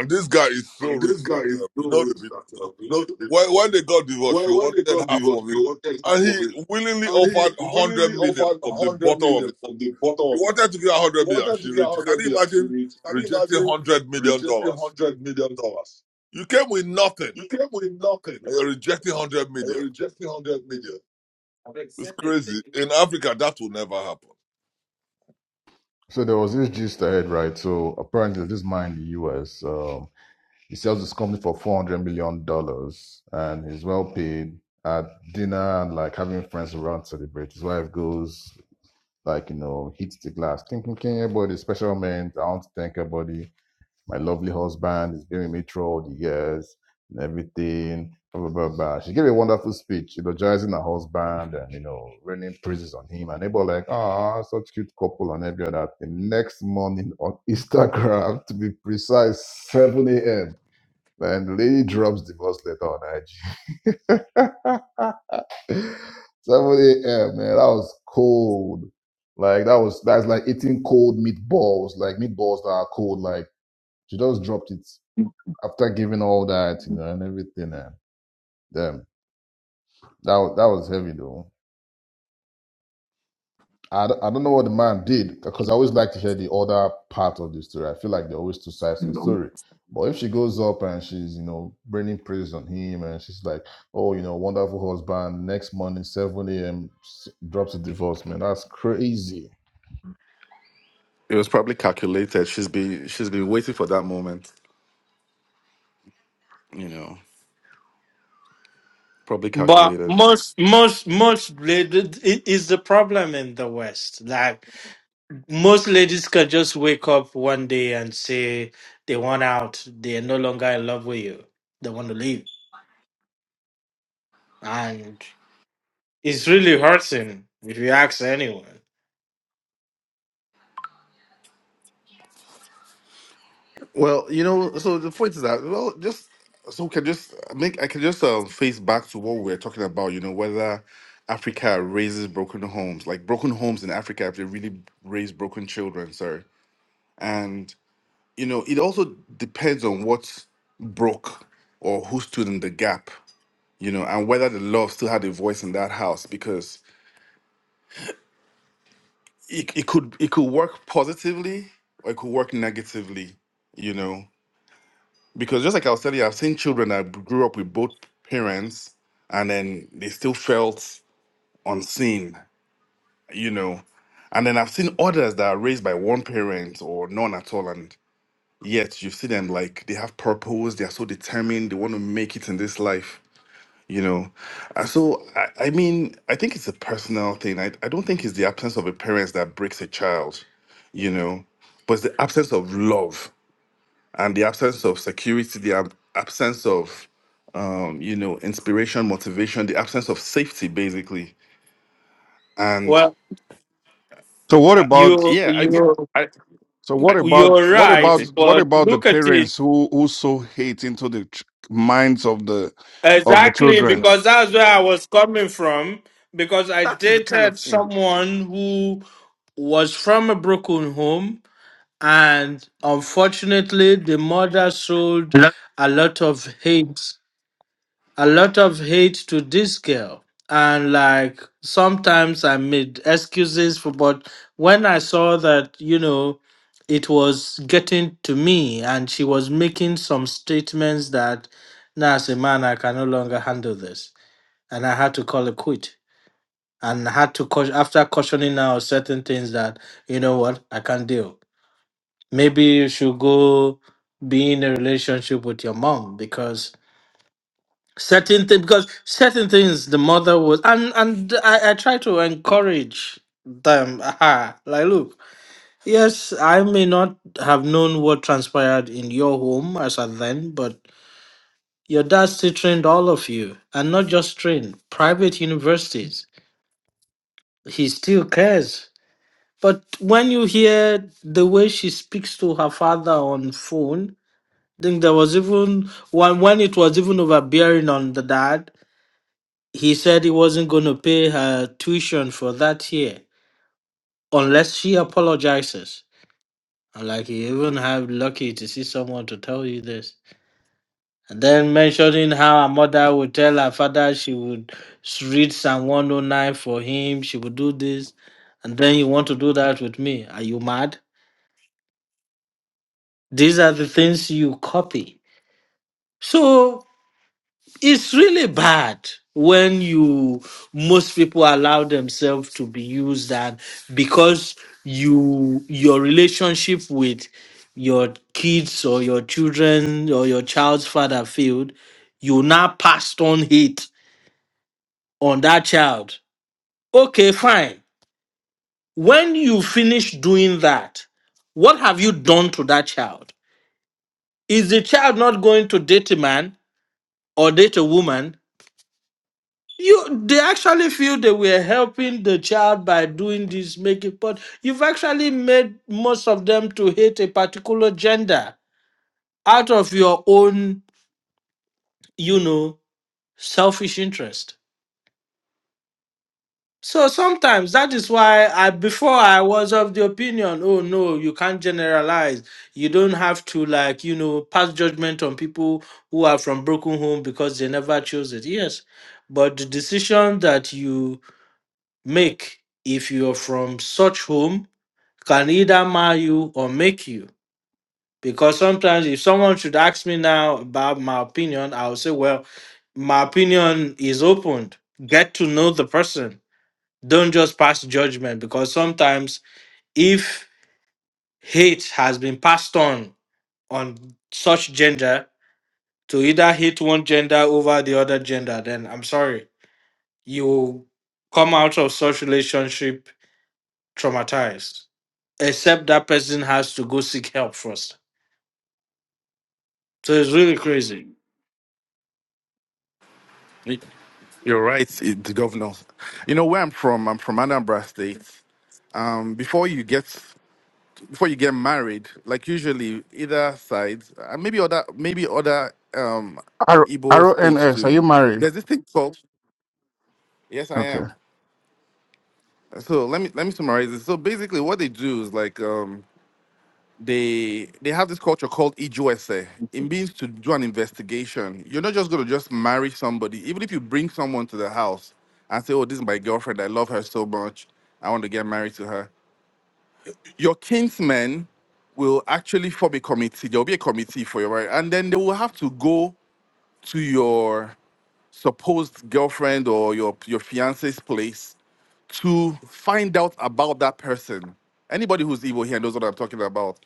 H: and this guy is so
A: And this
H: rich
A: guy
H: that
A: is
H: um, you
A: so
H: know the
A: rich
H: Beatles.
A: that uh,
H: now.
A: you know the
H: When, when they got divorced,
A: when,
H: she
A: when they
H: wanted
A: got
H: half
A: divorced,
H: of
A: she
H: it.
A: wanted half
H: And
A: of it.
H: he willingly
A: And he
H: offered 100
A: willingly
H: million
A: offered
H: from
A: a
H: the
A: hundred
H: bottom of
A: million
H: it.
A: from the bottom
H: He
A: of the heart.
H: wanted to give her
A: He
H: 100 million.
A: wanted to
H: She
A: get
H: re-
A: a
H: Can
A: hundred
H: you
A: million. She
H: imagine
A: re- can you
H: rejecting
A: imagine
H: 100 million
A: rejecting
H: dollars?
A: hundred million dollars?
H: You came with nothing
A: You came with nothing.
H: and you're rejecting 100
A: And
H: million.
A: you're rejecting hundred million.
H: It's crazy. In Africa, that will never happen.
J: So there was this gist I heard, right? So apparently this man in the US, um, he sells his company for four hundred million dollars and he's well paid at dinner and like having friends around to celebrate. His wife goes, like you know hits the glass thinking Kenya special man I want to thank everybody my lovely husband is been with me through all the years and everything blah blah blah, blah. she gave a wonderful speech eulogizing her husband and you know raining praises on him and they were like ah such cute couple and every other thing next morning on Instagram [laughs] to be precise 7 a.m. and the lady drops divorce letter on IG 7 a.m. man, that was cold. Like that was that's like eating cold meatballs, like meatballs that are cold. Like she just dropped it after giving all that, you know, and everything. And damn, that wa- that was heavy though. I, d- I don't know what the man did because I always like to hear the other part of the story. I feel like there are always two sides to the story. But if she goes up and she's, you know, bringing praise on him and she's like, oh, you know, wonderful husband, next morning, 7 a.m., drops a divorce, man, that's crazy.
K: It was probably calculated. She's been she's been waiting for that moment, you know, probably
B: But
K: calculated.
B: most most most ladies it is the problem in the West. Like most ladies can just wake up one day and say they want out. They are no longer in love with you. They want to leave, and it's really hurting if you ask anyone.
K: Well, you know, so the point is that well, just so we can just make I can just um, face back to what we we're talking about. You know, whether Africa raises broken homes, like broken homes in Africa, if they really raise broken children, sorry. And you know, it also depends on what broke or who stood in the gap. You know, and whether the love still had a voice in that house because it, it could it could work positively or it could work negatively you know because just like I was telling you, I've seen children that grew up with both parents and then they still felt unseen, you know. And then I've seen others that are raised by one parent or none at all, and yet you see them like they have purpose, they are so determined, they want to make it in this life, you know. And so, I, I mean, I think it's a personal thing. I, I don't think it's the absence of a parent that breaks a child, you know, but it's the absence of love and the absence of security, the ab- absence of um, you know inspiration, motivation, the absence of safety, basically. And
B: Well,
I: So what
K: uh,
I: about
B: you
K: yeah, I, mean,
B: you
K: I,
I: so
K: I,
I: what about
B: you're
I: what
B: right,
I: about
K: okay,
I: what
B: but
I: about the
B: look at it
I: parents who who sow hate into the ch- minds of the of the
B: exactly
I: children?
B: because that's where I was coming from. Because I
K: that is the kind of
B: dated
K: thing.
B: someone who was from a broken home and unfortunately the mother sold
I: Hello?
B: a lot of hate a lot of hate to this girl and like sometimes i made excuses for but when i saw that you know it was getting to me and she was making some statements that now as a man i can no longer handle this and i had to call it quit and I had to cau- after cautioning her certain things that you know what i can't deal Maybe you should go be in a relationship with your mom because certain things because certain things the mother was and and I, I try to encourage them. Aha. Like look, yes, I may not have known what transpired in your home as at then, but your dad still trained all of you and not just trained private universities. He still cares. But when you hear the way she speaks to her father on phone, I think there was even when when it was even overbearing on the dad, he said he wasn't going to pay her tuition for that year unless she apologizes. And like you even have lucky to see someone to tell you this. And then mentioning how her mother would tell her father she would s- read Psalm 109 for him, she would do this, and then you want to do that with me. Are you mad? These are the things you copy. So it's really bad when you most people allow themselves to be used and because you your relationship with your kids or your children or your child's father failed you now passed on hate on that child okay fine when you finish doing that what have you done to that child is the child not going to date a man or date a woman You they actually feel they were helping the child by doing this, making but you've actually made most of them to hate a particular gender out of your own, you know, selfish interest. So sometimes that is why I before I was of the opinion, oh no, you can't generalize. You don't have to like, you know, pass judgment on people who are from broken home because they never chose it. Yes. But the decision that you make if you're from such home can either marry you or make you because sometimes if someone should ask me now about my opinion i'll say well my opinion is opened get to know the person don't just pass judgment because sometimes if hate has been passed on on such gender to either hate one gender over the other gender then i'm sorry you will come out of such relationship traumatized except that person has to go seek help first. So it's really crazy.
K: Y- You're right, eh, the governor. You know where I'm from. I'm from Anambra State. Um, before you get before you get married, like usually either side, uh, maybe other maybe other um,
I: Arrow
K: Igbo states
I: RNX, are
K: too.
I: you married?
K: There's this thing called yes, I
I: Okay.
K: am So let me let me summarize this. So basically, what they do is like um, they they have this culture called EJOSE. It means to do an investigation. You're not just going to just marry somebody, even if you bring someone to the house and say, "Oh, this is my girlfriend. I love her so much. I want to get married to her." Your kinsmen will actually form a committee. There will be a committee for your marriage, and then they will have to go to your supposed girlfriend or your your fiance's place to find out about that person. Anybody who's evil here knows what I'm talking about.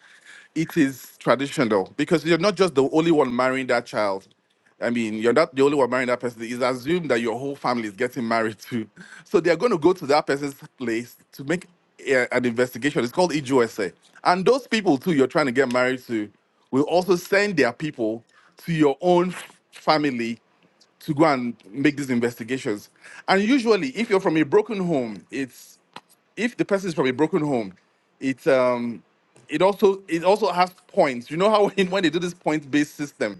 K: It is traditional because you're not just the only one marrying that child. I mean, you're not the only one marrying that person. It's assumed that your whole family is getting married too. [laughs] So they're going to go to that person's place to make a- an investigation. It's called EJOSA. And those people too you're trying to get married to will also send their people to your own family to go and make these investigations. And usually, if you're from a broken home, it's if the person is from a broken home, it's um, it also it also has points. You know how [laughs] when, when they do this point based system,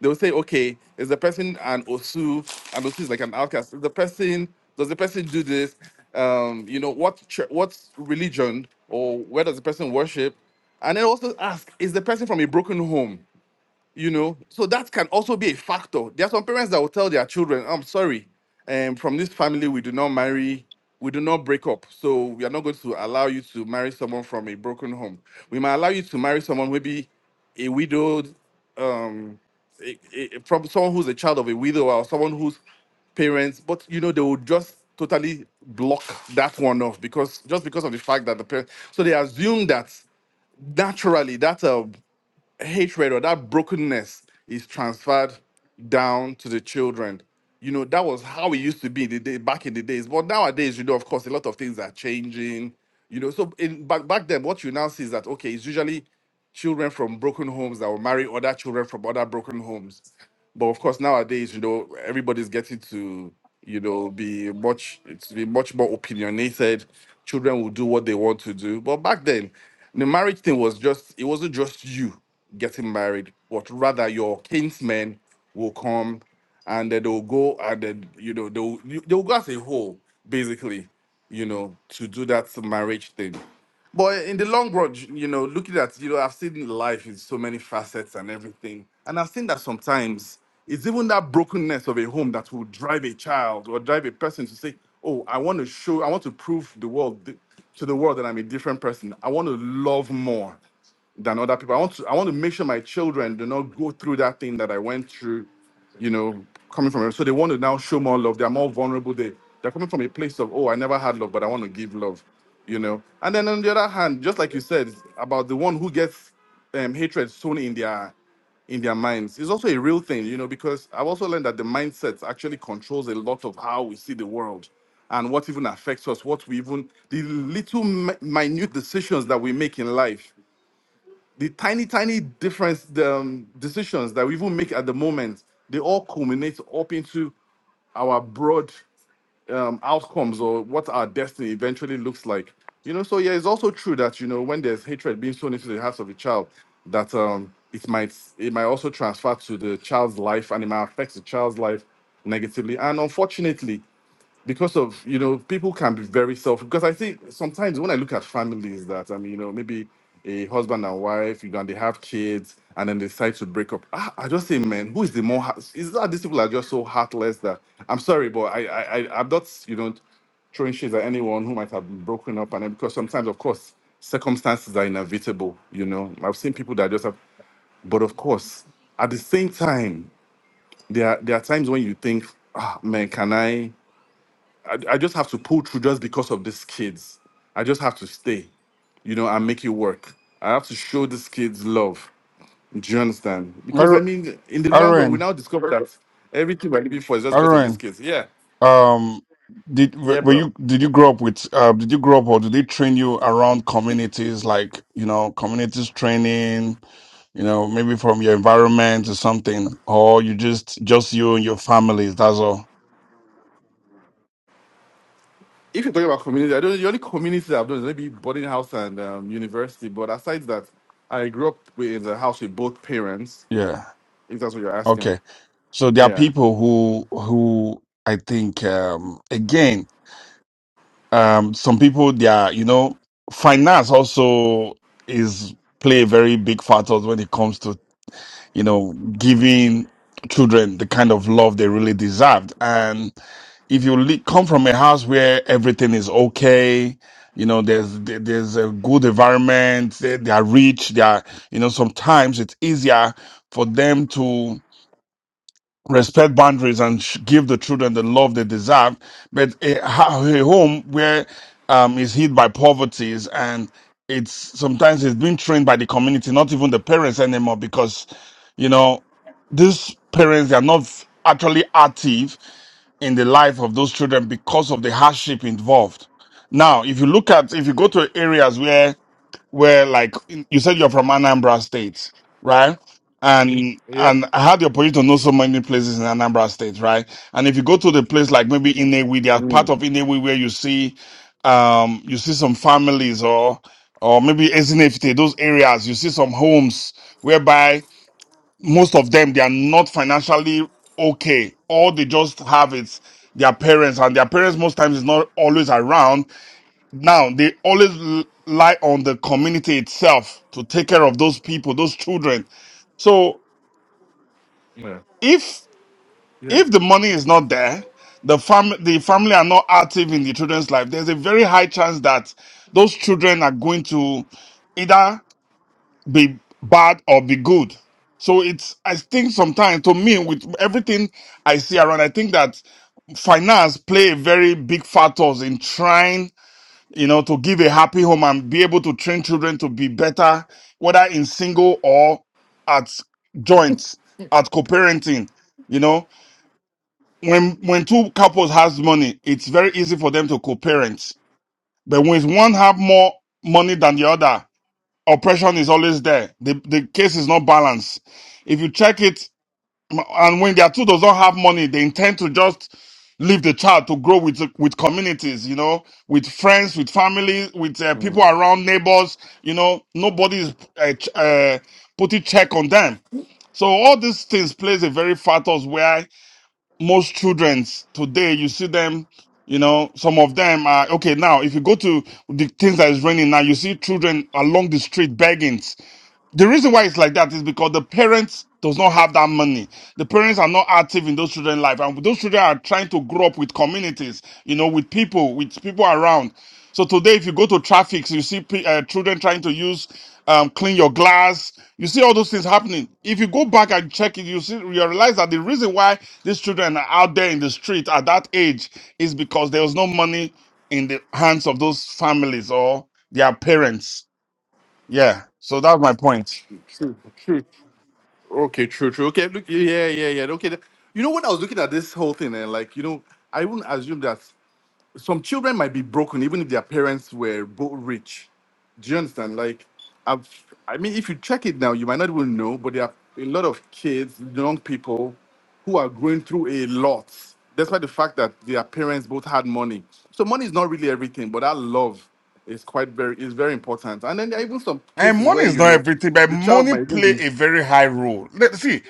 K: they will say, okay, is the person an osu? And osu is like an outcast. Is the person does the person do this? Um, you know what chur- what religion or where does the person worship? And then also ask, is the person from a broken home? you know so that can also be a factor there are some parents that will tell their children i'm sorry um, from this family we do not marry we do not break up so we are not going to allow you to marry someone from a broken home we might allow you to marry someone maybe a widowed um a, a- from someone who's a child of a widow or someone whose parents but you know they would just totally block that one off because just because of the fact that the parents so they assume that naturally that uh, hatred or that brokenness is transferred down to the children. You know, that was how it used to be the day back in the days. But nowadays, you know, of course, a lot of things are changing. You know, so in back back then, what you now see is that okay, it's usually children from broken homes that will marry other children from other broken homes. But of course, nowadays, you know, everybody's getting to, you know, be much it's be much more opinionated. Children will do what they want to do. But back then, the marriage thing was just it wasn't just you getting married, but rather your kinsmen will come and then they'll go and then you know they'll you- they'll go as a whole, basically, you know, to do that marriage thing. But in the long run, j- you know, looking at, you know, I've seen life in so many facets and everything. And I've seen that sometimes it's even that brokenness of a home that will drive a child or drive a person to say, oh, I want to show, I want to prove the world th- to the world that I'm a different person. I want to love more than other people. I want to I want to make sure my children do not go through that thing that I went through, you know, coming from. So they want to now show more love. They're more vulnerable. They they're coming from a place of oh I never had love, but I want to give love, you know. And then on the other hand, just like you said about the one who gets um, hatred sown in their in their minds is also a real thing, you know, because I've also learned that the mindset actually controls a lot of how we see the world and what even affects us, what we even, the little mi- minute decisions that we make in life the tiny, tiny difference the, um, decisions that we even make at the moment, they all culminate up into our broad um, outcomes or what our destiny eventually looks like. You know, so yeah, it's also true that you know when there's hatred being sown into the hearts of a child, that um, it might it might also transfer to the child's life and it might affect the child's life negatively. And unfortunately, because of you know people can be very self because i think sometimes when i look at families that i mean you know maybe a husband and wife you know and they have kids and then they decide to break up ah, i just say man who is the more heart- is that these people are just so heartless that i'm sorry but i i, I i'm not you know throwing shades at anyone who might have been broken up and then because sometimes of course circumstances are inevitable you know i've seen people that just have but of course at the same time there are, there are times when you think ah man can i I, I just have to pull through just because of these kids. I just have to stay, you know, and make it work. I have to show these kids love. Do you understand? Because I
I: Arrow
K: mean, in the long run, we
I: R-
K: now discover that everything we're living for is just because of these
I: RN,
K: kids. Yeah,
I: um did were
K: yeah,
I: were
K: bro.
I: you did you grow up with uh did you grow up or did they train you around communities like you know communities training you know maybe from your environment or something or you just just you and your families that's all
K: If you're talking about community, I don't. The only community I've done is maybe boarding house and um, university. But aside that, I grew up with, in the house with both parents.
I: yeah
K: If that's what you're asking.
I: okay so there are
K: Yeah.
I: people who who i think um again um some people they are you know finance also is play a very big factor when it comes to you know, giving children the kind of love they really deserved. And if you le- come from a house where everything is okay, you know, there's there- there's a good environment, they, they are rich, they are, you know, sometimes it's easier for them to respect boundaries and sh- give the children the love they deserve. But a, ho- a home where um, is hit by poverty is- and it's sometimes it's being trained by the community, not even the parents anymore, because you know these parents they are not f- actually active in the life of those children because of the hardship involved. Now, if you look at if you go to areas where where like you said you're from Anambra State, right? And
K: Yep.
I: and I had the opportunity to know so many places in Anambra State, right? And if you go to the place like maybe Inewi, there are part
K: Mm.
I: of Inewi where you see um you see some families or or maybe Ezinefite, those areas, you see some homes whereby most of them they are not financially okay. All they just have is their parents, and their parents most times is not always around now they always l- lie on the community itself to take care of those people, those children. So
K: Yeah.
I: if
K: Yeah.
I: if the money is not there, the fam the family are not active in the children's life, there's a very high chance that those children are going to either be bad or be good. So it's I think sometimes to me with everything I see around, I think that finance play a very big factors in trying you know, to give a happy home and be able to train children to be better, whether in single or at joint, at co-parenting. You know, when when two couples has money, it's very easy for them to co-parent. But when one have more money than the other, oppression is always there. The the case is not balanced. If you check it and when their two does not have money, they intend to just leave the child to grow with with communities, you know, with friends, with family, with uh, people
K: Mm.
I: around, neighbors. You know, nobody is uh, ch- uh, putting check on them. So all these things plays a very factors where most children today you see them. You know, some of them are okay. Now, if you go to the things that is raining now, you see children along the street begging the reason why it's like that is because the parents does not have that money. The parents are not active in those children's life, and those children are trying to grow up with communities, you know, with people, with people around. So today, if you go to traffic, you see pe- uh, children trying to use um, clean your glass. You see all those things happening. If you go back and check it, you see you realize that the reason why these children are out there in the street at that age is because there was no money in the hands of those families or their parents. Yeah. So that's my point.
K: True. True. Okay, true, true. Okay, look, yeah, yeah, yeah. yeah. Okay, th- you know when I was looking at this whole thing, and like, you know, I wouldn't assume that some children might be broken even if their parents were both rich. Do you understand? Like, I've, I mean, if you check it now, you might not even know, but there are a lot of kids, young people, who are going through a lot, despite the fact that their parents both had money. So money is not really everything, but that love is quite very is very important. And then there are even some
I: And
K: cases
I: money
K: where
I: is
K: you
I: not
K: know
I: everything, but
K: the child
I: money
K: might even
I: play
K: be
I: a very high role. Let see,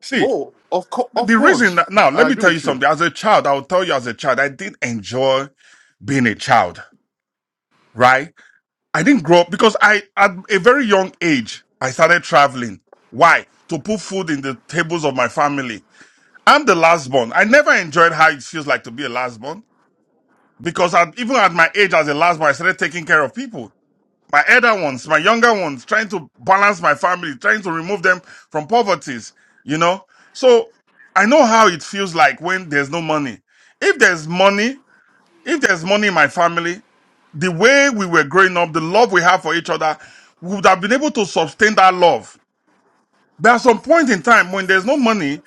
I: see
K: Oh, of co-
I: the
K: of
I: the reason
K: course,
I: that, now. Let
K: I
I: me
K: agree
I: tell you
K: with you.
I: something. As a child, I will tell you. As a child, I didn't enjoy being a child. Right? I didn't grow up because I at a very young age I started traveling. Why? To put food in the tables of my family. I'm the last born. I never enjoyed how it feels like to be a last born because at, even at my age as a last born, I started taking care of people. my elder ones, my younger ones, trying to balance my family, trying to remove them from poverty, you know? So I know how it feels like when there's no money. If there's money, if there's money in my family, the way we were growing up, the love we have for each other, we would have been able to sustain that love. There are some point in time when there's no money,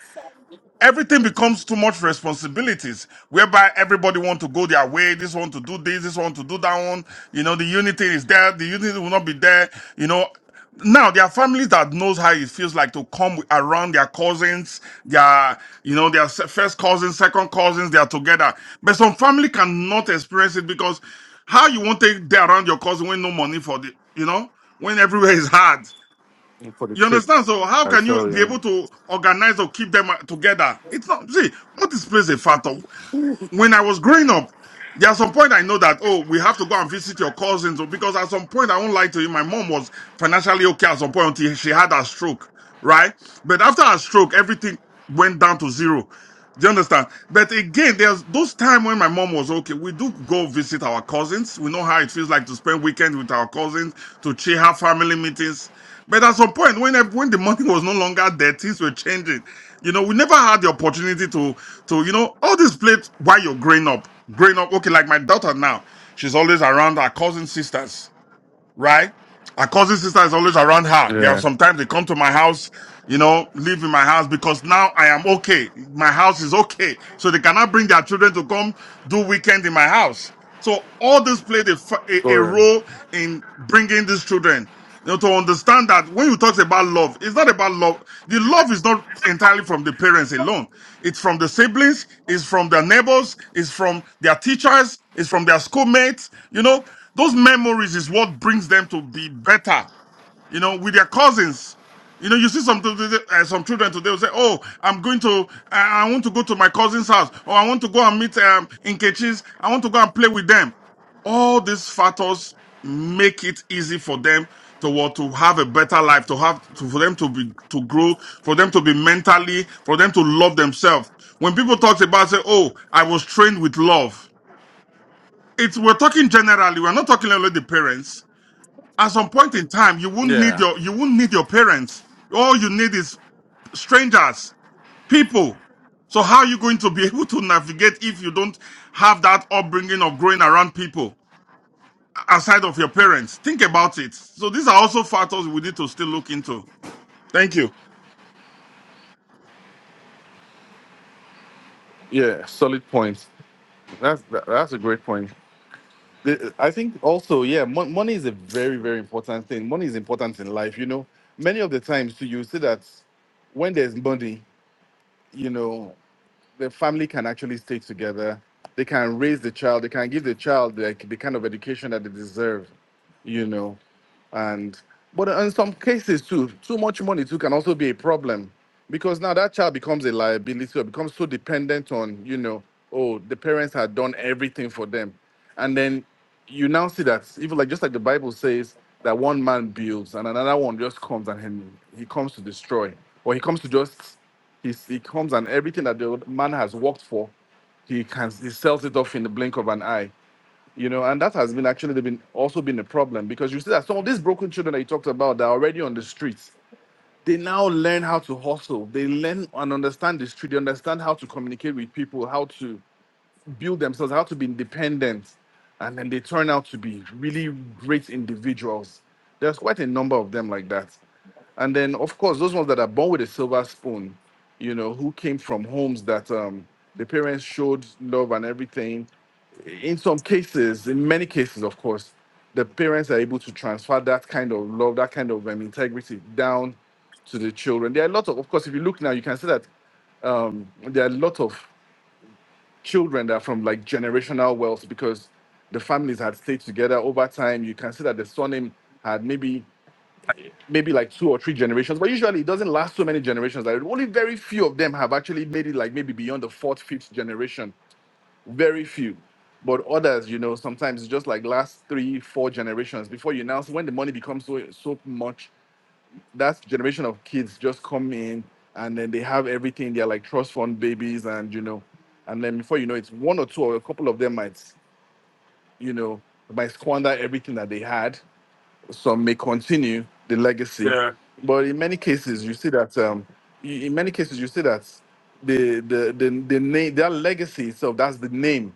I: everything
K: It's-
I: becomes too much responsibilities whereby everybody want to go their way this want to do this this want to do that one you know the unity is there the unity will not be there you know now there are families that knows how it feels like to come around their cousins their you know their se- first cousins second cousins they are together but some family cannot experience it because how you want to take there around your cousin when no money for the you know when everywhere is hard
K: For the
I: you
K: trip,
I: understand? So how
K: I
I: can you
K: tell
I: be
K: you.
I: able to organize or keep them uh, together? It's not see what is plays a factor when I was growing up, there are some point I know that, oh, we have to go and visit your cousins or- because at some point I won't lie to you, my mom was financially okay at some point until she had her stroke, right? But after her stroke, everything went down to zero. Do you understand? But again, there's those time when my mom was okay. We do go visit our cousins. We know how it feels like to spend weekend with our cousins, to cheer have family meetings. But at some point, when when the [laughs] money was no longer there, things were changing. You know, we never had the opportunity to so, you know, all these plates while you're growing up, growing up, okay, like my daughter now, she's always around her cousin sisters right? Our cousin sister is always around her. There are
K: Yeah,
I: sometimes they come to my house, you know, live in my house because now I am okay. My house is okay. So they cannot bring their children to come do weekend in my house. So all this played a, fa- a, a
K: Goran.
I: role in bringing these children, you know, to understand that when you talk about love, it's not about love. The love is not entirely from the parents alone. It's from the siblings, it's from their neighbors, it's from their teachers, it's from their schoolmates, you know, those memories is what brings them to be better. You know, with their cousins. You know, you see some uh, some children today will say, "Oh, I'm going to, I I want to go to my cousin's house, or I want to go and meet um, in Ketchis. I want to go and play with them." All these factors make it easy for them to what to have a better life, to have to, for them to be to grow, for them to be mentally, for them to love themselves. When people talk about say, "Oh, I was trained with love," it's we're talking generally. We're not talking only the parents at some point in time, you won't need
K: Yeah,
I: your you won't need your parents. All you need is strangers, people. So how are you going to be [laughs] able to navigate if you don't have that upbringing of growing around people aside of your parents? Think about it. So these are also factors we need to still look into. Thank you.
K: yeah. Solid point. That's that, that's a great point. The- I think also, yeah, mon- money is a very very important thing. Money is important in life. You know, many of the times too, you see that when there's money, you know, the family can actually stay together. They can raise the child. They can give the child like the kind of education that they deserve. You know. and but in some cases too too much money too can also be a problem because now that child becomes a liability or becomes so dependent on you know oh the parents had done everything for them and then you now see that even like just like the bible says that one man builds and another one just comes and he, he comes to destroy or he comes to just he's, he comes and everything that the man has worked for he can he sells it off in the blink of an eye you know, and that has been actually been also been a problem because you see that some of these broken children that you talked about that are already on the streets, they now learn how to hustle. They learn and understand the street. They understand how to communicate with people, how to build themselves, how to be independent, and then they turn out to be really great individuals. There's quite a number of them like that. And then, of course, those ones that are born with a silver spoon, you know, who came from homes that um, the parents showed love and everything. In some cases, in many cases, of course, the parents are able to transfer that kind of love, that kind of um, integrity down to the children. There are a lot of, of course, if you look now, you can see that um, there are a lot of children that are from like generational wealth because the families had stayed together over time. You can see that the surname had maybe maybe like two or three generations, but usually it doesn't last so many generations. Like only very few of them have actually made it like maybe beyond the fourth, fifth generation. Very few. But others, you know, sometimes it's just like last three, four generations before you announce when the money becomes so so much that generation of kids just come in and then they have everything. They're like trust fund babies, and you know, and then before you know it, one or two or a couple of them might, you know, might squander everything that they had. Some may continue the legacy,
I: Yeah.
K: but in many cases, you see that um, in many cases you see that the the the, the name their legacy itself that's the name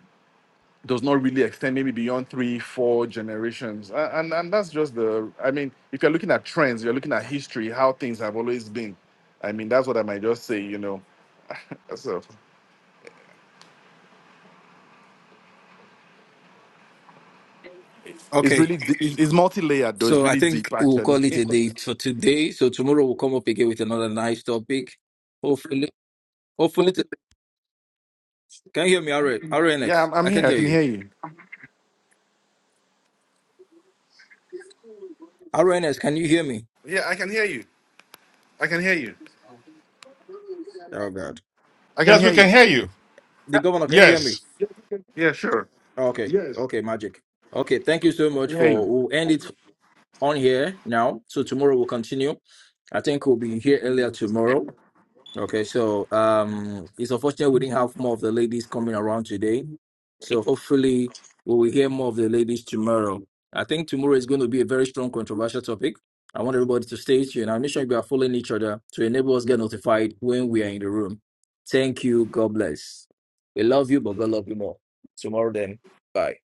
K: does not really extend maybe beyond three, four generations. A- And, and that's just the, I mean, if you're looking at trends, you're looking at history, how things have always been. I mean, that's what I might just say, you know. So it's
A: Okay,
K: really, d- it's it's multi-layered though. It's
A: so I
K: really deep
A: think we'll
K: actually.
A: call it a day for today. So tomorrow we'll come up again with another nice topic. Hopefully, hopefully, to- can you hear me, RN,
K: [laughs] yeah,
A: RNX?
K: I'm, I'm
A: I can
K: here. I
A: hear
K: can
A: you.
K: hear you.
A: RNX, can you hear me?
K: Yeah, I can hear you. I can hear you.
A: Oh God,
K: I can
I: Yes,
K: hear
I: we can
K: you.
I: hear you.
A: the governor, can you hear
I: Yes.
A: me?
K: Yeah, sure.
A: Okay, Yes. okay, magic. Okay, thank you so
K: I can
A: much
K: hear
A: for.
K: you.
A: We'll end it on here now. So tomorrow we'll continue. I think we'll be here earlier tomorrow. Okay, so um, it's unfortunate we didn't have more of the ladies coming around today. So hopefully we will hear more of the ladies tomorrow. I think tomorrow is going to be a very strong controversial topic. I want everybody to stay tuned and make sure you are following each other to enable us get notified when we are in the room. Thank you. God bless. We love you, but God love you more. Tomorrow then. Bye.